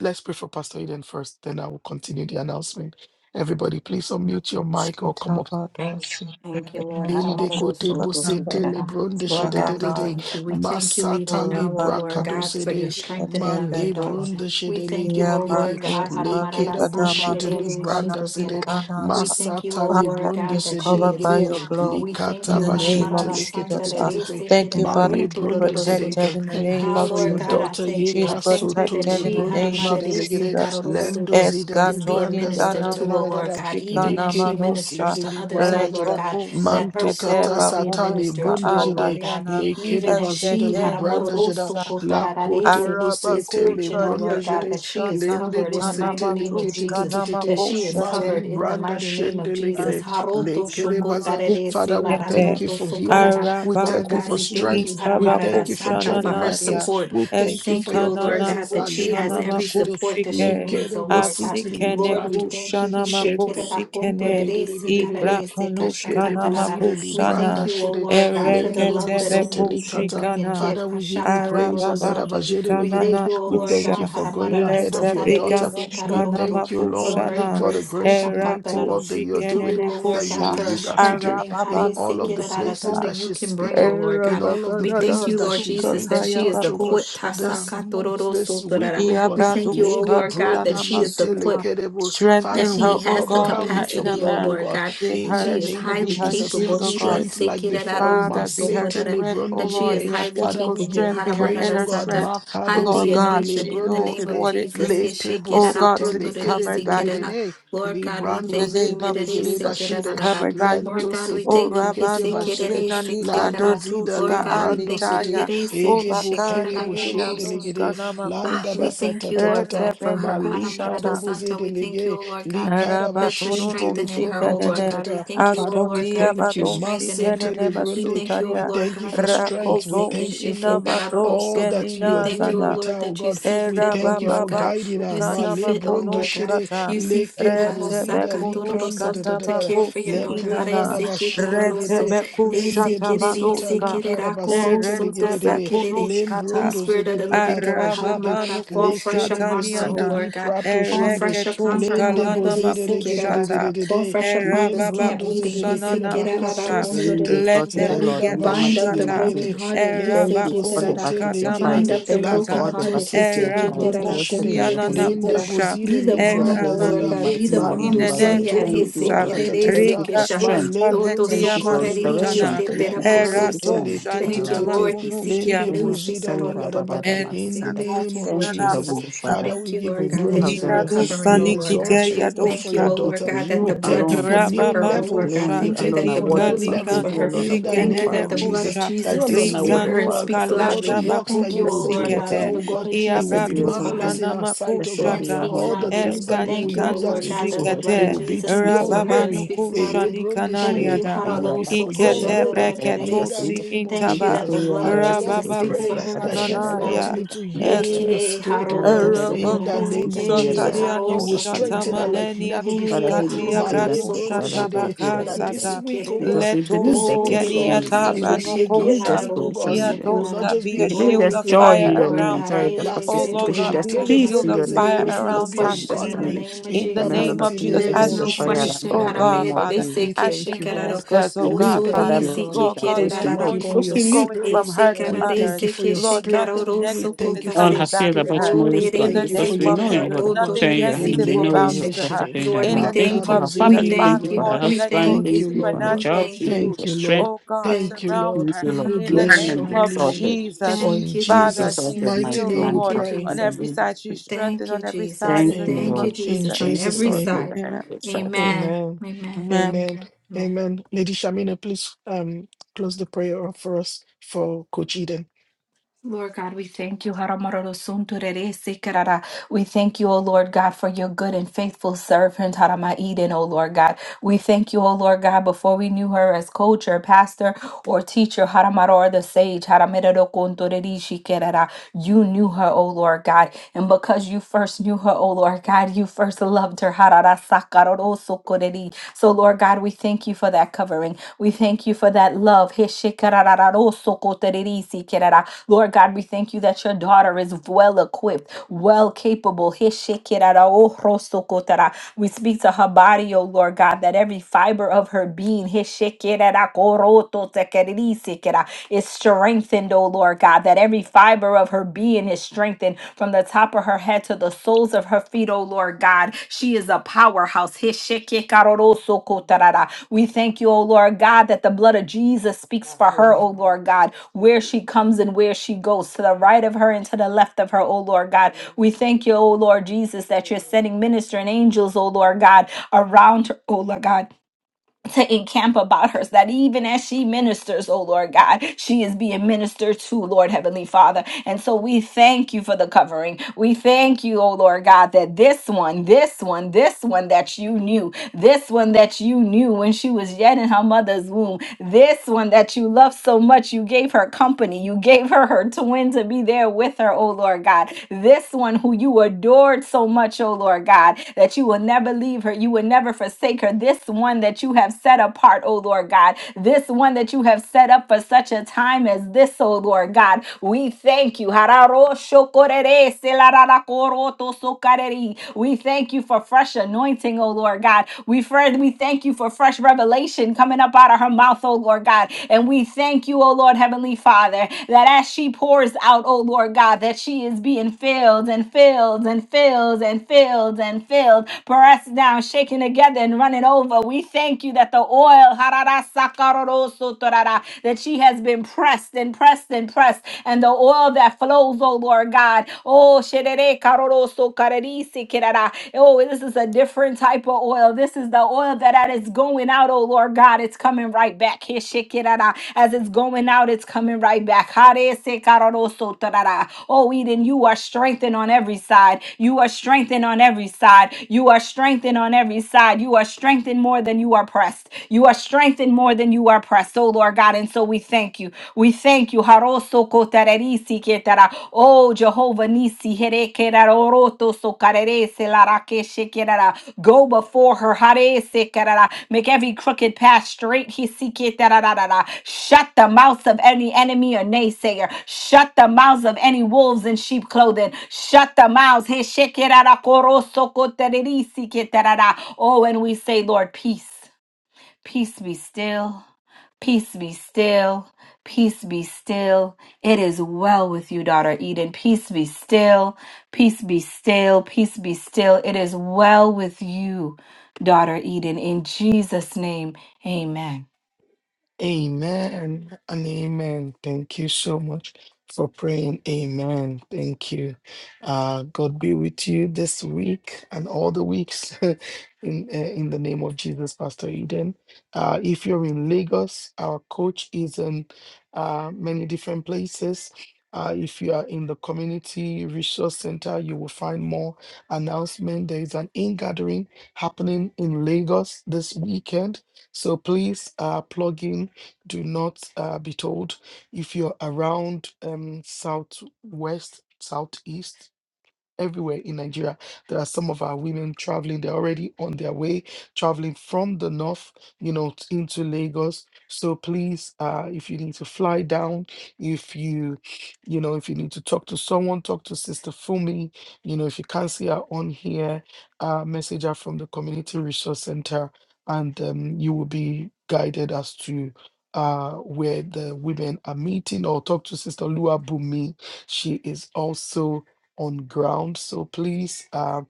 Speaker 2: let's pray for Pastor Eden first, then I will continue the announcement. Everybody, please unmute your mic
Speaker 7: Ruski
Speaker 2: or come up.
Speaker 7: taba dosi
Speaker 4: Thank you,
Speaker 7: no
Speaker 4: Lord.
Speaker 2: Inde
Speaker 4: Haramarado
Speaker 2: kote
Speaker 7: kanaba
Speaker 2: bosete lebronde
Speaker 4: Lord God,
Speaker 7: barada
Speaker 4: we
Speaker 2: shedededede.
Speaker 4: thank you.
Speaker 7: yada
Speaker 4: We thank you
Speaker 2: Masata
Speaker 4: even
Speaker 7: ora
Speaker 4: now, O
Speaker 2: libra
Speaker 4: Lord God,
Speaker 7: bakunus
Speaker 4: for your
Speaker 2: kadosede.
Speaker 7: kete
Speaker 4: strengthening
Speaker 2: Ma
Speaker 4: of your
Speaker 7: bedos
Speaker 4: daughter.
Speaker 2: lebronde
Speaker 4: We
Speaker 2: shedele
Speaker 4: thank you, O
Speaker 2: gede gede.
Speaker 4: Lord God.
Speaker 7: Yabatoshka
Speaker 4: Haramarara
Speaker 2: Lekere
Speaker 4: santa
Speaker 2: boshede
Speaker 4: herere
Speaker 7: Ikadamanushka
Speaker 2: libranda sede.
Speaker 4: We
Speaker 7: Naikanasa.
Speaker 4: thank you,
Speaker 2: Masata
Speaker 4: O Lord
Speaker 7: Father,
Speaker 2: lebronde
Speaker 4: God,
Speaker 7: she's
Speaker 4: that she
Speaker 2: sedele
Speaker 7: covered
Speaker 4: is
Speaker 7: by
Speaker 2: gede.
Speaker 7: your
Speaker 4: whole.
Speaker 7: blood
Speaker 4: We thank
Speaker 7: in
Speaker 2: Likata
Speaker 4: you,
Speaker 7: the name
Speaker 2: bashete
Speaker 7: of
Speaker 4: Haramarara
Speaker 2: lekete
Speaker 4: Santa
Speaker 2: te
Speaker 7: Jesus.
Speaker 2: te
Speaker 7: Uh,
Speaker 2: te
Speaker 4: herere
Speaker 2: te.
Speaker 7: thank you,
Speaker 2: Ma
Speaker 7: Father. She's
Speaker 2: lebronde sede.
Speaker 7: protected in the
Speaker 2: Thank you
Speaker 7: name
Speaker 4: Ah,
Speaker 7: of
Speaker 2: for
Speaker 4: Lord
Speaker 2: your
Speaker 4: God,
Speaker 7: Jesus.
Speaker 4: I
Speaker 2: daughter.
Speaker 4: thank you.
Speaker 7: She's
Speaker 4: I
Speaker 2: Yeka
Speaker 4: thank you
Speaker 2: soto
Speaker 4: that
Speaker 7: protected in
Speaker 4: she
Speaker 7: the
Speaker 2: lebronde
Speaker 7: name of
Speaker 4: Haramarere
Speaker 2: shedele gede.
Speaker 7: Jesus.
Speaker 2: Lendo zida
Speaker 4: is being
Speaker 2: libranda
Speaker 7: Eskatori
Speaker 2: zada
Speaker 4: ministered
Speaker 7: dana
Speaker 2: da
Speaker 4: to,
Speaker 2: da da
Speaker 4: O
Speaker 2: da da
Speaker 4: Lord
Speaker 2: da.
Speaker 4: God,
Speaker 7: manoshi
Speaker 4: even
Speaker 7: kana
Speaker 4: as she
Speaker 2: Lekere
Speaker 4: ministers
Speaker 7: manosha
Speaker 2: bosinde
Speaker 4: to others, O
Speaker 2: libranda jada.
Speaker 4: Lord God,
Speaker 7: letoku
Speaker 4: that her
Speaker 7: sikete
Speaker 4: soul
Speaker 2: Mantokata
Speaker 4: is being
Speaker 2: satali
Speaker 4: ministered
Speaker 7: bakunuska
Speaker 4: to, O Lord
Speaker 2: brundejede
Speaker 4: God,
Speaker 7: andariana
Speaker 2: lekede
Speaker 4: even as
Speaker 2: vazida
Speaker 4: she
Speaker 7: eshekendo
Speaker 2: libranda jeda
Speaker 7: kusa
Speaker 2: la kote
Speaker 4: Haramororosokotarararese, is
Speaker 2: bosete le
Speaker 4: preaching, O Lord
Speaker 7: Arabakotariato
Speaker 4: God,
Speaker 2: brundejede
Speaker 4: that she is
Speaker 2: lende
Speaker 4: covered in
Speaker 7: shatarita
Speaker 4: the mighty
Speaker 2: bosete le
Speaker 4: name of
Speaker 2: kete
Speaker 7: namatushka
Speaker 4: Jesus,
Speaker 2: tete
Speaker 4: that
Speaker 2: tete
Speaker 4: she is
Speaker 2: ma
Speaker 7: namakoshete.
Speaker 4: covered in the
Speaker 2: libranda
Speaker 4: mighty name of
Speaker 2: shende
Speaker 4: Jesus.
Speaker 2: legede
Speaker 4: Haroto
Speaker 2: lekede baza.
Speaker 4: shokotararese
Speaker 2: Father, we
Speaker 7: Ariakusanamakusikete,
Speaker 2: thank you
Speaker 4: laratoto
Speaker 2: for healings.
Speaker 4: sokarara.
Speaker 2: We
Speaker 4: Lord
Speaker 2: thank you
Speaker 4: God,
Speaker 2: for
Speaker 4: we
Speaker 7: Arabakusi
Speaker 4: thank
Speaker 2: strength.
Speaker 4: you,
Speaker 2: We
Speaker 4: Haramarara
Speaker 2: thank you for
Speaker 4: Santa,
Speaker 2: journey
Speaker 4: for her
Speaker 7: intabakushananaria,
Speaker 2: mercies.
Speaker 4: support.
Speaker 2: We
Speaker 4: We
Speaker 2: thank you for
Speaker 4: thank you, O
Speaker 2: your
Speaker 4: Lord
Speaker 2: presence.
Speaker 4: God, that she
Speaker 2: Ale
Speaker 4: has every
Speaker 2: brundejede
Speaker 4: support that
Speaker 7: Esukananakushanamakustike,
Speaker 4: she needs,
Speaker 2: lekede
Speaker 4: O Lord God.
Speaker 2: bosete
Speaker 4: Lord, we
Speaker 2: libranda
Speaker 4: thank you. He said,
Speaker 2: shende.
Speaker 4: "Kerera
Speaker 7: Asikenekushanamakustike,
Speaker 4: kontorere se karare se
Speaker 2: Lekede
Speaker 4: kashaka tarara."
Speaker 2: bozida
Speaker 4: We
Speaker 7: Ibrakunushkanamakusana,
Speaker 4: thank
Speaker 2: libranda
Speaker 4: you, O
Speaker 2: shede,
Speaker 4: Lord God, for the
Speaker 2: lende
Speaker 4: love that only
Speaker 2: bosite
Speaker 4: you can
Speaker 2: likata.
Speaker 4: bring
Speaker 7: Ereketebekushikana,
Speaker 4: and give.
Speaker 2: Father, we give you
Speaker 4: Kashaka
Speaker 2: praise
Speaker 4: tororo
Speaker 2: and God,
Speaker 4: santo.
Speaker 2: abajede
Speaker 4: We
Speaker 2: legede.
Speaker 4: thank you, O
Speaker 2: we
Speaker 4: Lord
Speaker 7: Arababasukananakusha,
Speaker 2: thank you
Speaker 4: God,
Speaker 2: for going
Speaker 4: haramarara
Speaker 2: ahead of your
Speaker 4: santarere
Speaker 2: daughter.
Speaker 4: se
Speaker 2: We
Speaker 4: karoroto,
Speaker 2: thank you,
Speaker 4: for
Speaker 2: Lord,
Speaker 7: Letebrikanoshkanamakushana,
Speaker 4: great
Speaker 2: for the
Speaker 4: grace.
Speaker 2: great and
Speaker 4: Hashaka
Speaker 2: mighty
Speaker 4: tararo.
Speaker 2: work that
Speaker 7: Erakosi
Speaker 2: you're
Speaker 4: We thank
Speaker 2: doing,
Speaker 4: you,
Speaker 7: kenene
Speaker 4: O Lord
Speaker 2: that you
Speaker 4: God,
Speaker 7: kusha,
Speaker 2: will
Speaker 4: for a
Speaker 2: use her to do
Speaker 4: strengthening
Speaker 2: in
Speaker 4: hare
Speaker 7: arababana
Speaker 2: all
Speaker 4: se
Speaker 2: of the
Speaker 4: kerara, that
Speaker 2: places
Speaker 7: kusata,
Speaker 4: only
Speaker 2: that
Speaker 4: you
Speaker 2: she's
Speaker 4: can bring, O
Speaker 2: speaking,
Speaker 4: Lord
Speaker 2: in
Speaker 4: God.
Speaker 2: all of the
Speaker 4: We thank
Speaker 7: erababana
Speaker 2: places
Speaker 4: you,
Speaker 2: that
Speaker 4: Lord
Speaker 2: she's
Speaker 4: Jesus,
Speaker 2: going
Speaker 4: that
Speaker 7: sukata
Speaker 2: to
Speaker 4: she is
Speaker 2: touch, oh God,
Speaker 4: equipped.
Speaker 7: yabakushata.
Speaker 2: this
Speaker 4: Hasaka
Speaker 2: month,
Speaker 4: tororo
Speaker 2: this week,
Speaker 4: sotorara.
Speaker 2: oh
Speaker 4: We
Speaker 2: God.
Speaker 4: thank you,
Speaker 7: iabrados
Speaker 4: O
Speaker 2: Lede
Speaker 4: Lord God,
Speaker 2: bronde
Speaker 4: that
Speaker 7: katiana
Speaker 4: she is
Speaker 2: shete
Speaker 4: equipped
Speaker 7: masuta
Speaker 2: lekede bo.
Speaker 4: that
Speaker 7: Strengthen
Speaker 2: Father,
Speaker 4: she
Speaker 2: we
Speaker 7: her, O
Speaker 4: has the
Speaker 2: cover
Speaker 7: God,
Speaker 2: her
Speaker 7: in her
Speaker 2: with your
Speaker 7: inner
Speaker 4: capacity, oh
Speaker 2: blood, oh
Speaker 7: man.
Speaker 4: Lord
Speaker 2: God
Speaker 4: God.
Speaker 7: Give
Speaker 2: in the
Speaker 7: her,
Speaker 4: She is
Speaker 2: name of
Speaker 7: be
Speaker 4: highly
Speaker 7: her
Speaker 2: Jesus.
Speaker 7: shield,
Speaker 4: capable.
Speaker 7: O God.
Speaker 4: Hiri
Speaker 2: Strength like before.
Speaker 4: sekirararoso
Speaker 7: Father, be her
Speaker 2: Masete
Speaker 4: sokorara,
Speaker 7: strength,
Speaker 2: lebronde
Speaker 7: O
Speaker 4: That she
Speaker 7: Lord.
Speaker 4: is
Speaker 7: Be
Speaker 2: jede.
Speaker 7: her
Speaker 4: highly
Speaker 2: Father,
Speaker 7: physical
Speaker 2: we
Speaker 4: capable.
Speaker 2: give
Speaker 7: strength,
Speaker 2: you
Speaker 7: be her
Speaker 2: praise,
Speaker 4: Haramarara
Speaker 2: oh
Speaker 7: inner
Speaker 2: God.
Speaker 4: Santa.
Speaker 7: strength.
Speaker 2: Makados
Speaker 4: Highly
Speaker 7: Lord
Speaker 2: in the
Speaker 7: God,
Speaker 4: anointed
Speaker 7: she
Speaker 4: in
Speaker 2: lebronde
Speaker 4: the
Speaker 7: knows
Speaker 4: name of
Speaker 2: jede.
Speaker 7: what it
Speaker 4: Jesus.
Speaker 7: means,
Speaker 2: Lete
Speaker 7: O
Speaker 4: Hishikirara
Speaker 7: God,
Speaker 2: bosete
Speaker 7: to be
Speaker 4: kondoriri
Speaker 2: lekere de de
Speaker 7: covered
Speaker 2: de
Speaker 7: by
Speaker 2: de
Speaker 7: you.
Speaker 4: sikirara.
Speaker 2: de.
Speaker 4: Lord God, we
Speaker 7: In the
Speaker 2: Librandos
Speaker 4: thank you.
Speaker 2: in
Speaker 7: name
Speaker 2: the
Speaker 7: of
Speaker 4: Hiriri
Speaker 2: legere
Speaker 7: Jesus, she's
Speaker 2: bashire.
Speaker 4: sikirararara.
Speaker 7: covered by you.
Speaker 4: Lord
Speaker 2: Lento
Speaker 4: God, we
Speaker 2: sete
Speaker 7: O
Speaker 4: thank you.
Speaker 2: lekete
Speaker 7: Rabano
Speaker 2: bashire.
Speaker 4: Hisikiriri
Speaker 7: Shinanika
Speaker 2: Lado
Speaker 4: sikitara.
Speaker 2: zida
Speaker 4: Lord
Speaker 7: Natushka
Speaker 4: God, we
Speaker 2: librando
Speaker 4: thank you.
Speaker 2: sete.
Speaker 7: Alitaya,
Speaker 4: Hiri
Speaker 7: O
Speaker 2: Edebo kere
Speaker 4: sikishikirara
Speaker 7: Bakandina
Speaker 4: kororo
Speaker 2: boshende
Speaker 4: sondo.
Speaker 7: Nuska
Speaker 2: legere.
Speaker 4: Ah,
Speaker 2: Landa
Speaker 4: we
Speaker 7: Namakoshe,
Speaker 4: thank
Speaker 2: basata
Speaker 4: you, Lord
Speaker 7: Rete
Speaker 2: tatata.
Speaker 4: God, for her.
Speaker 2: Malika
Speaker 4: Haramarada
Speaker 7: Benukushata.
Speaker 2: dobo
Speaker 4: Santa,
Speaker 2: zede
Speaker 4: we thank
Speaker 2: legere.
Speaker 4: you, O Lord God, that you're
Speaker 2: Likadabashente
Speaker 7: Arabatorunu
Speaker 4: strengthening her, O Lord
Speaker 7: sitenene
Speaker 4: God. We
Speaker 2: leprokatatata.
Speaker 4: thank you, O
Speaker 2: Father, we
Speaker 4: Lord
Speaker 7: askotia
Speaker 4: God,
Speaker 2: thank
Speaker 4: that you're
Speaker 2: you.
Speaker 7: badoshi
Speaker 4: strengthening
Speaker 2: Masete
Speaker 4: her.
Speaker 7: kenene
Speaker 4: We
Speaker 2: lebronde.
Speaker 4: thank you, O
Speaker 2: We
Speaker 7: masutaria
Speaker 4: Lord
Speaker 2: thank you
Speaker 4: God.
Speaker 2: for
Speaker 4: Haramere
Speaker 2: strength. We
Speaker 7: rakotos
Speaker 4: seke
Speaker 2: thank you
Speaker 4: sheke
Speaker 2: for
Speaker 7: inamatos
Speaker 2: all
Speaker 4: tararoroso.
Speaker 2: that
Speaker 7: kenina
Speaker 4: We
Speaker 2: you are
Speaker 4: thank you,
Speaker 2: doing
Speaker 4: O
Speaker 7: zada
Speaker 2: with
Speaker 4: Lord,
Speaker 2: our
Speaker 4: that you
Speaker 2: God.
Speaker 4: see
Speaker 2: We
Speaker 4: fit, O
Speaker 2: thank you
Speaker 4: Lord
Speaker 2: for
Speaker 7: erababa
Speaker 4: God.
Speaker 2: guiding our
Speaker 4: You see
Speaker 7: sukana
Speaker 4: fit, O
Speaker 2: Malebrondo
Speaker 4: Lord God.
Speaker 2: Shede
Speaker 7: makonoshkata
Speaker 4: You see fit,
Speaker 2: Lekede
Speaker 7: retebe
Speaker 2: Bozida
Speaker 4: Harasaka
Speaker 2: Likanda da
Speaker 7: kunushkata
Speaker 2: da
Speaker 4: Tororosonto,
Speaker 2: da
Speaker 4: to
Speaker 2: da da.
Speaker 4: care for your
Speaker 7: makosi
Speaker 4: daughter.
Speaker 7: inana
Speaker 4: Hare seke
Speaker 2: Leprokadabashede
Speaker 4: tararoso.
Speaker 2: Legede
Speaker 7: retebe
Speaker 2: Lende
Speaker 7: kushata
Speaker 4: Esekereri
Speaker 2: Bosita
Speaker 7: badoska
Speaker 4: sekerera
Speaker 2: Likadabasete
Speaker 4: koroso to
Speaker 2: Legede de
Speaker 7: eretebe
Speaker 2: de.
Speaker 4: sakerere.
Speaker 7: kunushkata
Speaker 4: Oh,
Speaker 2: Lembrondo
Speaker 4: Spirit
Speaker 2: Zede
Speaker 4: of the Living
Speaker 2: likada
Speaker 4: God,
Speaker 2: Likadabashende
Speaker 7: arababanu
Speaker 4: haramarara, fall fresh
Speaker 2: Lekede
Speaker 4: upon her, oh
Speaker 2: Bosida
Speaker 7: kushataniana
Speaker 4: Lord God.
Speaker 2: Liprato
Speaker 4: Fall
Speaker 2: shende.
Speaker 4: fresh upon her,
Speaker 7: Ereketushka
Speaker 2: Lende
Speaker 7: lana
Speaker 4: Haramiriri,
Speaker 2: bozede
Speaker 4: Sikirara.
Speaker 7: makushata.
Speaker 4: Fall
Speaker 2: legededededede.
Speaker 4: fresh upon this camp
Speaker 2: Lembrondo
Speaker 4: meeting,
Speaker 2: zede
Speaker 7: Erababakusana
Speaker 2: legede
Speaker 4: Hisikirara,
Speaker 2: bakato
Speaker 7: nakusha.
Speaker 12: Amen. They
Speaker 2: sente.
Speaker 4: Kunturiri,
Speaker 12: brought to
Speaker 4: Sikira.
Speaker 12: Lord
Speaker 2: Lenda
Speaker 12: in the
Speaker 4: Bind
Speaker 12: mighty
Speaker 4: up
Speaker 2: bashede
Speaker 4: the
Speaker 12: name of
Speaker 7: Letebrigedushkata.
Speaker 2: legede.
Speaker 12: Jesus.
Speaker 4: brokenhearted,
Speaker 12: Thank
Speaker 2: Lende
Speaker 12: you for all the
Speaker 4: Hisikirara.
Speaker 2: bosete
Speaker 12: battles you're
Speaker 7: Erabakunushkata
Speaker 2: legede.
Speaker 4: Bind
Speaker 12: fighting.
Speaker 4: up the
Speaker 12: Thank you
Speaker 7: manushkata.
Speaker 12: for all the
Speaker 2: Lakato
Speaker 4: brokenhearted,
Speaker 12: battles
Speaker 2: sete
Speaker 12: you're fighting.
Speaker 2: lebrondo
Speaker 4: Hisikirara,
Speaker 12: Blessed
Speaker 2: shede.
Speaker 12: be your
Speaker 4: Kunturiri,
Speaker 7: Eranokosiana
Speaker 12: holy name,
Speaker 2: Lende
Speaker 4: Sikira.
Speaker 12: Father.
Speaker 7: nakusha.
Speaker 2: bozide
Speaker 4: Be the
Speaker 12: Blessed be
Speaker 4: balm,
Speaker 2: libranda
Speaker 12: your
Speaker 4: oh
Speaker 12: holy
Speaker 4: Lord
Speaker 2: zada.
Speaker 12: name,
Speaker 4: God. Be
Speaker 12: mighty
Speaker 4: the
Speaker 7: Eramanukusi
Speaker 12: man
Speaker 4: balm
Speaker 12: and
Speaker 2: Mando
Speaker 4: of
Speaker 12: battle.
Speaker 4: Gilead,
Speaker 2: satole
Speaker 12: Thank you
Speaker 7: inenekutusa.
Speaker 12: for healing.
Speaker 4: Hisikirere,
Speaker 12: Thank you
Speaker 2: brokatatata.
Speaker 12: for
Speaker 4: Sikisha.
Speaker 2: Ma
Speaker 12: strength.
Speaker 7: Rikatushka
Speaker 4: Oto
Speaker 2: lebrondo
Speaker 12: Thank
Speaker 7: letia
Speaker 12: you for
Speaker 2: shede
Speaker 4: socorreriri,
Speaker 2: legede.
Speaker 12: restoration.
Speaker 7: masutana.
Speaker 12: Thank you for
Speaker 2: Leko
Speaker 4: Kiteteramararoso.
Speaker 2: sete le
Speaker 12: provision.
Speaker 7: Eratosha
Speaker 2: te te
Speaker 4: Thank
Speaker 7: nina
Speaker 4: you,
Speaker 2: te te.
Speaker 4: Lord.
Speaker 7: makunuskia.
Speaker 2: Lende
Speaker 4: Hisikirerese,
Speaker 2: bozida ligadaba. In the
Speaker 4: karorototorerese. Thank
Speaker 2: name
Speaker 4: you,
Speaker 2: of
Speaker 12: Thank
Speaker 4: Lord
Speaker 12: you,
Speaker 7: Erikatofina
Speaker 2: Jesus,
Speaker 4: Jesus.
Speaker 12: Heavenly Father,
Speaker 2: Father,
Speaker 4: Thank
Speaker 2: we
Speaker 4: you,
Speaker 2: give
Speaker 12: for
Speaker 4: Lord
Speaker 2: you
Speaker 4: God,
Speaker 12: you
Speaker 4: that
Speaker 12: have
Speaker 2: praise
Speaker 4: you
Speaker 12: done
Speaker 4: are
Speaker 7: Nina
Speaker 2: again.
Speaker 12: this in the
Speaker 4: covering,
Speaker 12: name
Speaker 2: We
Speaker 4: oh
Speaker 12: of
Speaker 7: Lusani
Speaker 4: Lord God.
Speaker 12: Jesus
Speaker 2: exalt you, O
Speaker 7: Kiteria
Speaker 12: Christ.
Speaker 2: God,
Speaker 4: Thank
Speaker 2: for
Speaker 4: you,
Speaker 2: your
Speaker 7: Doska
Speaker 4: oh
Speaker 12: Thank you
Speaker 4: Lord
Speaker 2: daughter.
Speaker 12: for
Speaker 4: God, that
Speaker 2: We
Speaker 4: the
Speaker 12: you
Speaker 4: blood
Speaker 2: thank you
Speaker 12: alone.
Speaker 2: for
Speaker 4: speaks for
Speaker 2: new
Speaker 4: her, oh
Speaker 12: You
Speaker 4: Lord
Speaker 2: level.
Speaker 4: God.
Speaker 12: alone,
Speaker 7: Rababatusha
Speaker 2: We
Speaker 12: you
Speaker 4: Thank you
Speaker 2: thank you
Speaker 12: alone
Speaker 4: that
Speaker 12: are
Speaker 4: the
Speaker 2: for
Speaker 12: worthy
Speaker 4: blood
Speaker 2: new
Speaker 12: of our
Speaker 4: speaks
Speaker 7: Ikalika
Speaker 2: level
Speaker 12: praise.
Speaker 4: for
Speaker 12: You
Speaker 4: her.
Speaker 12: alone are
Speaker 2: in the
Speaker 12: worthy
Speaker 4: Thank
Speaker 12: of
Speaker 4: you
Speaker 2: name
Speaker 12: our
Speaker 7: Nusike
Speaker 4: that
Speaker 2: of
Speaker 4: the
Speaker 12: honor.
Speaker 4: blood of
Speaker 2: Jesus.
Speaker 7: kusha
Speaker 12: You
Speaker 2: That
Speaker 4: Jesus
Speaker 2: this
Speaker 12: alone are
Speaker 4: speaks for
Speaker 7: Rika
Speaker 12: worthy
Speaker 2: week,
Speaker 4: her
Speaker 12: of
Speaker 2: O
Speaker 4: and
Speaker 12: our
Speaker 2: God,
Speaker 7: Nuska
Speaker 4: speaks
Speaker 2: all the
Speaker 4: loudly.
Speaker 7: Lata
Speaker 12: adoration.
Speaker 2: works that
Speaker 4: Thank
Speaker 2: you
Speaker 4: you,
Speaker 2: will
Speaker 4: oh
Speaker 12: Blessed
Speaker 2: do
Speaker 12: be
Speaker 4: Lord
Speaker 12: your
Speaker 2: with
Speaker 4: God,
Speaker 2: her,
Speaker 4: for
Speaker 7: Bakunusikete
Speaker 4: the
Speaker 2: O
Speaker 12: holy name.
Speaker 4: blood
Speaker 2: God,
Speaker 4: of
Speaker 2: it will
Speaker 4: Jesus
Speaker 12: Blessed
Speaker 2: be
Speaker 12: be your
Speaker 4: speaks for
Speaker 12: holy
Speaker 4: her
Speaker 7: Iabratushka
Speaker 2: marvelous
Speaker 12: name.
Speaker 2: in our sight, O
Speaker 12: Blessed
Speaker 2: God.
Speaker 4: and
Speaker 12: be your
Speaker 7: Namakushata
Speaker 4: speaks
Speaker 12: holy
Speaker 2: All
Speaker 12: name,
Speaker 2: the
Speaker 4: loudly.
Speaker 12: dear
Speaker 2: things
Speaker 12: Lord,
Speaker 2: that you
Speaker 12: in the
Speaker 2: will
Speaker 4: Thank you,
Speaker 7: Eskanika
Speaker 12: name
Speaker 4: O
Speaker 2: use
Speaker 12: of
Speaker 2: her
Speaker 4: Lord
Speaker 2: to
Speaker 4: God,
Speaker 12: Jesus
Speaker 4: that
Speaker 2: do,
Speaker 4: the
Speaker 12: Christ,
Speaker 4: blood
Speaker 2: it
Speaker 12: the
Speaker 4: of
Speaker 7: Nusikete
Speaker 2: will
Speaker 12: Bible
Speaker 2: be
Speaker 4: Jesus
Speaker 2: to
Speaker 4: speaks
Speaker 2: your
Speaker 4: for
Speaker 12: Center,
Speaker 4: her and
Speaker 2: glory.
Speaker 4: speaks
Speaker 7: Rababanukusha
Speaker 4: loudly. Thank
Speaker 2: Elebrondeshede,
Speaker 4: you,
Speaker 12: Ureda
Speaker 7: Nikanariada
Speaker 2: It will
Speaker 12: andara
Speaker 2: be for your
Speaker 12: pakasaya
Speaker 7: Ikete
Speaker 2: glory
Speaker 12: rakanzara
Speaker 2: in the
Speaker 4: Hararosokoshokaramerese.
Speaker 12: makasinta
Speaker 7: Breketusik
Speaker 2: name of
Speaker 4: Thank you
Speaker 7: Intaba
Speaker 4: that
Speaker 2: Jesus.
Speaker 4: the
Speaker 12: ikwekwei
Speaker 4: blood of
Speaker 2: Father,
Speaker 12: andara
Speaker 2: Lord,
Speaker 4: Jesus
Speaker 2: we
Speaker 12: seketo
Speaker 4: speaks for
Speaker 2: pray
Speaker 4: her
Speaker 7: Rababakusha
Speaker 4: and
Speaker 2: that she
Speaker 4: speaks
Speaker 2: will
Speaker 7: Nanaria
Speaker 2: continue
Speaker 4: loudly.
Speaker 2: to yield to your
Speaker 4: Eh,
Speaker 2: spirit, O God,
Speaker 4: haroto
Speaker 2: in the
Speaker 4: sokorara.
Speaker 7: Arabakuru
Speaker 2: name
Speaker 12: makasinta
Speaker 2: of
Speaker 4: Eh,
Speaker 2: Jesus. You
Speaker 7: satariano
Speaker 2: will
Speaker 4: haroso
Speaker 2: strengthen her
Speaker 4: kotarara.
Speaker 2: like
Speaker 7: shatamaneni
Speaker 2: never
Speaker 7: atus
Speaker 12: Father,
Speaker 4: Eh,
Speaker 2: before.
Speaker 12: healing is
Speaker 7: katia
Speaker 4: haroto
Speaker 12: children's
Speaker 7: branu
Speaker 12: bread. Father, Lord,
Speaker 2: Malebrondeshede,
Speaker 12: heal
Speaker 7: shatabaka
Speaker 12: our
Speaker 2: That
Speaker 12: Lord.
Speaker 2: this
Speaker 4: sokoshokotarabisi
Speaker 7: sata
Speaker 2: week, oh
Speaker 4: kerere.
Speaker 12: because
Speaker 2: God,
Speaker 12: we
Speaker 7: leto
Speaker 12: believe
Speaker 2: this
Speaker 12: that
Speaker 4: Oh,
Speaker 2: week,
Speaker 12: there's
Speaker 7: sikeni
Speaker 2: Lord,
Speaker 12: healing in
Speaker 4: hererisi
Speaker 12: your
Speaker 2: it will
Speaker 7: atabano
Speaker 2: be
Speaker 12: name.
Speaker 2: a
Speaker 12: We
Speaker 4: kesheke
Speaker 12: believe
Speaker 2: great
Speaker 7: kosha
Speaker 12: there's
Speaker 2: week, oh
Speaker 4: hararoto
Speaker 2: God.
Speaker 12: provision in your
Speaker 2: It
Speaker 12: name.
Speaker 2: will not
Speaker 4: sokorara.
Speaker 7: Yatoska,
Speaker 2: just
Speaker 7: be
Speaker 2: be
Speaker 12: We
Speaker 2: a
Speaker 7: a
Speaker 12: believe
Speaker 2: great
Speaker 4: Oh,
Speaker 7: shield
Speaker 4: we
Speaker 12: there's
Speaker 2: week,
Speaker 7: of
Speaker 2: it will be
Speaker 12: joy
Speaker 2: a
Speaker 4: thank
Speaker 12: in
Speaker 4: you,
Speaker 7: fire
Speaker 12: your
Speaker 2: God
Speaker 4: Lord
Speaker 12: name,
Speaker 7: around
Speaker 4: God.
Speaker 2: week.
Speaker 12: joy
Speaker 7: her.
Speaker 12: that
Speaker 4: Herere
Speaker 7: Oh
Speaker 12: passes. We
Speaker 7: Lord
Speaker 12: believe
Speaker 7: God,
Speaker 4: senterara
Speaker 12: there's
Speaker 7: be a
Speaker 12: peace
Speaker 7: shield
Speaker 12: in
Speaker 7: of
Speaker 12: your name,
Speaker 4: there
Speaker 7: fire
Speaker 2: Laketoshetelebrondeşede,
Speaker 12: peace
Speaker 4: is
Speaker 12: that
Speaker 2: It
Speaker 4: no
Speaker 2: will
Speaker 7: around
Speaker 12: passes
Speaker 2: be
Speaker 12: all
Speaker 2: a
Speaker 7: Pastor
Speaker 4: question
Speaker 2: God
Speaker 4: in the
Speaker 7: Eden.
Speaker 12: understanding.
Speaker 2: week
Speaker 4: name of
Speaker 2: in
Speaker 7: In the
Speaker 12: And
Speaker 2: the
Speaker 12: then
Speaker 4: Jesus.
Speaker 7: name
Speaker 12: the
Speaker 7: of
Speaker 2: mighty
Speaker 12: people
Speaker 7: Jesus,
Speaker 4: There
Speaker 2: name
Speaker 4: is
Speaker 12: behave
Speaker 7: as
Speaker 2: of
Speaker 12: the head
Speaker 7: she
Speaker 4: no
Speaker 12: of fire
Speaker 2: Jesus.
Speaker 7: speaks,
Speaker 12: and
Speaker 4: question.
Speaker 7: oh
Speaker 12: hide the
Speaker 7: God,
Speaker 12: name of
Speaker 4: Haramede de
Speaker 7: Father,
Speaker 12: Jesus.
Speaker 4: se
Speaker 2: We
Speaker 4: que
Speaker 7: as she
Speaker 2: thank you,
Speaker 4: shekararo.
Speaker 2: God.
Speaker 12: Because
Speaker 7: ministers,
Speaker 12: we
Speaker 7: oh
Speaker 2: We
Speaker 7: God,
Speaker 12: live,
Speaker 2: thank
Speaker 12: Father,
Speaker 7: Father,
Speaker 4: Osori
Speaker 2: you,
Speaker 12: Lord,
Speaker 4: si
Speaker 2: God.
Speaker 12: you
Speaker 4: que
Speaker 7: Lord
Speaker 12: can
Speaker 7: God,
Speaker 2: We
Speaker 7: the
Speaker 12: face
Speaker 2: thank
Speaker 12: tomorrow.
Speaker 4: querarara
Speaker 2: you for
Speaker 7: anointing
Speaker 12: Because
Speaker 2: your
Speaker 4: conto.
Speaker 12: we
Speaker 7: is
Speaker 12: live,
Speaker 7: going
Speaker 2: spirit.
Speaker 7: from
Speaker 4: Ese
Speaker 7: her to
Speaker 2: We
Speaker 4: carare
Speaker 2: thank you
Speaker 7: others.
Speaker 4: se
Speaker 2: for
Speaker 4: que
Speaker 2: your
Speaker 7: Lord,
Speaker 2: spirit.
Speaker 7: nothing
Speaker 4: shekaroro
Speaker 2: We
Speaker 7: negative
Speaker 2: thank you
Speaker 7: is
Speaker 2: for
Speaker 12: all
Speaker 2: your
Speaker 7: coming
Speaker 4: socotase.
Speaker 12: have
Speaker 7: back
Speaker 12: feared
Speaker 7: to
Speaker 12: about
Speaker 2: spirit.
Speaker 7: her
Speaker 4: Ore re
Speaker 12: tomorrow's
Speaker 2: We
Speaker 4: re
Speaker 7: in
Speaker 12: gone.
Speaker 7: the
Speaker 4: re
Speaker 2: thank you for
Speaker 4: se
Speaker 12: Because
Speaker 7: name
Speaker 12: we
Speaker 2: your
Speaker 7: of
Speaker 12: know
Speaker 4: querara
Speaker 12: you
Speaker 2: help,
Speaker 7: Jesus.
Speaker 12: are
Speaker 2: oh
Speaker 12: the
Speaker 4: conto
Speaker 2: God.
Speaker 12: teacher
Speaker 4: re
Speaker 7: Nothing
Speaker 12: in
Speaker 4: re
Speaker 12: your
Speaker 4: si
Speaker 2: Hey,
Speaker 12: hand.
Speaker 7: negative
Speaker 12: We
Speaker 7: will
Speaker 12: know
Speaker 7: bounce
Speaker 12: you
Speaker 2: Lebronda
Speaker 4: querereshe.
Speaker 12: are
Speaker 7: to
Speaker 12: the
Speaker 7: her
Speaker 12: teacher
Speaker 2: Shede,
Speaker 12: in your
Speaker 4: Lord,
Speaker 7: in
Speaker 4: we
Speaker 7: the
Speaker 12: hand. Thank you
Speaker 4: thank
Speaker 7: name
Speaker 12: for
Speaker 4: you.
Speaker 7: of
Speaker 12: her
Speaker 2: Lakados in
Speaker 4: We
Speaker 7: Jesus.
Speaker 2: the
Speaker 12: family. Thank
Speaker 7: Father,
Speaker 4: thank
Speaker 12: you for
Speaker 4: you.
Speaker 2: Lebronda.
Speaker 12: her
Speaker 7: Lord,
Speaker 4: We
Speaker 7: let
Speaker 12: husband.
Speaker 7: your
Speaker 4: thank
Speaker 2: Thank
Speaker 4: you.
Speaker 12: Thank
Speaker 2: you,
Speaker 12: you
Speaker 2: Lord
Speaker 12: for her
Speaker 4: We
Speaker 2: God.
Speaker 7: supernatural
Speaker 12: job.
Speaker 4: thank
Speaker 12: Thank
Speaker 4: you.
Speaker 12: you
Speaker 7: shield,
Speaker 12: for
Speaker 2: Thank you, Lord.
Speaker 12: strength.
Speaker 7: oh God,
Speaker 2: Thank
Speaker 4: Thank
Speaker 2: you,
Speaker 4: you.
Speaker 7: surround
Speaker 2: Lord.
Speaker 12: Thank
Speaker 7: her
Speaker 12: you,
Speaker 4: Thank
Speaker 12: Lord.
Speaker 2: We
Speaker 7: in the
Speaker 4: you,
Speaker 2: bless
Speaker 12: Women
Speaker 4: Lord
Speaker 2: your
Speaker 12: and
Speaker 7: name
Speaker 12: be
Speaker 4: God.
Speaker 7: of
Speaker 2: holy name.
Speaker 12: exalted.
Speaker 7: Jesus.
Speaker 2: For
Speaker 4: Thank
Speaker 2: in
Speaker 12: Be
Speaker 7: Father,
Speaker 2: Jesus'
Speaker 4: Jesus.
Speaker 7: she's
Speaker 12: Exalted, mighty
Speaker 2: mighty
Speaker 7: healed, oh
Speaker 2: name
Speaker 12: man.
Speaker 2: we
Speaker 4: Thank
Speaker 12: of
Speaker 7: Lord,
Speaker 12: God,
Speaker 2: pray.
Speaker 7: on
Speaker 12: in the
Speaker 4: us.
Speaker 7: every
Speaker 12: name of
Speaker 7: side. She's
Speaker 12: Jesus.
Speaker 4: Thank
Speaker 7: strengthened
Speaker 4: you,
Speaker 7: on every
Speaker 4: Jesus.
Speaker 7: side in
Speaker 12: Thank
Speaker 7: the
Speaker 12: you,
Speaker 7: name
Speaker 2: Amen.
Speaker 7: of
Speaker 12: Lord.
Speaker 4: you,
Speaker 2: In
Speaker 4: Jesus, on
Speaker 7: Jesus.
Speaker 12: Thank you,
Speaker 2: Jesus'
Speaker 4: every
Speaker 12: Lord.
Speaker 2: name.
Speaker 12: Women
Speaker 4: side.
Speaker 12: and
Speaker 7: Amen.
Speaker 12: be exalted.
Speaker 4: Amen.
Speaker 2: Amen.
Speaker 4: Amen. Amen.
Speaker 7: Amen.
Speaker 2: Amen.
Speaker 4: Amen.
Speaker 2: Amen. Lady Shamina, please um close the prayer off for us for Coach Eden.
Speaker 4: Lord God, we thank you. Haramarorosuntureresikarara. We thank you, O Lord God, for your good and faithful servant, Harama Eden, O Lord God. We thank you, O Lord God, before we knew her as coach or pastor or teacher, Haramaror the sage, Haramerorokunturerishikarara. you knew her, O Lord God. And because you first knew her, O Lord God, you first loved her. Hararasakarorosukureri. So, Lord God, we thank you for that covering. We thank you for that love. Heshikarararosokotererisikirara. Lord God, we thank you that your daughter is well equipped, well capable. Hishikiraraohrosokotara. We speak to her body, O Lord God, that every fiber of her being hishikirarakorototsekerisikira, is strengthened, O Lord God, that every fiber of her being is strengthened from the top of her head head to the soles of her feet, oh Lord God. She is a powerhouse. Hishikikarosokotarara. We thank you, oh Lord God, that the blood of Jesus speaks for her, oh Lord God, where she comes and where she goes, to the right of her and to the left of her, oh Lord God. We thank you, oh Lord Jesus, that you're sending ministering angels, oh Lord God, around her, oh Lord God to encamp about her, so that even as she ministers, oh Lord God, she is being ministered to, Lord Heavenly Father. And so we thank you for the covering. We thank you, oh Lord God, that this one, this one, this one that you knew. This one that you knew when she was yet in her mother's womb. This one that you loved so much, you gave her company. You gave her her twin to be there with her, oh Lord God. This one who you adored so much, oh Lord God, that you will never leave her. You will never forsake her. This one that you have set apart, oh Lord God. This one that you have set up for such a time as this, oh Lord God. We thank you. Daddy. We thank you for fresh anointing, oh Lord God. We further we thank you for fresh revelation coming up out of her mouth, oh Lord God. And we thank you, oh Lord Heavenly Father, that as she pours out, oh Lord God, that she is being filled and filled and filled and filled and filled, pressed down, shaken together, and running over. We thank you that the oil that she has been pressed and pressed and pressed, and the oil that flows souls, oh Lord God. Oh, sherere karoroso karerisi kerara. oh, this is a different type of oil. This is the oil that is going out, oh Lord God. It's coming right back. Heshekerara. As it's going out, it's coming right back. Harese karoroso tarara. Oh, Eden, you are strengthened on every side. You are strengthened on every side. You are strengthened on every side. You are strengthened more than you are pressed. You are strengthened more than you are pressed, oh Lord God. And so we thank you. We thank you, Haroso Kotarerisi Ketara, oh Jehovah Nisi Herekeraroroto Sokarerese Larakeshe Kerara. Go before her, Harese Kerara. Make every crooked path straight, Hisikitararara. Shut the mouths of any enemy or naysayer. Shut the mouths of any wolves in sheep clothing. Shut the mouths, Heshekerarokoroso Kotarerisi Ketarara. Oh, and we say, Lord, peace. Peace be still. Peace be still. Peace be still. It is well with you, daughter Eden. Peace be still. Peace be still. Peace be still. It is well with you, daughter Eden. In Jesus' name, amen.
Speaker 2: Amen and amen. Thank you so much for praying. Amen. Thank you. Uh, God be with you this week and all the weeks in, uh, in the name of Jesus, Pastor Eden. Uh, if you're in Lagos, our coach is in uh, many different places. Uh, if you are in the community resource center, you will find more announcement. There is an in-gathering happening in Lagos this weekend. So please uh, plug in do not uh, be told if you're around um, southwest, southeast, everywhere in Nigeria. There are some of our women traveling. They're already on their way, traveling from the north, you know, t- into Lagos. So please, uh, if you need to fly down, if you, you know, if you need to talk to someone, talk to Sister Fumi. You know, if you can't see her on here, uh, message her from the Community Resource Center, and um, you will be guided as to. Uh, where the women are meeting, or talk to Sister Lua Bumi. She is also on ground. So please uh,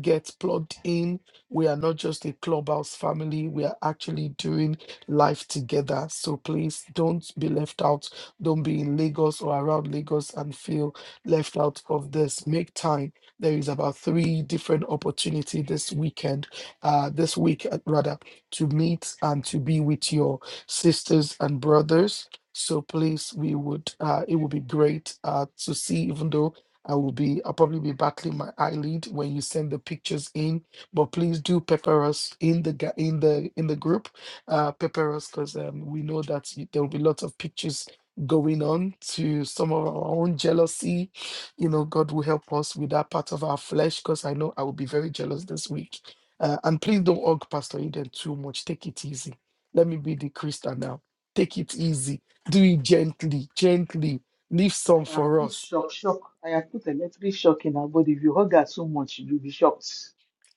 Speaker 2: get plugged in. We are not just a clubhouse family, we are actually doing life together. So please don't be left out. Don't be in Lagos or around Lagos and feel left out of this. Make time. There is about three different opportunity this weekend, uh, this week uh, rather, to meet and to be with your sisters and brothers. So please, we would uh, it would be great uh, to see, even though I will be, I'll probably be battling my eyelid when you send the pictures in. But please do pepper us in the ga- in the in the group, uh, pepper us because um, we know that y- there will be lots of pictures going on to some of our own jealousy. You know, God will help us with that part of our flesh because I know I will be very jealous this week. Uh, and please don't hug Pastor Eden too much. Take it easy. Let me be the Christian now. Take it easy. Do it gently, gently. Leave
Speaker 9: I
Speaker 2: some
Speaker 9: have
Speaker 2: for
Speaker 9: put
Speaker 2: us
Speaker 9: shock, shock. I have put electric shock in her body. If you hug her so much, you'll be shocked.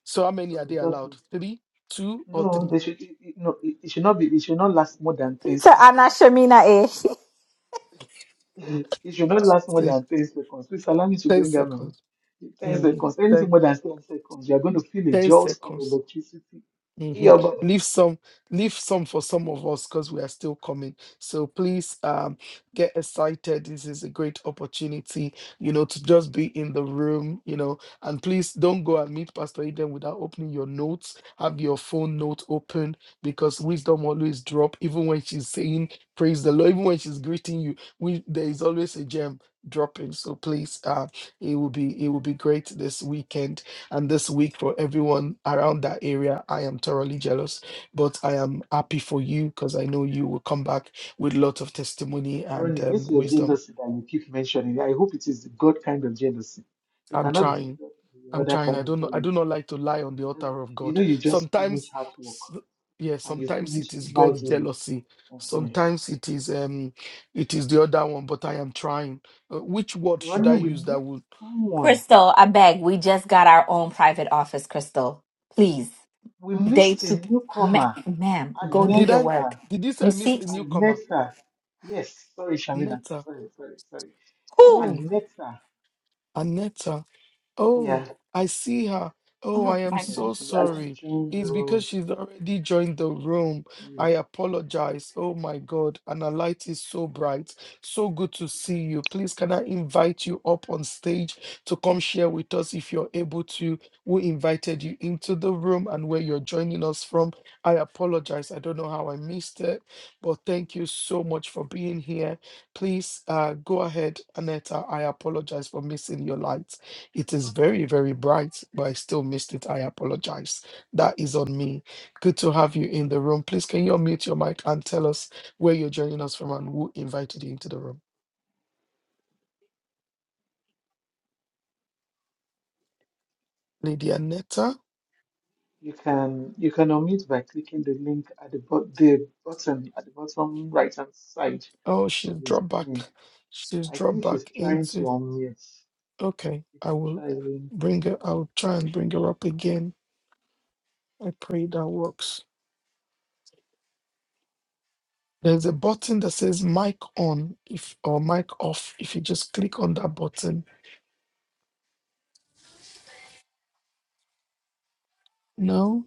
Speaker 2: So how many
Speaker 9: So
Speaker 2: are they
Speaker 9: you just
Speaker 2: allowed? Three, two, or
Speaker 9: no,
Speaker 2: three?
Speaker 9: they should it, it- no. It, it should not be. It should not last more than ten
Speaker 4: Peter, I'm not
Speaker 9: seconds.
Speaker 4: Shamina. Eh?
Speaker 9: it should not last more
Speaker 2: Say
Speaker 9: than ten seconds. Please allow me to
Speaker 2: ten
Speaker 9: bring her money.
Speaker 2: seconds.
Speaker 9: Ten
Speaker 2: Mhm.
Speaker 9: seconds.
Speaker 2: Ten, 10
Speaker 9: Anything
Speaker 2: seconds
Speaker 9: more than ten seconds, you are going to feel
Speaker 2: hmm
Speaker 9: a
Speaker 2: 10
Speaker 9: jolt of
Speaker 2: seconds
Speaker 9: electricity in
Speaker 2: hmm
Speaker 9: your body.
Speaker 2: Leave some, leave some for some of us because we are still coming. So please um, get excited. This is a great opportunity, you know, to just be in the room, you know. And please don't go and meet Pastor Eden without opening your notes. Have your phone note open because wisdom always drop, even when she's saying praise the Lord, even when she's greeting you. We there is always a gem dropping. So please, uh, it will be it will be great this weekend and this week for everyone around that area. I am thoroughly jealous, but I am happy for you because I know you will come back with lots of testimony and
Speaker 9: Ronnie, this
Speaker 2: um,
Speaker 9: is your
Speaker 2: wisdom.
Speaker 9: jealousy that you keep mentioning. I hope it is the God kind of jealousy. You
Speaker 2: I'm
Speaker 9: cannot be jealous.
Speaker 2: trying.
Speaker 9: of The
Speaker 2: I'm
Speaker 9: other
Speaker 2: trying. I
Speaker 9: kind of
Speaker 2: don't know. I
Speaker 9: jealousy.
Speaker 2: do not like to lie on the
Speaker 9: You know,
Speaker 2: altar of
Speaker 9: you
Speaker 2: God.
Speaker 9: know, you just finish
Speaker 2: Sometimes,
Speaker 9: hard work
Speaker 2: s- yeah,
Speaker 9: and you
Speaker 2: sometimes it
Speaker 9: finished
Speaker 2: is God's
Speaker 9: lightly.
Speaker 2: jealousy.
Speaker 9: uh huh.
Speaker 2: Sometimes it is um, it is the other one. But I am trying. Uh, which word should
Speaker 9: Ronnie,
Speaker 2: I
Speaker 9: we
Speaker 2: use? That
Speaker 9: missed
Speaker 2: would
Speaker 9: someone.
Speaker 4: Crystal, I beg, we just got our own private office, Crystal. Please.
Speaker 9: We
Speaker 4: Day
Speaker 9: missed
Speaker 4: two,
Speaker 9: a
Speaker 4: ma-
Speaker 9: newcomer.
Speaker 4: ma'am, go do
Speaker 2: did
Speaker 4: your
Speaker 2: I
Speaker 4: work.
Speaker 9: Agneta.
Speaker 2: did this?
Speaker 4: You
Speaker 2: I miss
Speaker 4: see?
Speaker 2: a newcomer?
Speaker 9: Agneta. Yes. Sorry, Shamina.
Speaker 2: Netta.
Speaker 9: Sorry, sorry, sorry.
Speaker 2: Oh,
Speaker 9: Agneta.
Speaker 2: Anetta. Oh,
Speaker 9: Yeah.
Speaker 2: I see her. Oh, I am
Speaker 9: Yes.
Speaker 2: so
Speaker 9: She actually
Speaker 2: sorry.
Speaker 9: joined the
Speaker 2: It's because
Speaker 9: room.
Speaker 2: she's already joined the room. I
Speaker 9: Yes.
Speaker 2: apologize. Oh my God. And her light is so bright. So good to see you. Please, can I invite you up on stage to come share with us if you're able to? Who invited you into the room and where you're joining us from? I apologize. I don't know how I missed it, but thank you so much for being here. Please uh, go ahead, Aneta. I apologize for missing your light. It is very, very bright, but I still missed it. I apologize. That is on me. Good to have you in the room. Please, can you unmute your mic and tell us where you're joining us from and who invited you into the room? Lady Aneta.
Speaker 9: You can you can unmute by clicking the link at the, bot the bottom at the bottom right hand side
Speaker 2: Oh, she's
Speaker 9: of the
Speaker 2: dropped back.
Speaker 9: screen.
Speaker 2: She's
Speaker 9: I
Speaker 2: dropped
Speaker 9: think she's
Speaker 2: back
Speaker 9: trying to
Speaker 2: into.
Speaker 9: unmute.
Speaker 2: Okay,
Speaker 9: You
Speaker 2: I
Speaker 9: can
Speaker 2: will
Speaker 9: try again.
Speaker 2: bring her. I'll try and bring her up again. I pray that works. There's a button that says mic on if or mic off. If you just click on that button. No.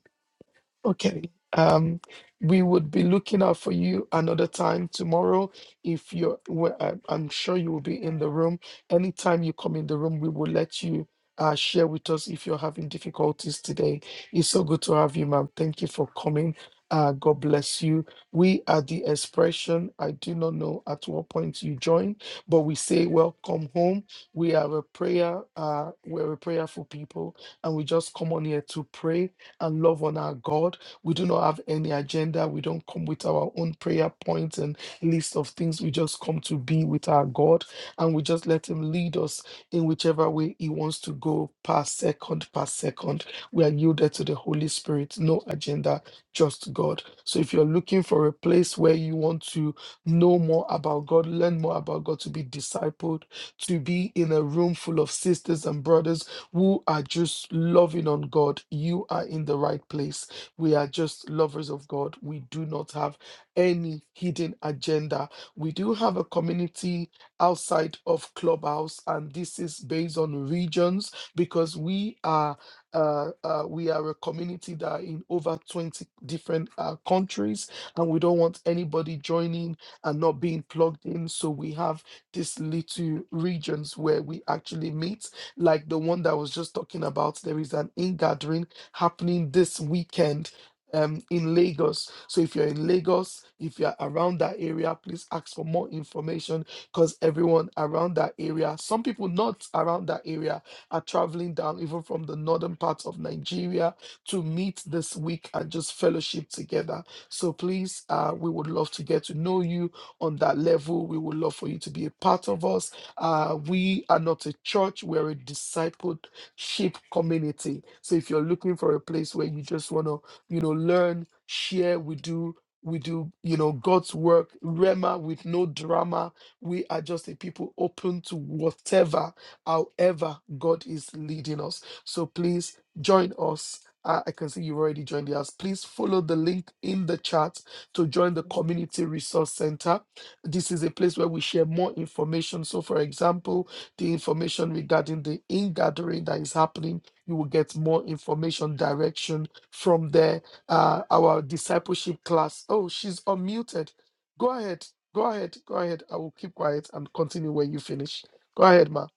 Speaker 2: Okay. Um, we would be looking out for you another time tomorrow. If you're, well, I- I'm sure you will be in the room. Anytime you come in the room, we will let you uh, share with us if you're having difficulties today. It's so good to have you, ma'am. Thank you for coming. Uh, God bless you. We are the expression. I do not know at what point you join, but we say welcome home. We are a prayer. Uh, we're a prayerful people, and we just come on here to pray and love on our God. We do not have any agenda. We don't come with our own prayer points and list of things. We just come to be with our God and we just let Him lead us in whichever way He wants to go, per second, per second. We are yielded to the Holy Spirit, no agenda, just God. So if you're looking for a place where you want to know more about God, learn more about God, to be discipled, to be in a room full of sisters and brothers who are just loving on God, you are in the right place. We are just lovers of God. We do not have any hidden agenda. We do have a community outside of Clubhouse, and this is based on regions because we are. Uh, uh, we are a community that are in over 20 different uh, countries, and we don't want anybody joining and not being plugged in. So we have these little regions where we actually meet like the one that I was just talking about. There is an ingathering happening this weekend um, in Lagos. So if you're in Lagos, if you're around that area, please ask for more information because everyone around that area, some people not around that area, are traveling down even from the northern parts of Nigeria to meet this week and just fellowship together. So please, uh, we would love to get to know you on that level. We would love for you to be a part of us uh, we are not a church, we're a discipleship community. So if you're looking for a place where you just want to, you know, learn, share, we do. We do, you know, God's work, Rema with no drama. We are just a people open to whatever, however, God is leading us. So please join us. Uh, I can see you've already joined us. Please follow the link in the chat to join the Community Resource Center this is a place where we share more information. So, for example, the information regarding the in gathering that is happening, you will get more information direction from there. Uh, our discipleship class. Oh, she's unmuted. Go ahead. Go ahead. Go ahead. I will keep quiet and continue when you finish. Go ahead, ma.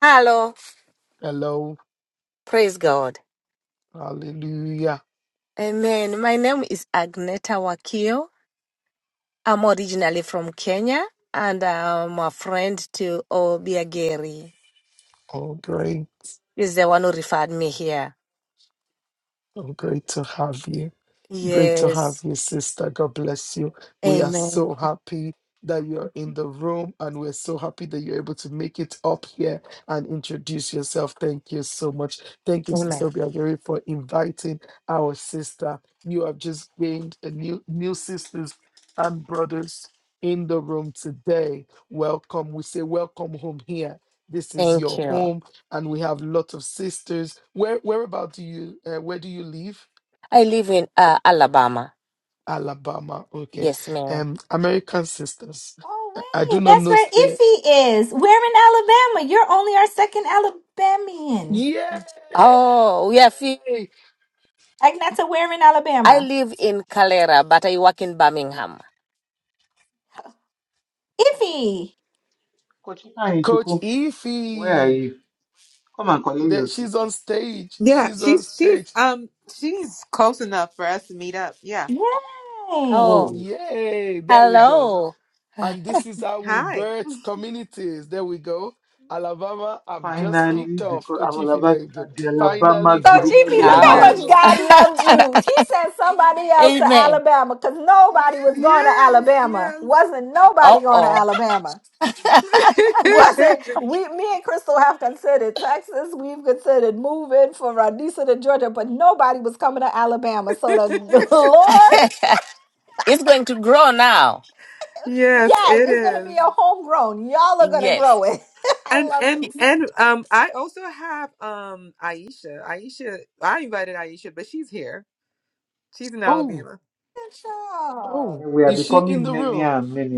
Speaker 13: Hello,
Speaker 2: Hello.
Speaker 13: praise God.
Speaker 2: Hallelujah.
Speaker 13: Amen. My name is Agneta Wakio. I'm originally from Kenya and I'm a friend to Obiageri.
Speaker 2: Oh, great.
Speaker 13: He's the one who referred me here.
Speaker 2: Oh, great to have you. Great to have
Speaker 13: Yes.
Speaker 2: you, sister. God bless you. We are
Speaker 13: Amen.
Speaker 2: so happy that you're in the room and we're so happy that you're able to make it up here and introduce yourself. Thank you so much. Thank you,
Speaker 13: Amen.
Speaker 2: Sister Biagiri, for inviting our sister. You have just gained a new new sisters and brothers in the room today. Welcome. We say welcome home here. This is
Speaker 13: Thank
Speaker 2: your
Speaker 13: you.
Speaker 2: home, and we have lots of sisters. Where whereabout do you uh, where do you live?
Speaker 13: I live in uh, Alabama.
Speaker 2: Alabama. Okay.
Speaker 13: Yes, ma'am.
Speaker 2: Um, American Sisters.
Speaker 4: Oh
Speaker 2: I do
Speaker 4: wait,
Speaker 2: not
Speaker 4: that's
Speaker 2: know.
Speaker 4: where
Speaker 2: St-
Speaker 4: Iffy is. We're in Alabama. You're only our second Alabamian.
Speaker 2: Yay!
Speaker 13: Oh, we are. Few-
Speaker 4: Agnata, we're in
Speaker 13: I
Speaker 4: Alabama.
Speaker 13: live in Calera, but I work in Birmingham.
Speaker 4: Iffy,
Speaker 9: Kochika
Speaker 2: Coach
Speaker 9: Ichuku, where are
Speaker 2: Ify.
Speaker 9: you? Come and collect your
Speaker 2: That she's on stage.
Speaker 7: Yeah,
Speaker 2: She's
Speaker 9: sister.
Speaker 2: on
Speaker 7: she's she's
Speaker 2: stage.
Speaker 7: um she's close enough for us to meet up. Yeah.
Speaker 4: yay!
Speaker 13: Oh,
Speaker 9: Whoa,
Speaker 2: Yay! There we go.
Speaker 13: hello.
Speaker 2: And this is how we
Speaker 7: Hi.
Speaker 2: birth communities. There we go. Alabama, I've just
Speaker 9: finally,
Speaker 2: kicked off.
Speaker 9: because
Speaker 2: Coach Ify,
Speaker 9: Alabama,
Speaker 2: there you go.
Speaker 9: the Alabama
Speaker 2: Finally,
Speaker 4: Coach
Speaker 9: group
Speaker 2: finally,
Speaker 4: Efi,
Speaker 9: can
Speaker 4: look
Speaker 9: be
Speaker 2: you're not
Speaker 4: how
Speaker 13: Oh,
Speaker 7: yes.
Speaker 4: much
Speaker 2: alone.
Speaker 9: launched.
Speaker 4: God loved you. He sent somebody else to
Speaker 13: amen.
Speaker 4: Alabama because nobody was going to
Speaker 7: Yes.
Speaker 4: Alabama.
Speaker 7: Yes.
Speaker 4: Wasn't
Speaker 13: Uh
Speaker 4: nobody going to
Speaker 13: oh.
Speaker 4: Alabama. Was it we me and Crystal have considered Texas, we've considered moving from Radisa to Georgia, but nobody was coming to Alabama. So the the Lord,
Speaker 13: It's going to grow now.
Speaker 7: Yes,
Speaker 4: yes,
Speaker 7: it
Speaker 4: it's gonna
Speaker 7: is.
Speaker 4: be a homegrown. Y'all are gonna
Speaker 13: Yes.
Speaker 4: grow it. I
Speaker 7: And
Speaker 4: love
Speaker 7: and
Speaker 4: this.
Speaker 7: and um I also have um Aisha. Aisha, I invited Aisha, but she's here. She's in
Speaker 2: Oh,
Speaker 7: Alabama.
Speaker 4: Good job.
Speaker 2: oh,
Speaker 9: And we are
Speaker 2: is she in
Speaker 9: becoming
Speaker 2: the
Speaker 9: many
Speaker 2: room?
Speaker 9: and many.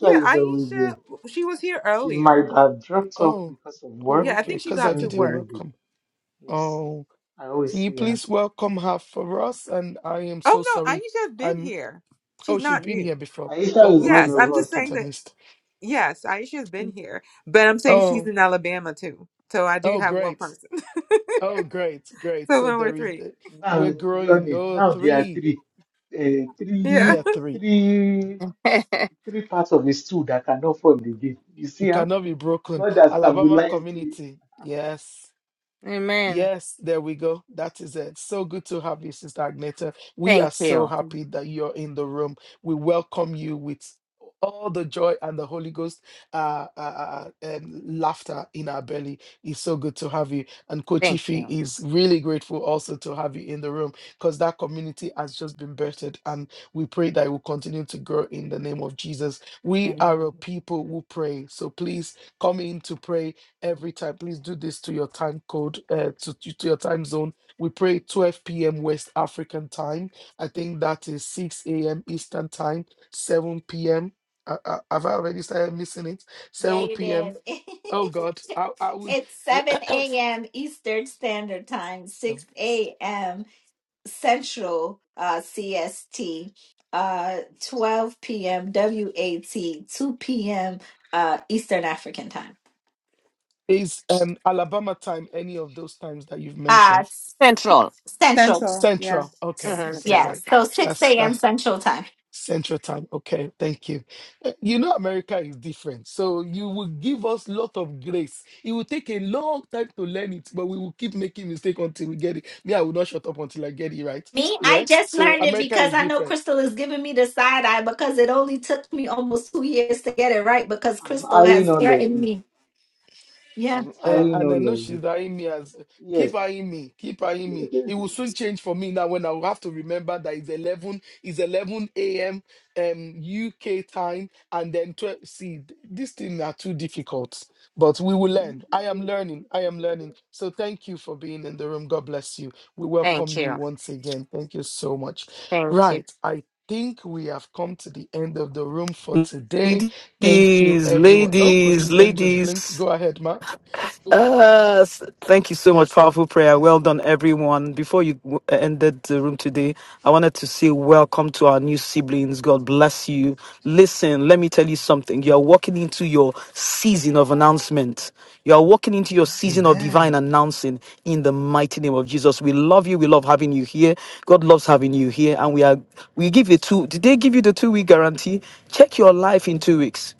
Speaker 7: Yeah,
Speaker 9: is always
Speaker 7: Aisha,
Speaker 9: there.
Speaker 7: she was here
Speaker 9: She might
Speaker 7: earlier.
Speaker 9: have dropped off
Speaker 2: Oh,
Speaker 9: because of
Speaker 2: oh,
Speaker 9: work,
Speaker 7: Yeah, I
Speaker 9: but
Speaker 2: okay.
Speaker 7: think
Speaker 9: she
Speaker 7: she
Speaker 2: Because I
Speaker 7: got to
Speaker 9: joins
Speaker 2: didn't
Speaker 9: every
Speaker 7: work.
Speaker 9: day.
Speaker 2: welcome.
Speaker 9: Yes,
Speaker 2: Oh.
Speaker 9: I
Speaker 2: Can
Speaker 9: always
Speaker 2: you
Speaker 9: see her.
Speaker 2: please welcome her for us? And I am
Speaker 7: Oh
Speaker 2: so
Speaker 7: no,
Speaker 2: sorry.
Speaker 7: Aisha's been
Speaker 2: I'm
Speaker 7: here.
Speaker 2: oh,
Speaker 7: She's
Speaker 2: she's
Speaker 7: not
Speaker 2: been here
Speaker 7: new.
Speaker 2: before.
Speaker 9: Aisha
Speaker 2: Oh,
Speaker 9: is
Speaker 2: okay,
Speaker 9: one
Speaker 7: Yes, I'm
Speaker 9: of
Speaker 2: great. I
Speaker 7: just
Speaker 9: us.
Speaker 2: thought
Speaker 7: saying
Speaker 9: oh.
Speaker 2: I
Speaker 7: that
Speaker 2: missed.
Speaker 7: yes, Aisha's been here, but I'm saying
Speaker 2: Oh,
Speaker 7: she's in Alabama too. So I do
Speaker 2: oh,
Speaker 7: have one
Speaker 2: great.
Speaker 7: person.
Speaker 2: Oh, great, great.
Speaker 7: So
Speaker 2: So
Speaker 7: then we're
Speaker 2: there is
Speaker 7: three.
Speaker 2: the we're
Speaker 9: Now,
Speaker 2: growing.
Speaker 9: running.
Speaker 2: Oh,
Speaker 9: Now there are
Speaker 2: three.
Speaker 9: three, uh,
Speaker 7: Yeah.
Speaker 2: There are
Speaker 9: three,
Speaker 2: three.
Speaker 9: three, three parts of the stool that can afford the game. You
Speaker 2: You
Speaker 9: see,
Speaker 2: cannot be broken.
Speaker 9: God has
Speaker 2: Alabama
Speaker 9: stabilized you.
Speaker 2: community. Yes.
Speaker 13: Amen.
Speaker 2: Yes, there we go. That is it. So good to have you, Sister Agneta. We
Speaker 13: Thank
Speaker 2: are so
Speaker 13: you.
Speaker 2: happy that you're in the room. We welcome you with all the joy and the Holy Ghost uh, uh, uh, and laughter in our belly. It's so good to have you. And Coach
Speaker 13: Thank
Speaker 2: Ife
Speaker 13: you.
Speaker 2: is really grateful also to have you in the room because that community has just been birthed. And we pray that it will continue to grow in the name of Jesus. We are
Speaker 13: Amen.
Speaker 2: a people who pray. So please come in to pray every time. Please do this to your time code, uh, to, to to your time zone. We pray 12 p.m. West African time. I think that is 6 a.m. Eastern time, 7 p.m. Uh, uh, have I already started missing it?
Speaker 4: Yeah,
Speaker 2: 7
Speaker 4: you
Speaker 2: p.m.
Speaker 4: did.
Speaker 2: Oh God, I I would.
Speaker 4: it's
Speaker 2: Yeah.
Speaker 4: 7 a.m. Eastern Standard Time, 6
Speaker 2: seven- s-
Speaker 4: a.m. Central uh, CST, uh, 12 p.m. WAT, 2 p.m. Uh, Eastern African time.
Speaker 2: Is um Alabama time any of those times that you've
Speaker 4: Uh,
Speaker 2: mentioned?
Speaker 4: s-
Speaker 13: Central.
Speaker 4: Central,
Speaker 7: Central, yeah.
Speaker 2: Central. Okay,
Speaker 13: hmm
Speaker 2: so
Speaker 13: Central.
Speaker 2: great.
Speaker 4: yes. So 6
Speaker 2: That's that's.
Speaker 4: a.m. Central time.
Speaker 2: Central time. Okay, thank you. Uh, You know, America is different. So you will give us lot of grace. It will take a long time to learn it, but we will keep making mistake until we get it. Me, I will not shut up until I get it right.
Speaker 4: Me, I
Speaker 2: Yeah.
Speaker 4: just
Speaker 2: So
Speaker 4: learned it
Speaker 2: America
Speaker 4: because
Speaker 2: is
Speaker 4: I know
Speaker 2: different.
Speaker 4: Crystal is giving me the side eye because it only took me almost two years to get it right because
Speaker 9: I'm
Speaker 4: Crystal
Speaker 9: eyeing
Speaker 4: has
Speaker 9: all of
Speaker 4: threatened
Speaker 9: you.
Speaker 4: me.
Speaker 9: I'm
Speaker 2: Eh,
Speaker 9: eyeing
Speaker 2: and I
Speaker 9: all
Speaker 2: know
Speaker 9: of
Speaker 2: she's
Speaker 9: you.
Speaker 2: eyeing me as keep
Speaker 9: Yes.
Speaker 2: eyeing me, keep eyeing me. It will soon change for me now when I will have to remember that it's eleven, it's eleven a.m. um UK time, and then twelve. See, th- these things are too difficult, but we will learn. I am learning. I am learning. So thank you for being in the room. God bless you. We welcome
Speaker 13: Thank
Speaker 2: you
Speaker 13: you.
Speaker 2: once again. Thank you so much.
Speaker 13: Thank you.
Speaker 2: Right, I. Think we have come to the end of the room for today. Thank you,
Speaker 14: Ladies,
Speaker 2: everyone. Oh, Kochi
Speaker 14: ladies,
Speaker 2: then just blinked.
Speaker 14: ladies.
Speaker 2: Go ahead, Ma.
Speaker 14: Uh, s- thank you so much.
Speaker 2: Yes, ma.
Speaker 14: Powerful prayer. Well done, everyone. Before you w- uh, ended the room today, I wanted to say welcome to our new siblings. God bless you. Listen, let me tell you something. You are walking into your season of announcement. You are walking into your season of divine
Speaker 2: Amen.
Speaker 14: announcing in the mighty name of Jesus. We love you. We love having you here. God loves having you here. And we are, we give you two, did they give you the two week guarantee? Check your life in two weeks.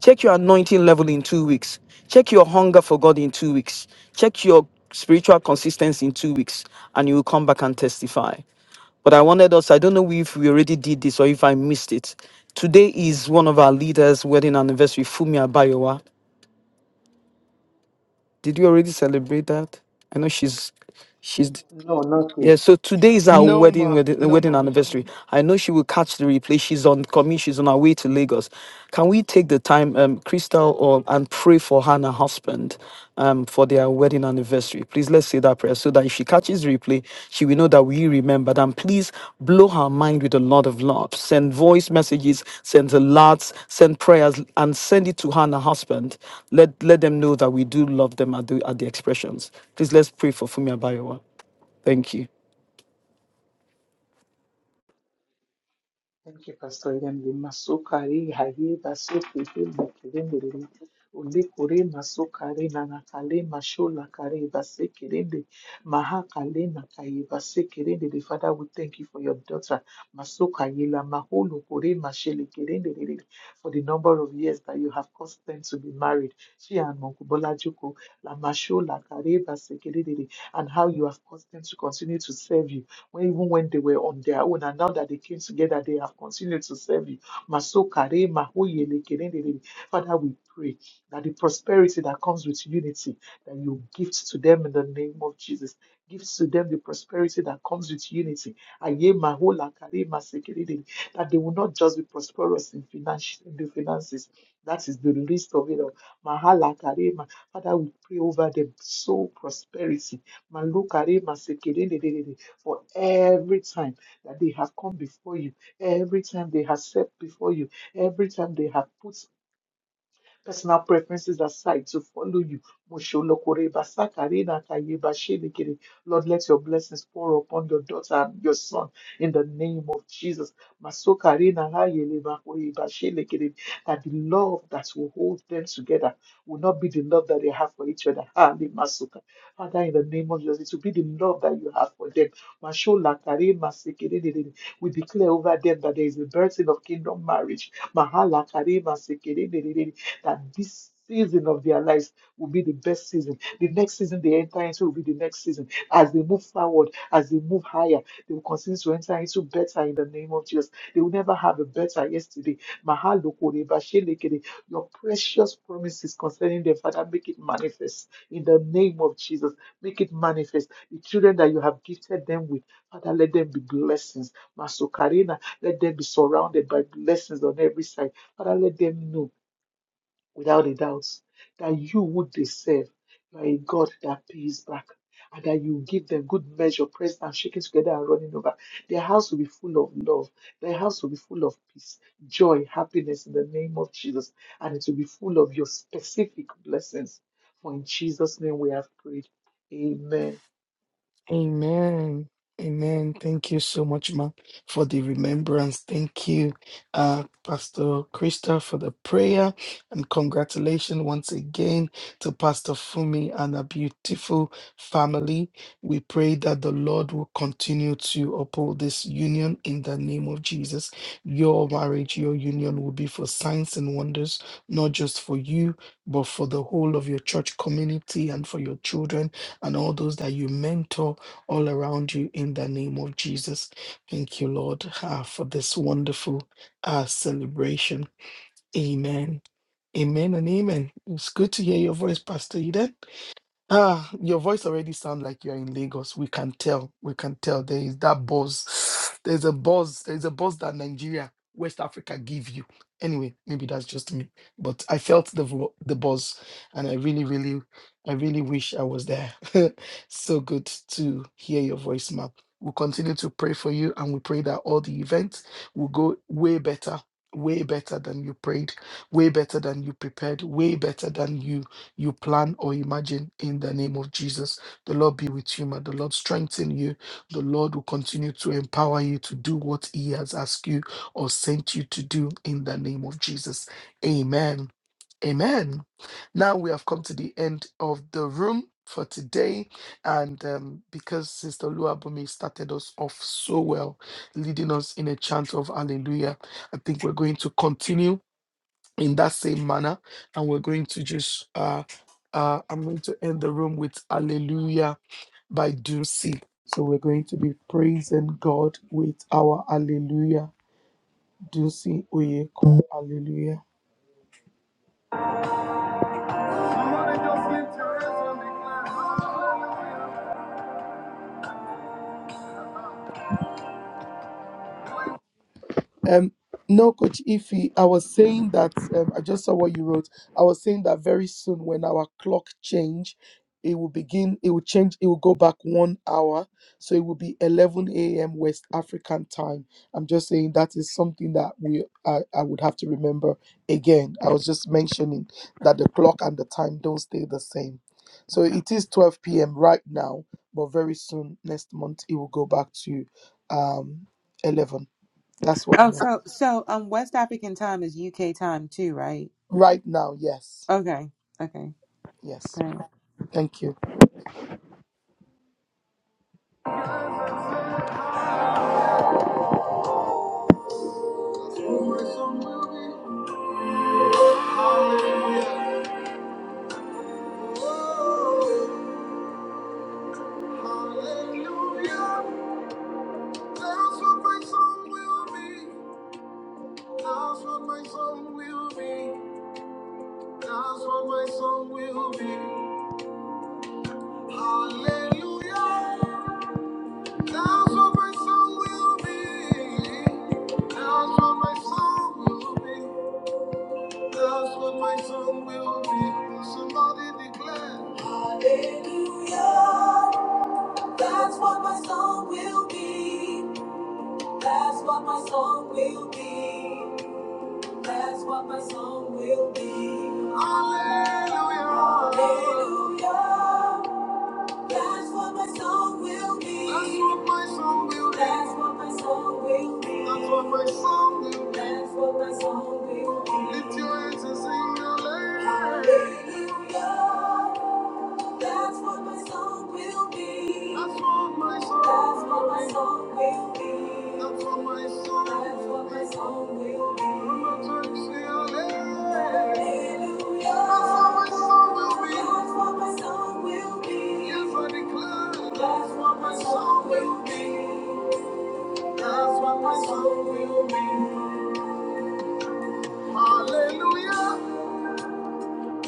Speaker 14: Check your anointing level in two weeks. Check your hunger for God in two weeks. Check your spiritual consistency in two weeks, and you will come back and testify. But I wanted us, I don't know if we already did this or if I missed it. Today is one of our leaders' wedding anniversary, Fumi Abayowa. Did you already celebrate that? I know she's she's
Speaker 9: no, nothing.
Speaker 14: yeah, so today is our
Speaker 2: No,
Speaker 14: wedding,
Speaker 2: ma.
Speaker 14: wedding
Speaker 2: No, ma.
Speaker 14: wedding
Speaker 2: We
Speaker 14: anniversary.
Speaker 2: haven't.
Speaker 14: I know she will catch the replay. She's on commute. She's on her way to Lagos. Can we take the time, um, Crystal, or, and pray for her and her husband, um, for their wedding anniversary? Please let's say that prayer so that if she catches the replay, she will know that we remembered. And please blow her mind with a lot of love. Send voice messages, send alerts, send prayers, and send it to her and her husband. Let let them know that we do love them at the at the expressions. Please let's pray for Fumi Abayowa. Thank you.
Speaker 9: Thank you, Pastor Eden. Limasukari hayi basukihi bakirindiri. Ulikuri masukari nanakale mashola kari basikirindi. Mahakale nakayi basikirindiri. Father, we thank you for your daughter. Masuka yila mahulu kure mashili kirindiri. For the number of years that you have caused them to be married. She and Mokubola Juko, la mashola kari basikirindiri. And how you have caused them to continue to serve you when, even when they were on their own, and now that they came together, they have continued to serve you. Masokare, mahoyele, kerendere. Father, we pray that the prosperity that comes with unity, that you gift to them in the name of Jesus. Give to them the prosperity that comes with unity. Aye, mahola, kare, masekerendere. That they will not just be prosperous in, finance, in the finances. That is the least of it all. Mahala Karema. Father, we pray over them. Soul prosperity. Malu Karema Sekere for every time that they have come before you, every time they have set before you, every time they have put Personal preferences aside, to follow you. Mosholokore basakare na nakaye bashelekere. Lord, let your blessings pour upon your daughter and your son in the name of Jesus. Masokare naraye lebakoye bashelekere. That the love that will hold them together will not be the love that they have for each other. Ah, le masoka. Father, in the name of Jesus, it will be the love that you have for them. Masholakare masekerere. We declare over them that there is a birthing of kingdom marriage. Mahala Kare masekere de de de that this season of their lives will be the best season. The next season they enter into will be the next season. As they move forward, as they move higher, they will continue to enter into better in the name of Jesus. They will never have a better yesterday. Mahalo kore bashelekere. Your precious promises concerning them, Father, make it manifest in the name of Jesus. Make it manifest. The children that you have gifted them with, Father, let them be blessings. Masokarina, let them be surrounded by blessings on every side. Father, let them know without a doubt that you would they serve, you are a God that pays back, and that you give them good measure, pressed and shaking together and running over. Their house will be full of love, their house will be full of peace, joy, happiness in the name of Jesus, and it will be full of your specific blessings. For in Jesus' name we have prayed. Amen.
Speaker 2: Amen. Amen. Thank you so much, ma, for the remembrance. Thank you, uh, Pastor Krista, for the prayer. And congratulations once again to Pastor Fumi and a beautiful family. We pray that the Lord will continue to uphold this union in the name of Jesus. Your marriage, your union will be for signs and wonders, not just for you, but for the whole of your church community and for your children and all those that you mentor all around you in the name of Jesus. Thank you, Lord, ah, for this wonderful uh, celebration. Amen. Amen and amen. It's good to hear your voice, Pastor Eden. Ah, your voice already sounds like you're in Lagos. We can tell. We can tell. There is that buzz. There's a buzz. There's a buzz that Nigeria, West Africa give you. Anyway, maybe that's just me. But I felt the vo- the buzz, and I really, really, I really wish I was there. so good to hear your voice, ma'am. We'll continue to pray for you, and we pray that all the events will go way better, way better than you prayed, way better than you prepared, way better than you you plan or imagine in the name of Jesus. The Lord be with you, man. The Lord strengthen you. The Lord will continue to empower you to do what He has asked you or sent you to do in the name of Jesus. Amen. Amen. Now we have come to the end of the room for today. And um, because Sister Luabumi started us off so well, leading us in a chant of hallelujah, I think we're going to continue in that same manner. And we're going to just, uh, uh, I'm going to end the room with "Hallelujah" by Ducey. So we're going to be praising God with our "Hallelujah," Ducey Oyeko, Hallelujah. Um, no, Coach Ify, I was saying that um, I just saw what you wrote. I was saying that very soon, when our clock change, it will begin. It will change. It will go back one hour, so it will be 11 a.m. West African time. I'm just saying that is something that we I, I would have to remember again. I was just mentioning that the clock and the time don't stay the same. So it is 12 p.m. right now, but very soon next month it will go back to um 11. That's what I
Speaker 7: Oh,
Speaker 2: meant.
Speaker 7: so so um West African time is UK time too, right?
Speaker 2: Right now, yes.
Speaker 7: Okay. Okay.
Speaker 2: Yes.
Speaker 7: All Right.
Speaker 2: Thank you. That's what my song will be. Somebody declare. Hallelujah. That's what my song will be. That's what my song will be. That's what my song will be. Hallelujah. Hallelujah. That's what my song will be. That's what my song will be. That's what my song will be. That's what my song will be. That's what my song will be. Lift your hands and sing your name. Hallelujah. That's what my song will be. That's what my song. That's what my song will be. That's what my song. That's what my song will be. I'm not trying to say hallelujah. That's what my song will be. That's what my song will be. Yes, I declare. That's what my song will be. That's what my song will be. Hallelujah.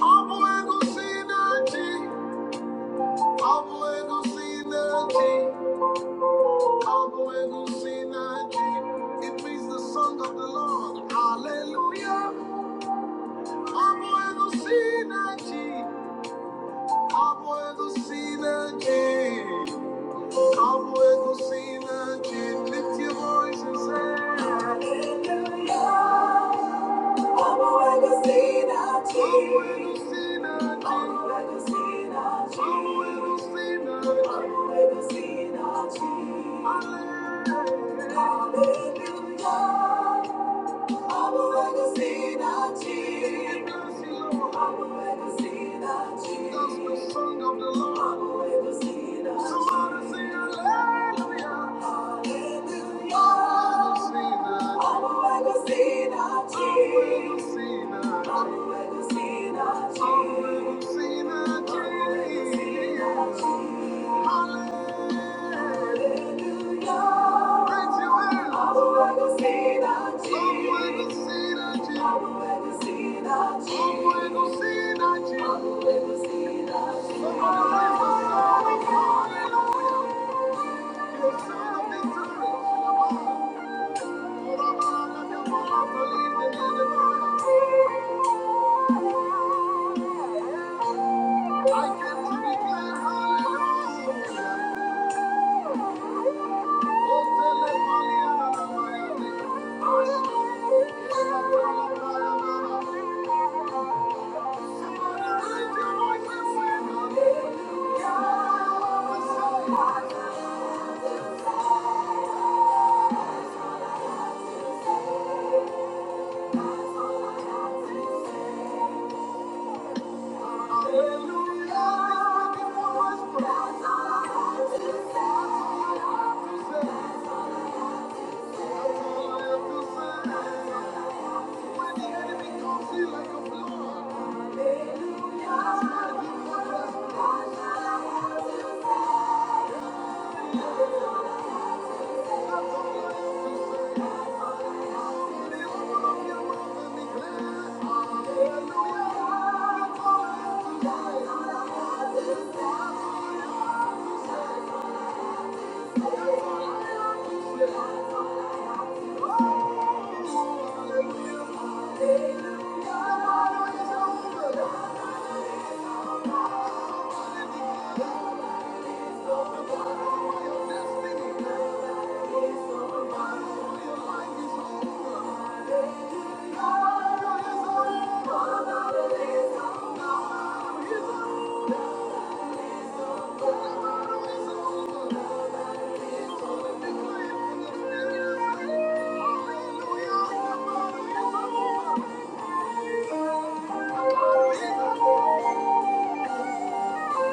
Speaker 2: I'm going to see that. I'm going to see that. I'll go and go sing that G. It means the song of the Lord. Hallelujah. I'll go and go sing that G. I'll go and go sing that G. I'll go and go sing that G. Lift your voice and say, Hallelujah. I'll go and go sing that G. I'll go and go sing that G. I'll go and go sing that G. I'll go and go sing that G. I'll go and go sing that G. Hallelujah. Hallelujah. Hallelujah. I can declare hallelujah. Hallelujah. When the enemy comes in like a flood, Hallelujah. Hallelujah. Somebody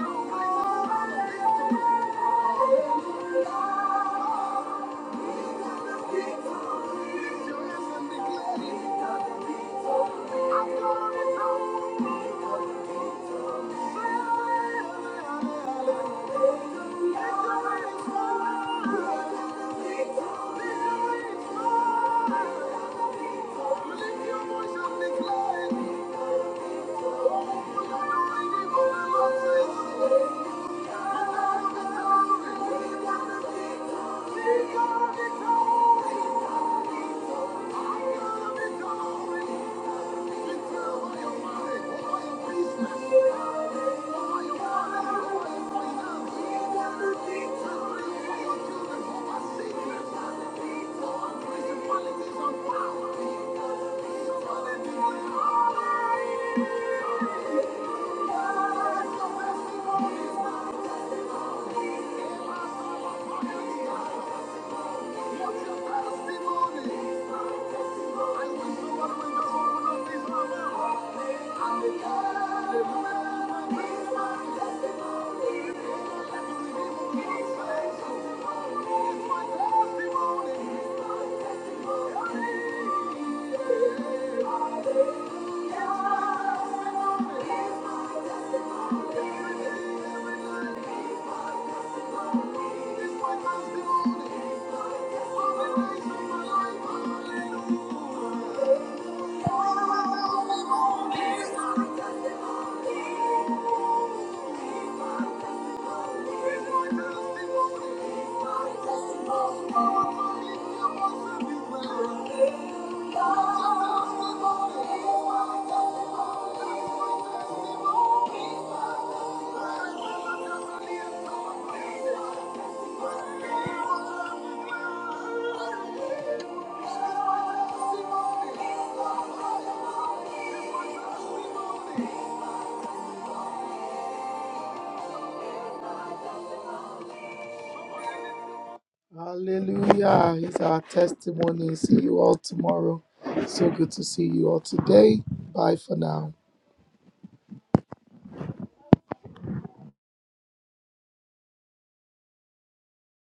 Speaker 2: know my soul. Thank you. Thank you. Thank you. He's my Hallelujah. Hallelujah. It's our testimony. See you all tomorrow. So good to see you all today. Bye for now.